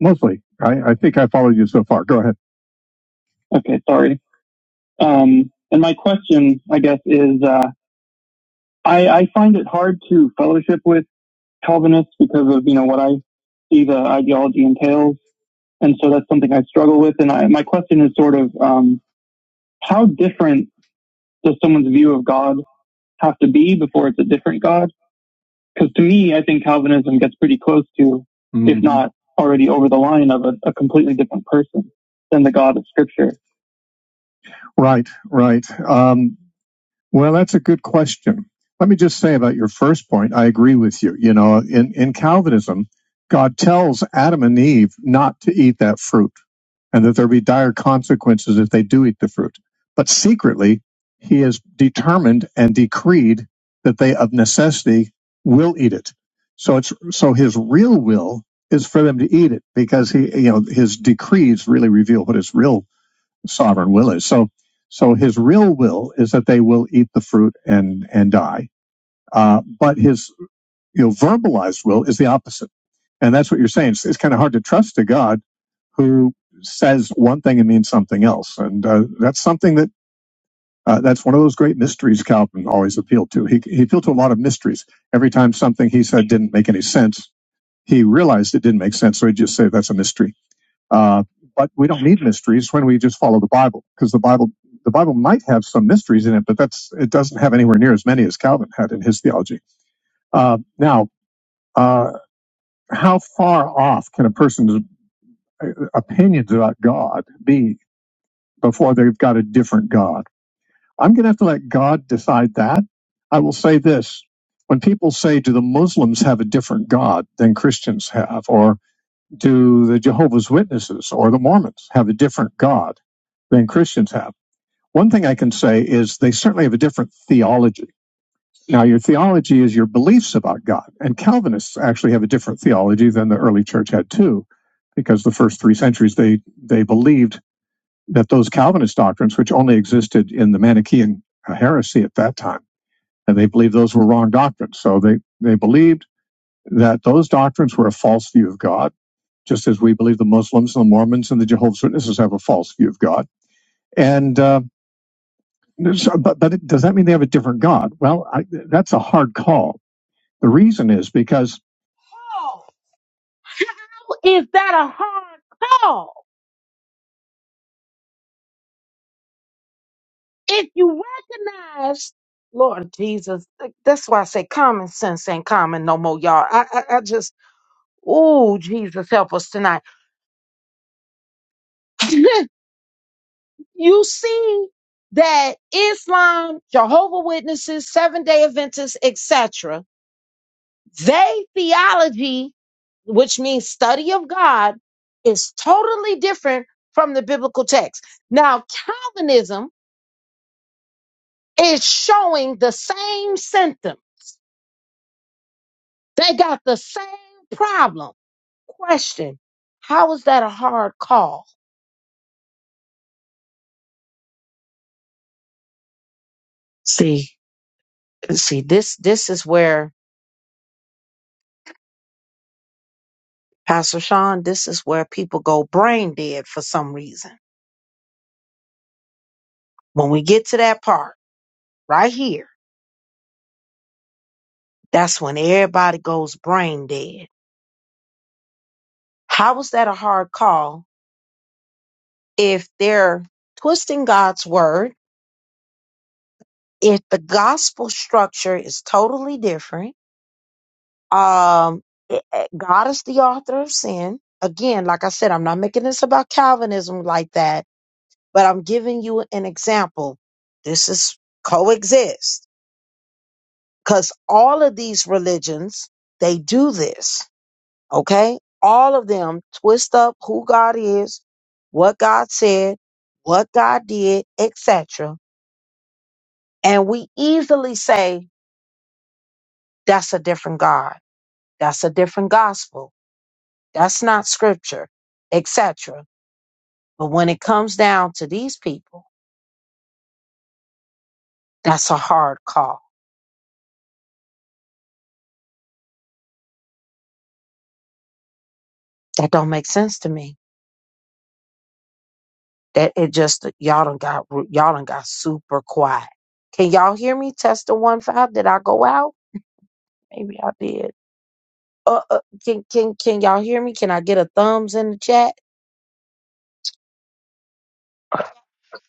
Speaker 7: Mostly. I, I think I followed you so far. Go ahead. Okay, sorry. Um, and my question, I guess, is uh, I, I find it hard to fellowship with Calvinists because of you know what I see the ideology entails, and so that's something I struggle with. And I, my question is sort of um, how different does someone's view of God have to be before it's a different God? Because to me, I think Calvinism gets pretty close to, mm-hmm. if Mhm. not already over the line of a, a completely different person than the God of Scripture. Right, right. Um, well, that's a good question. Let me just say about your first point, I agree with you. You know, in, in Calvinism, God tells Adam and Eve not to eat that fruit and that there will be dire consequences if they do eat the fruit. But secretly, he has determined and decreed that they of necessity will eat it. So it's, so his real will is for them to eat it because he, you know, his decrees really reveal what his real sovereign will is. So, so his real will is that they will eat the fruit and and die. Uh, but his you know verbalized will is the opposite, and that's what you're saying. It's, it's kind of hard to trust a God who says one thing and means something else, and uh, that's something that. Uh, that's one of those great mysteries Calvin always appealed to. He, he appealed to a lot of mysteries. Every time something he said didn't make any sense, he realized it didn't make sense, so he just said that's a mystery uh, but we don't need mysteries when we just follow the Bible, because the Bible the Bible might have some mysteries in it, but that's it doesn't have anywhere near as many as Calvin had in his theology. Uh, now, uh, how far off can a person's uh, opinions about God be before they've got a different God? I'm going to have to let God decide that. I will say this: when people say, "Do the Muslims have a different God than Christians have?" or do the Jehovah's Witnesses or the Mormons have a different God than Christians have? One thing I can say is they certainly have a different theology. Now, your theology is your beliefs about God, and Calvinists actually have a different theology than the early church had too, because the first three centuries they they believed that those Calvinist doctrines, which only existed in the Manichaean uh, heresy at that time, and they believed those were wrong doctrines. So they they believed that those doctrines were a false view of God just as we believe the Muslims and the Mormons and the Jehovah's Witnesses have a false view of God. And uh, so- but, but does that mean they have a different God? Well, I, that's a hard call. The reason is because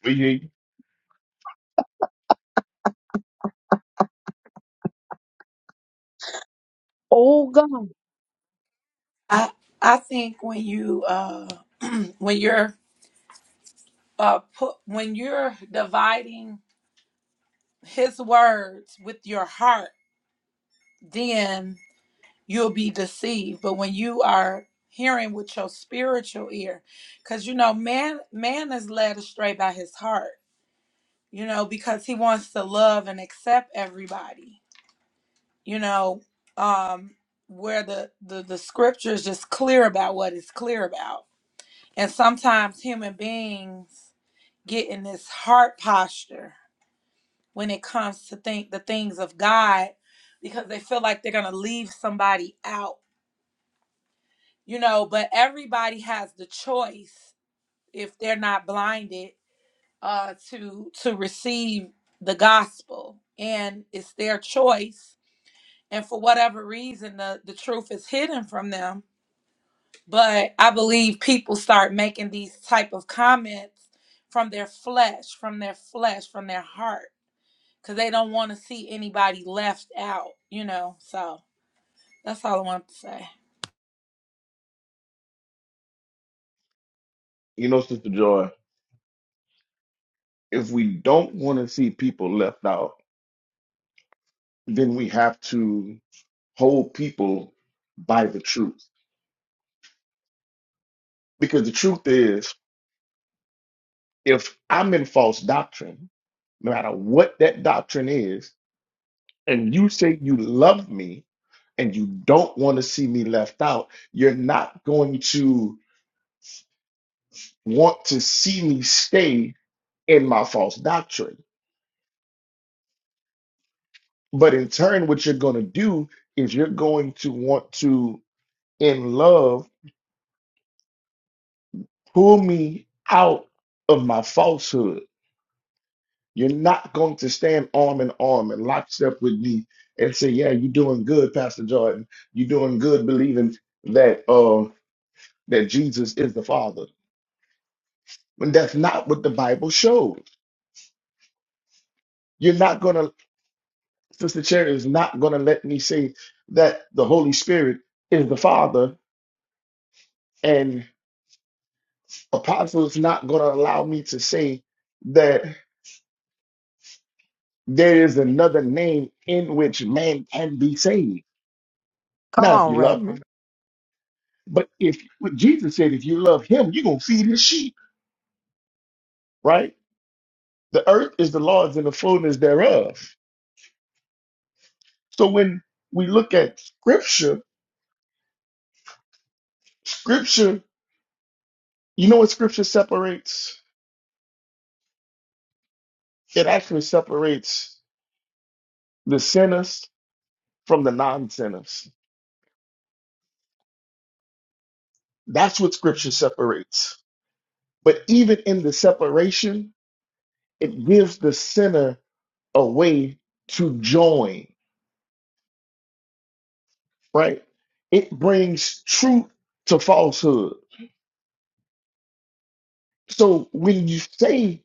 Speaker 2: We,
Speaker 8: I I think when you uh when you're uh put when you're dividing his words with your heart, then you'll be deceived. But when you are hearing with your spiritual ear, because you know, man man is led astray by his heart, you know, because he wants to love and accept everybody, you know, um where the, the the scripture is just clear about what it's clear about. And sometimes human beings get in this heart posture when it comes to think the things of God because they feel like they're gonna leave somebody out, you know. But everybody has the choice if they're not blinded uh, to to receive the gospel, and it's their choice. And for whatever reason, the the truth is hidden from them. But I believe people start making these type of comments from their flesh, from their flesh, from their heart because they don't want to see anybody left out, you know. So that's all I wanted to say.
Speaker 2: you know, Sister Joy, if we don't want to see people left out, then we have to hold people by the truth. Because the truth is, if I'm in false doctrine, no matter what that doctrine is and you say you love me and you don't want to see me left out, you're not going to want to see me stay in my false doctrine. But in turn, what you're going to do is you're going to want to, in love, pull me out of my falsehood. You're not going to stand arm in arm and lockstep with me and say, "Yeah, you're doing good, Pastor Jordan. You're doing good, believing that uh, that Jesus is the Father." when that's not what the Bible shows. You're not going to, Sister Cherry is not going to let me say that the Holy Spirit is the Father, and Apostle is not going to allow me to say that there is another name in which man can be saved. Now, if you love me, but if what Jesus said, if you love him, you're going to feed his sheep, right? The earth is the Lord's and the fullness thereof. So when we look at scripture, scripture, you know what scripture separates? It actually separates the sinners from the non sinners. That's what scripture separates. But even in the separation, it gives the sinner a way to join, right? It brings truth to falsehood. So when you say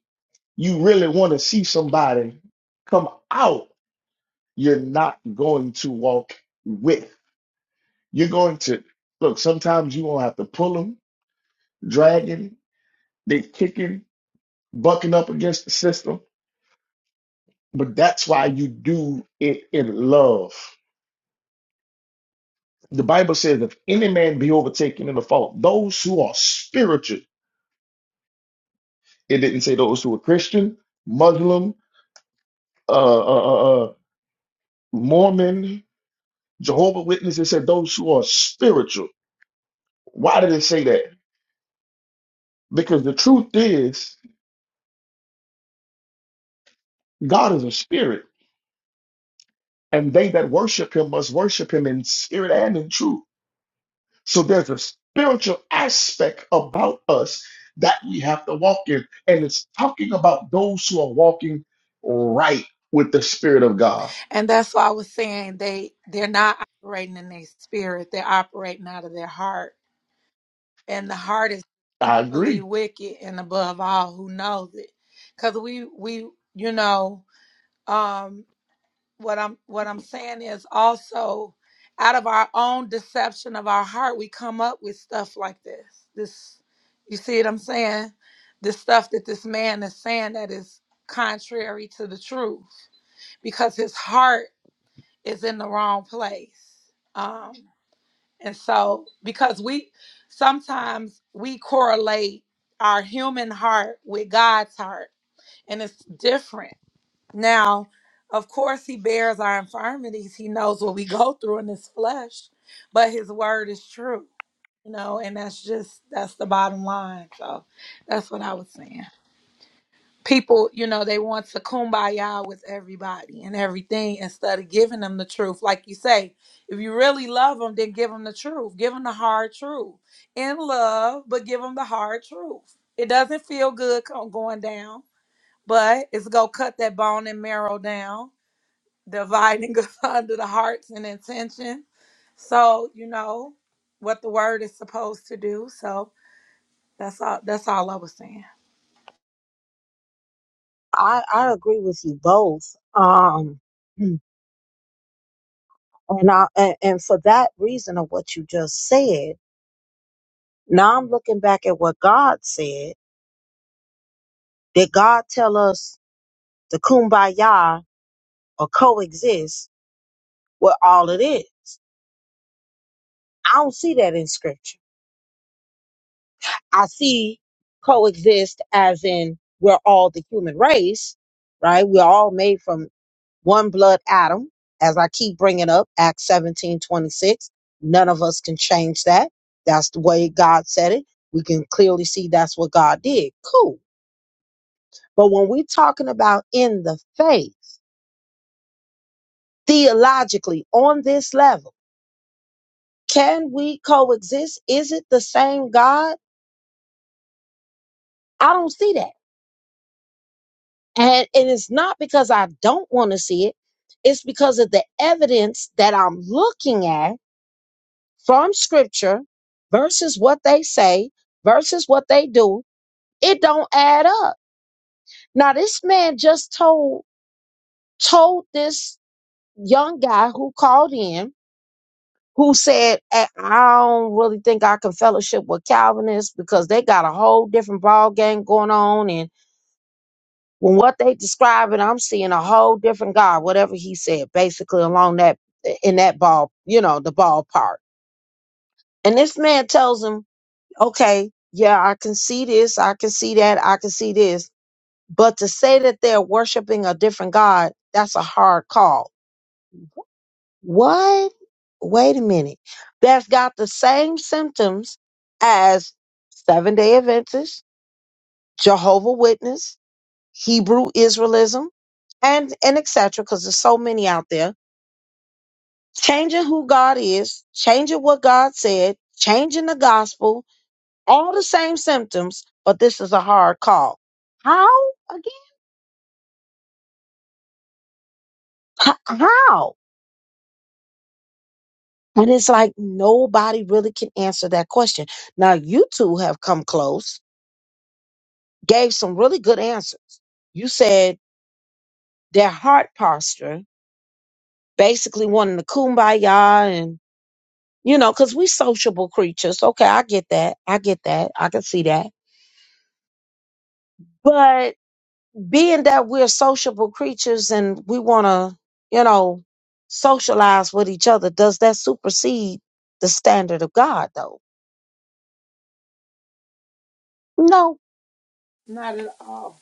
Speaker 2: you really want to see somebody come out, you're not going to walk with. You're going to look, sometimes you won't have to pull them, drag him, they kick him. bucking up against the system. But that's why you do it in love. The Bible says, if any man be overtaken in a fault, those who are spiritual, it didn't say those who are Christian, Muslim, uh, uh, uh, uh, Mormon, Jehovah Witness. It said those who are spiritual. Why did it say that? Because the truth is, God is a spirit, and they that worship him must worship him in spirit and in truth. So there's a spiritual aspect about us that we have to walk in. And it's talking about those who are walking right with the Spirit of God.
Speaker 8: And that's why I was saying they they're not operating in their spirit; they're operating out of their heart, and the heart is
Speaker 2: I
Speaker 8: fully
Speaker 2: agree.
Speaker 8: wicked and above all who knows it, because we we you know. um what I'm what I'm saying is also out of our own deception of our heart, we come up with stuff like this. This you see what I'm saying? This stuff that this man is saying that is contrary to the truth because his heart is in the wrong place. Um and so because we sometimes we correlate our human heart with God's heart and it's different now, of course, he bears our infirmities. He knows what we go through in this flesh, but his word is true, you know, and that's just, that's the bottom line. So that's what I was saying. People, you know, they want to kumbaya with everybody and everything instead of giving them the truth. Like you say, if you really love them, then give them the truth. Give them the hard truth in love, but give them the hard truth. It doesn't feel good co- going down, but it's going to cut that bone and marrow down dividing us under the hearts and intention. So you know what the word is supposed to do. So that's all. That's all I was saying. Not at all.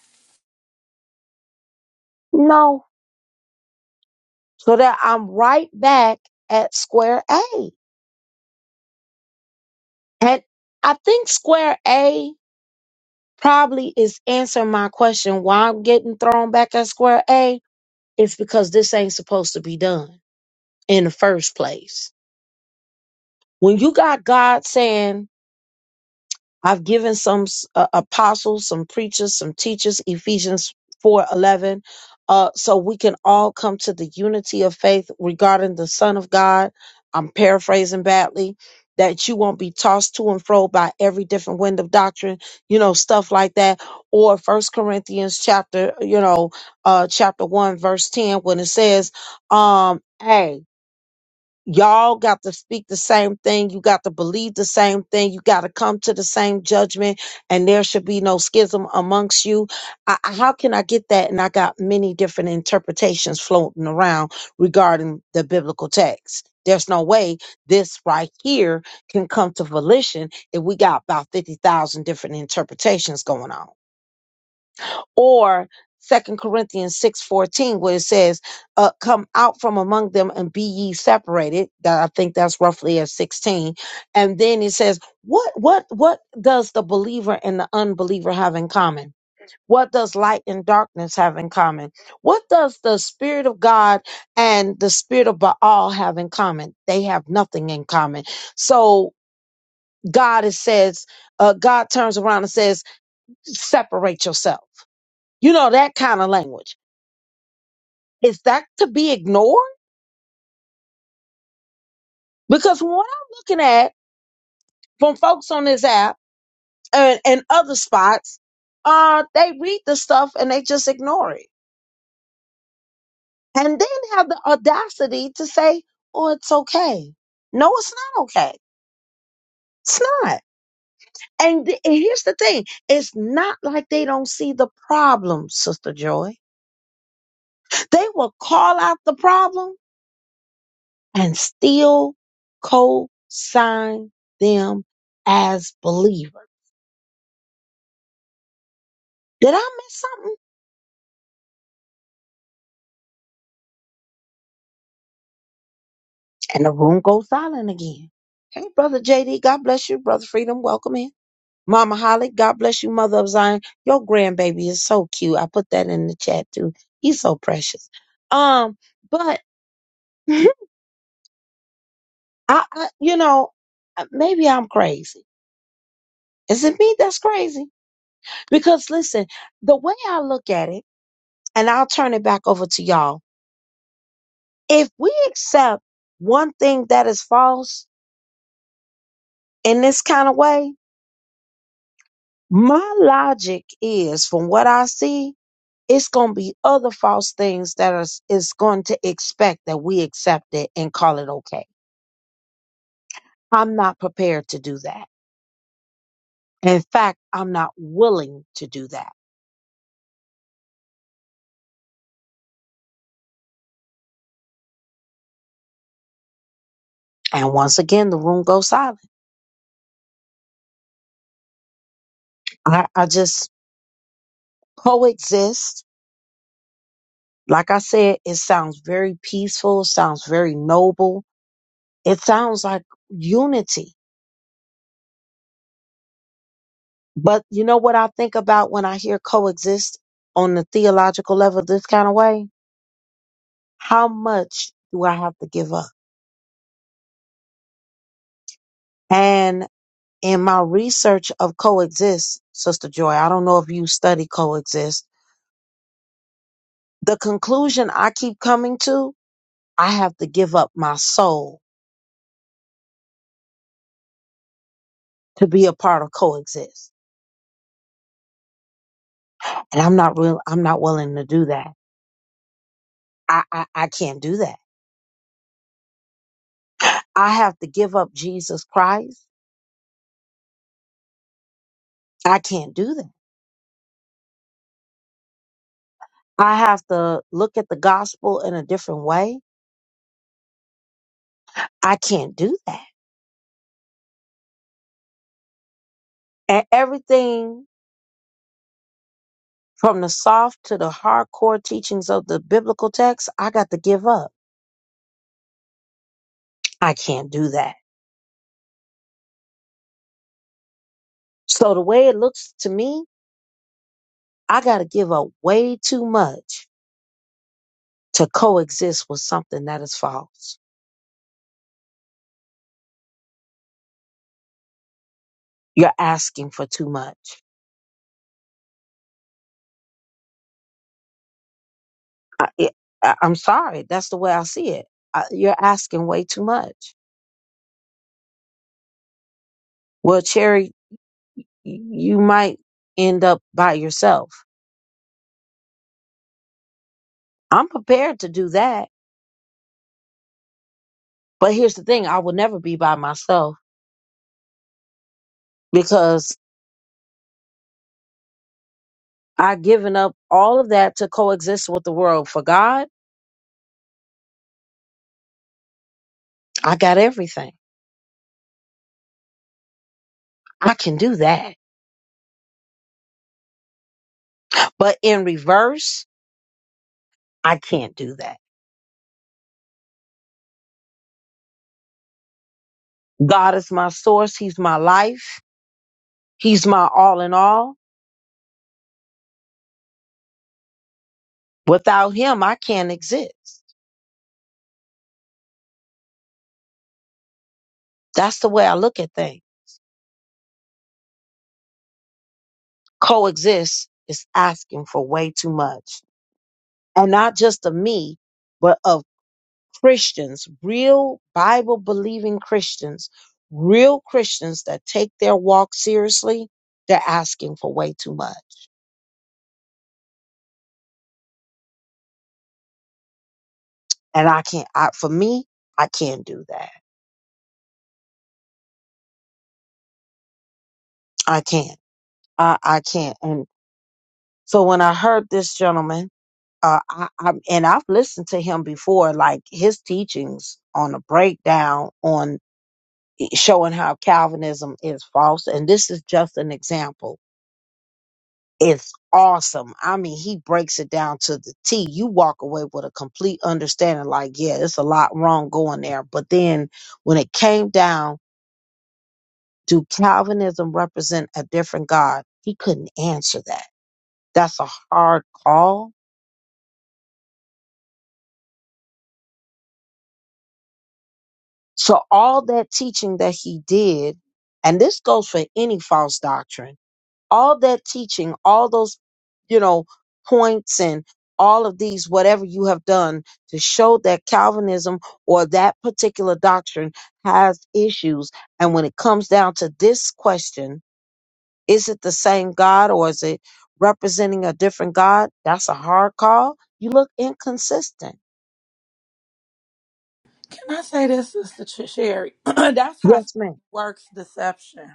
Speaker 8: Can I say this, Sister Ch- Sherry? that's how Satan works deception,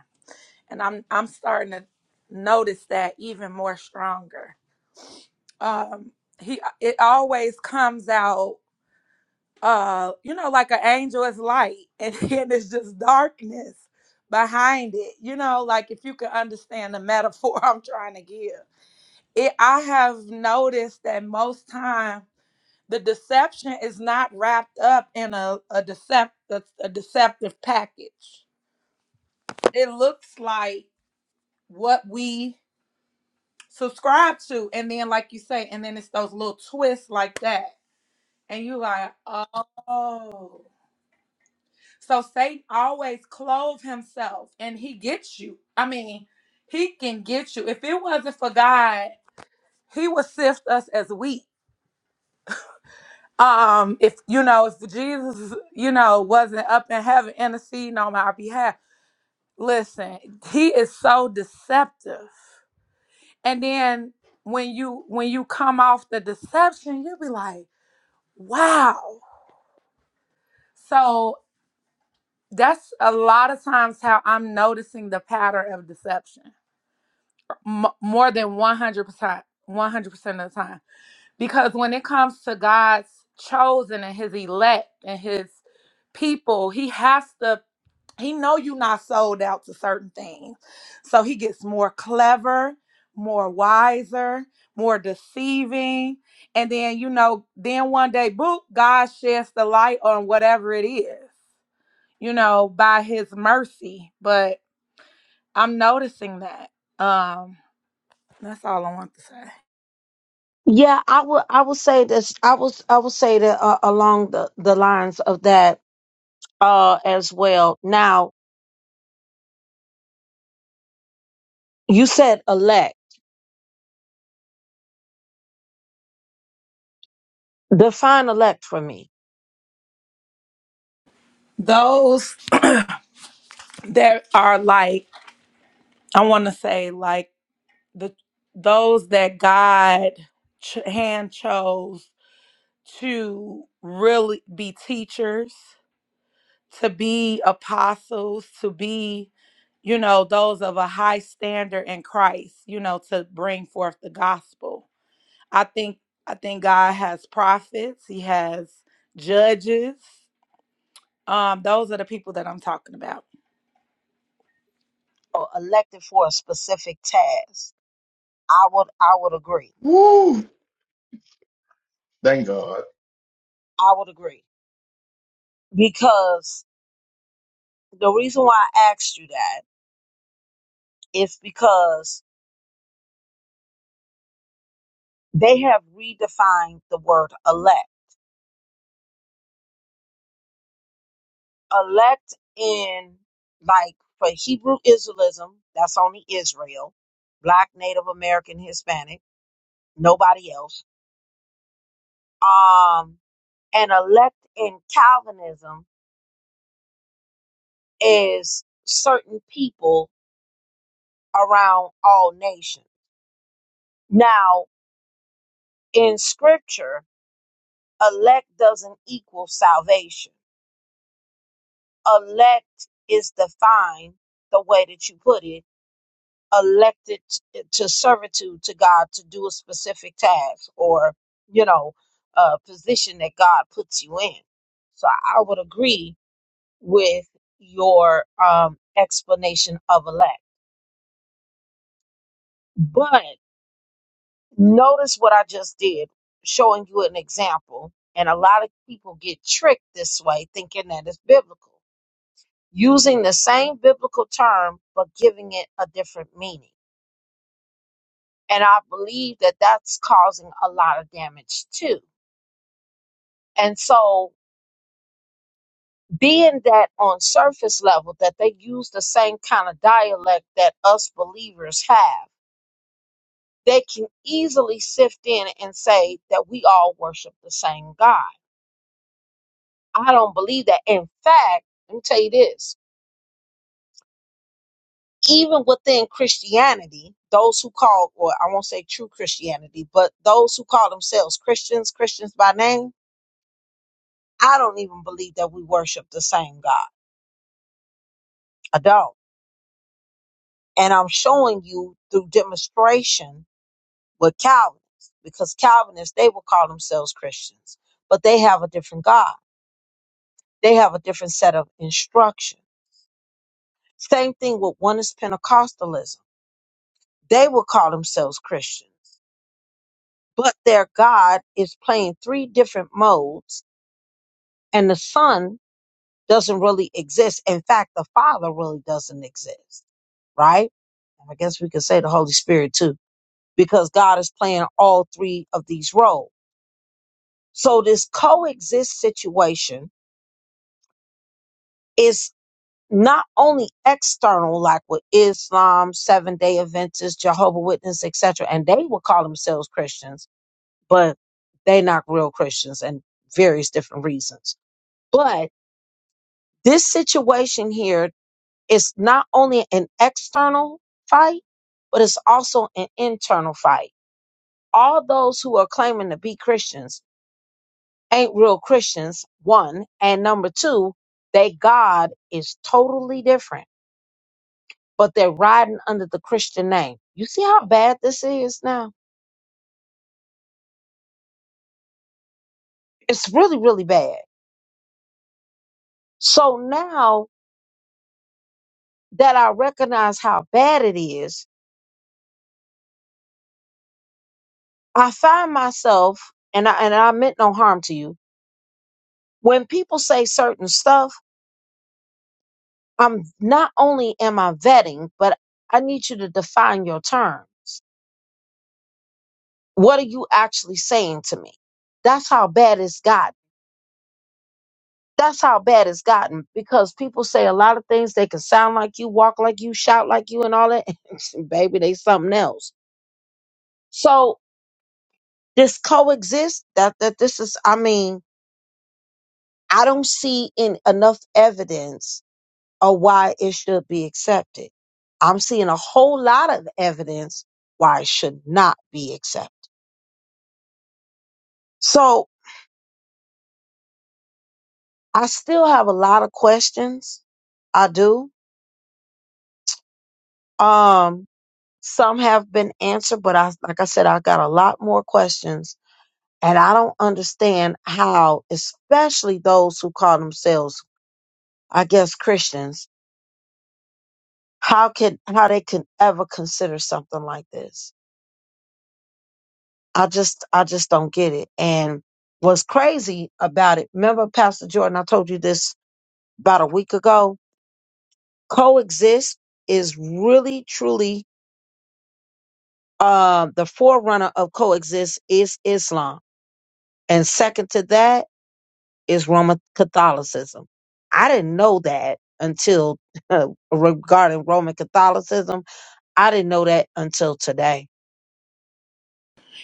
Speaker 8: and I'm I'm starting to notice that even more stronger. Um, he it always comes out. uh you know like an angel is light and then it's just darkness behind it you know like if you can understand the metaphor i'm trying to give it i have noticed that most time the deception is not wrapped up in a, a decept a, a deceptive package it looks like what we subscribe to and then like you say and then it's those little twists like that and you like oh So Satan always clothe himself and he gets you. I mean, he can get you. If it wasn't for God, he would sift us as wheat. Um, if you know, if Jesus, you know, wasn't up in heaven interceding on our behalf, listen, he is so deceptive. And then when you when you come off the deception, you'll be like, wow. So that's a lot of times how I'm noticing the pattern of deception m- more than 100% 100% of the time because when it comes to God's chosen and his elect and his people he has to he know you not sold out to certain things so he gets more clever more wiser more deceiving and then you know then one day boop God sheds the light on whatever it is you know by his mercy but I'm noticing that um that's all I want to say Those that are like, I want to say, like the those that God ch- hand chose to really be teachers, to be apostles, to be, you know, those of a high standard in Christ, you know, to bring forth the gospel. I think I think God has prophets, he has judges, Um, those are the people that I'm talking about.
Speaker 2: Woo! Thank God.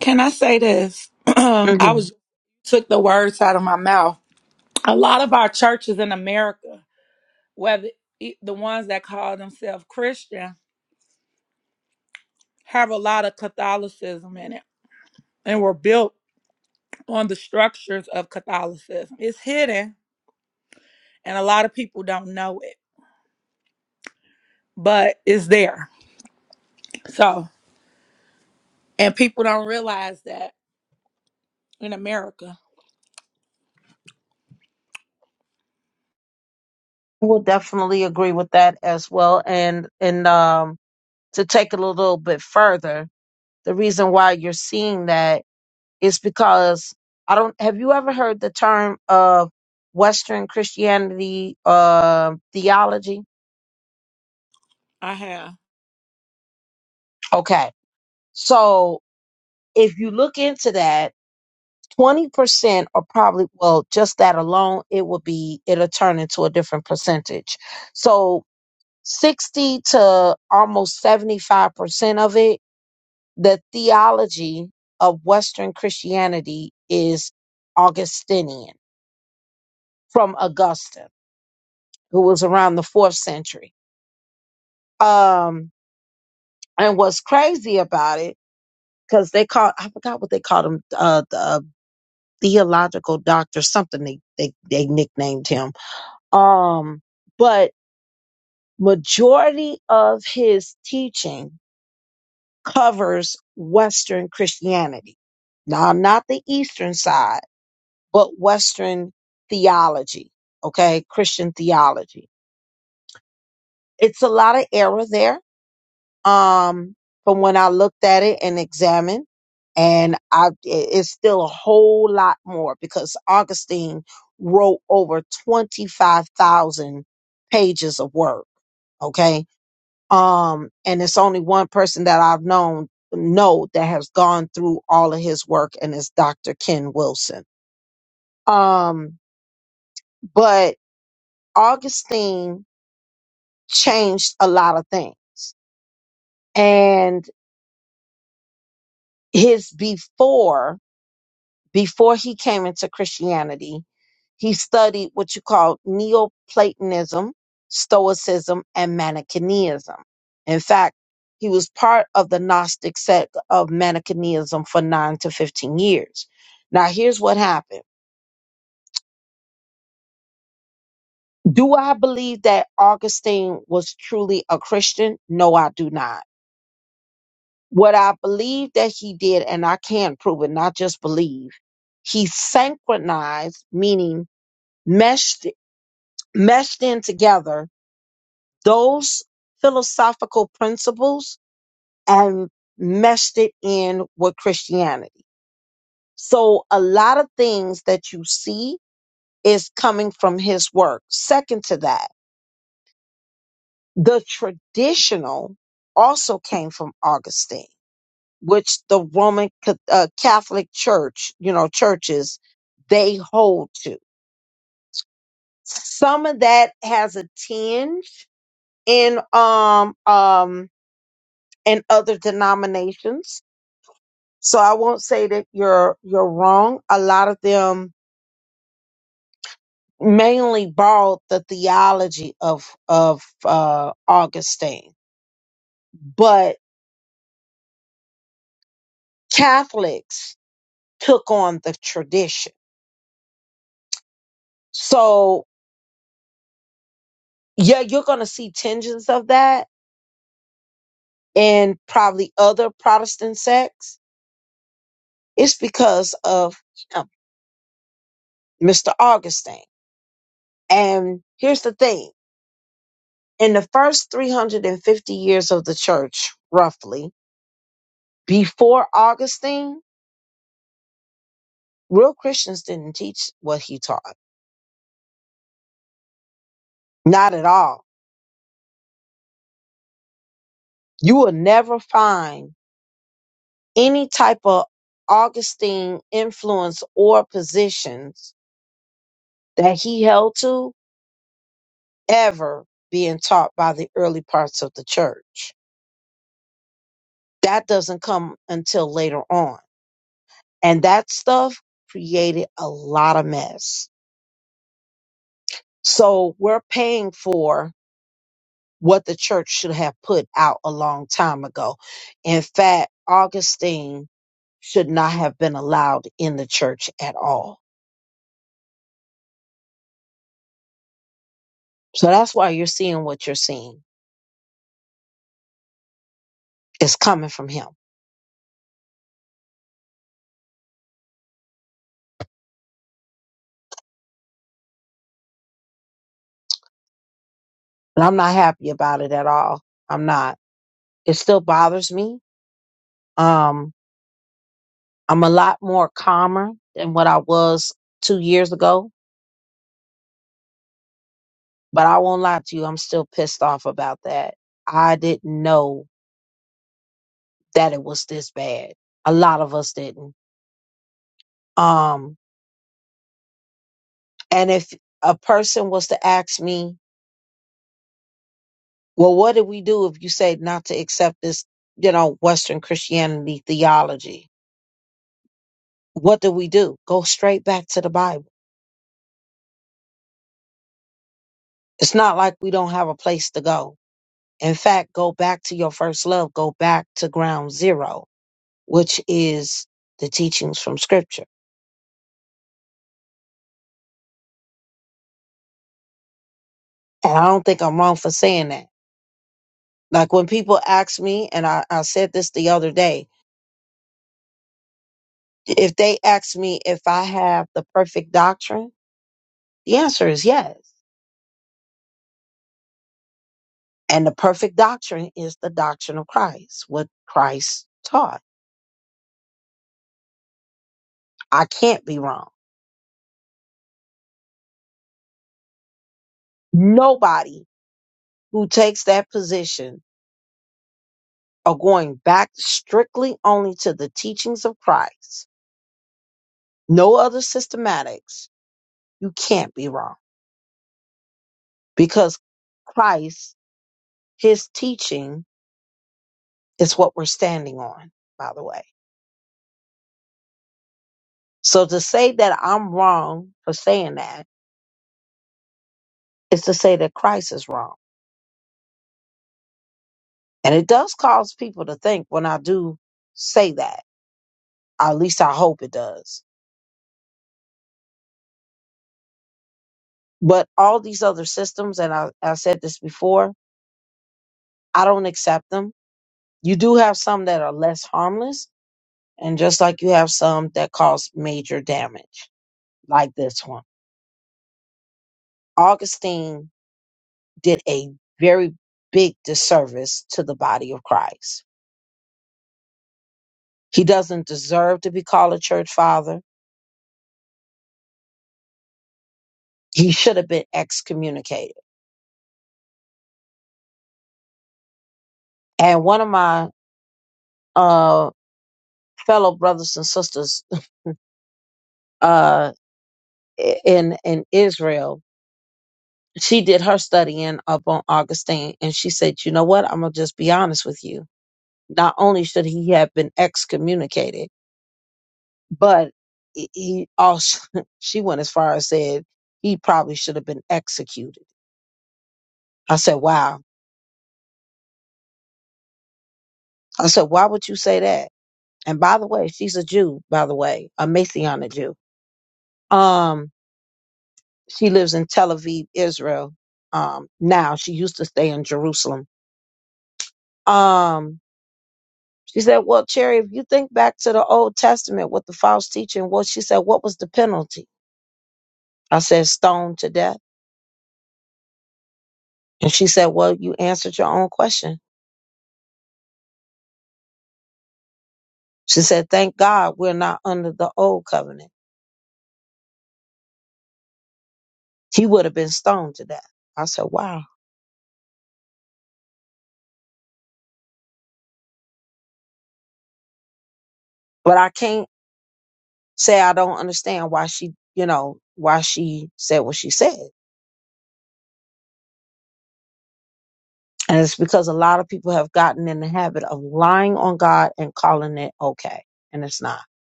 Speaker 8: Can I say this? I was took the words out of my mouth. A lot of our churches in America, whether it- the ones that call themselves Christian, have a lot of Catholicism in it, and were built on the structures of Catholicism. It's hidden and a lot of people don't know it, but it's there. So, and people don't realize that in America, I have.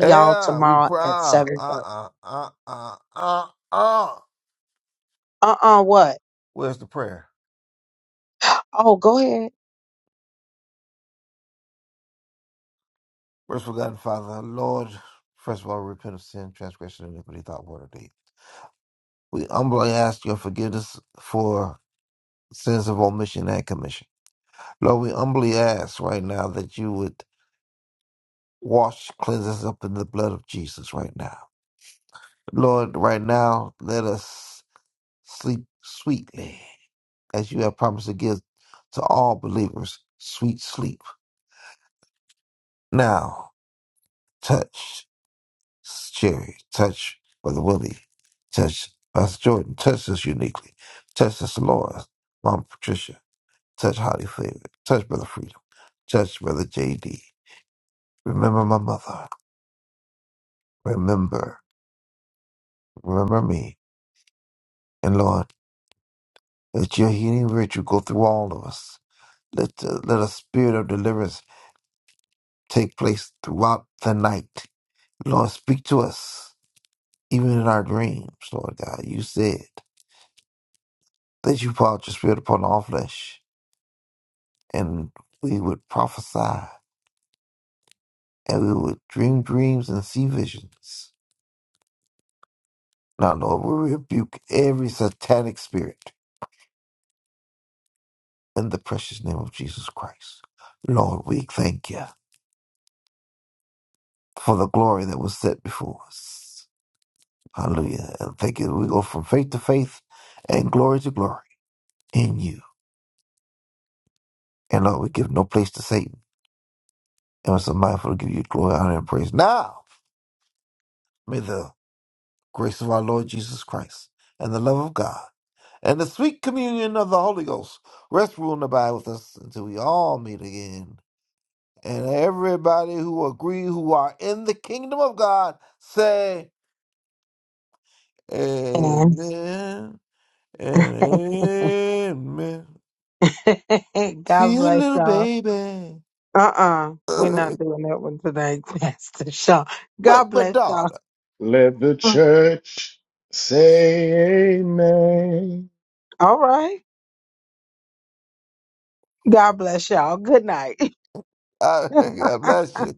Speaker 6: Yeah, we proud. Uh uh uh uh uh uh. Where's the prayer? First, forgotten Father, Lord, first of all, repent of sin, transgression, iniquity, thought, word, or deed. We humbly ask your forgiveness for sins of omission and commission. Lord, we humbly ask right now that you would wash, cleanse us up in the blood of Jesus right now. Lord, right now, let us sleep sweetly, as you have promised to give to all believers sweet sleep. Now, touch Jerry, touch Brother Willie, touch Pastor Jordan, touch us uniquely, touch us, Lord, Mom Patricia, touch Holly Favor, touch Brother Freedom, touch Brother JD. Remember my mother, remember, remember me, and Lord, let your healing virtue go through all of us. Let, the, let a spirit of deliverance take place throughout the night. Lord, speak to us, even in our dreams, Lord God. You said that you poured your spirit upon all flesh, and we would prophesy, and we would dream dreams and see visions. Now, Lord, we rebuke every satanic spirit in the precious name of Jesus Christ. Lord, we thank you for the glory that was set before us. Hallelujah. And thank you. We go from faith to faith and glory to glory in you. And Lord, we give no place to Satan. And we're so mindful to give you glory, honor, and praise. Now, may the grace of our Lord Jesus Christ and the love of God and the sweet communion of the Holy Ghost rest, rule, and abide with us until we all meet again. And everybody who agree, who are in the kingdom of God, say amen and amen. See you, little baby. but, but, daughter,
Speaker 2: Let the church say amen.
Speaker 6: I, I bless you.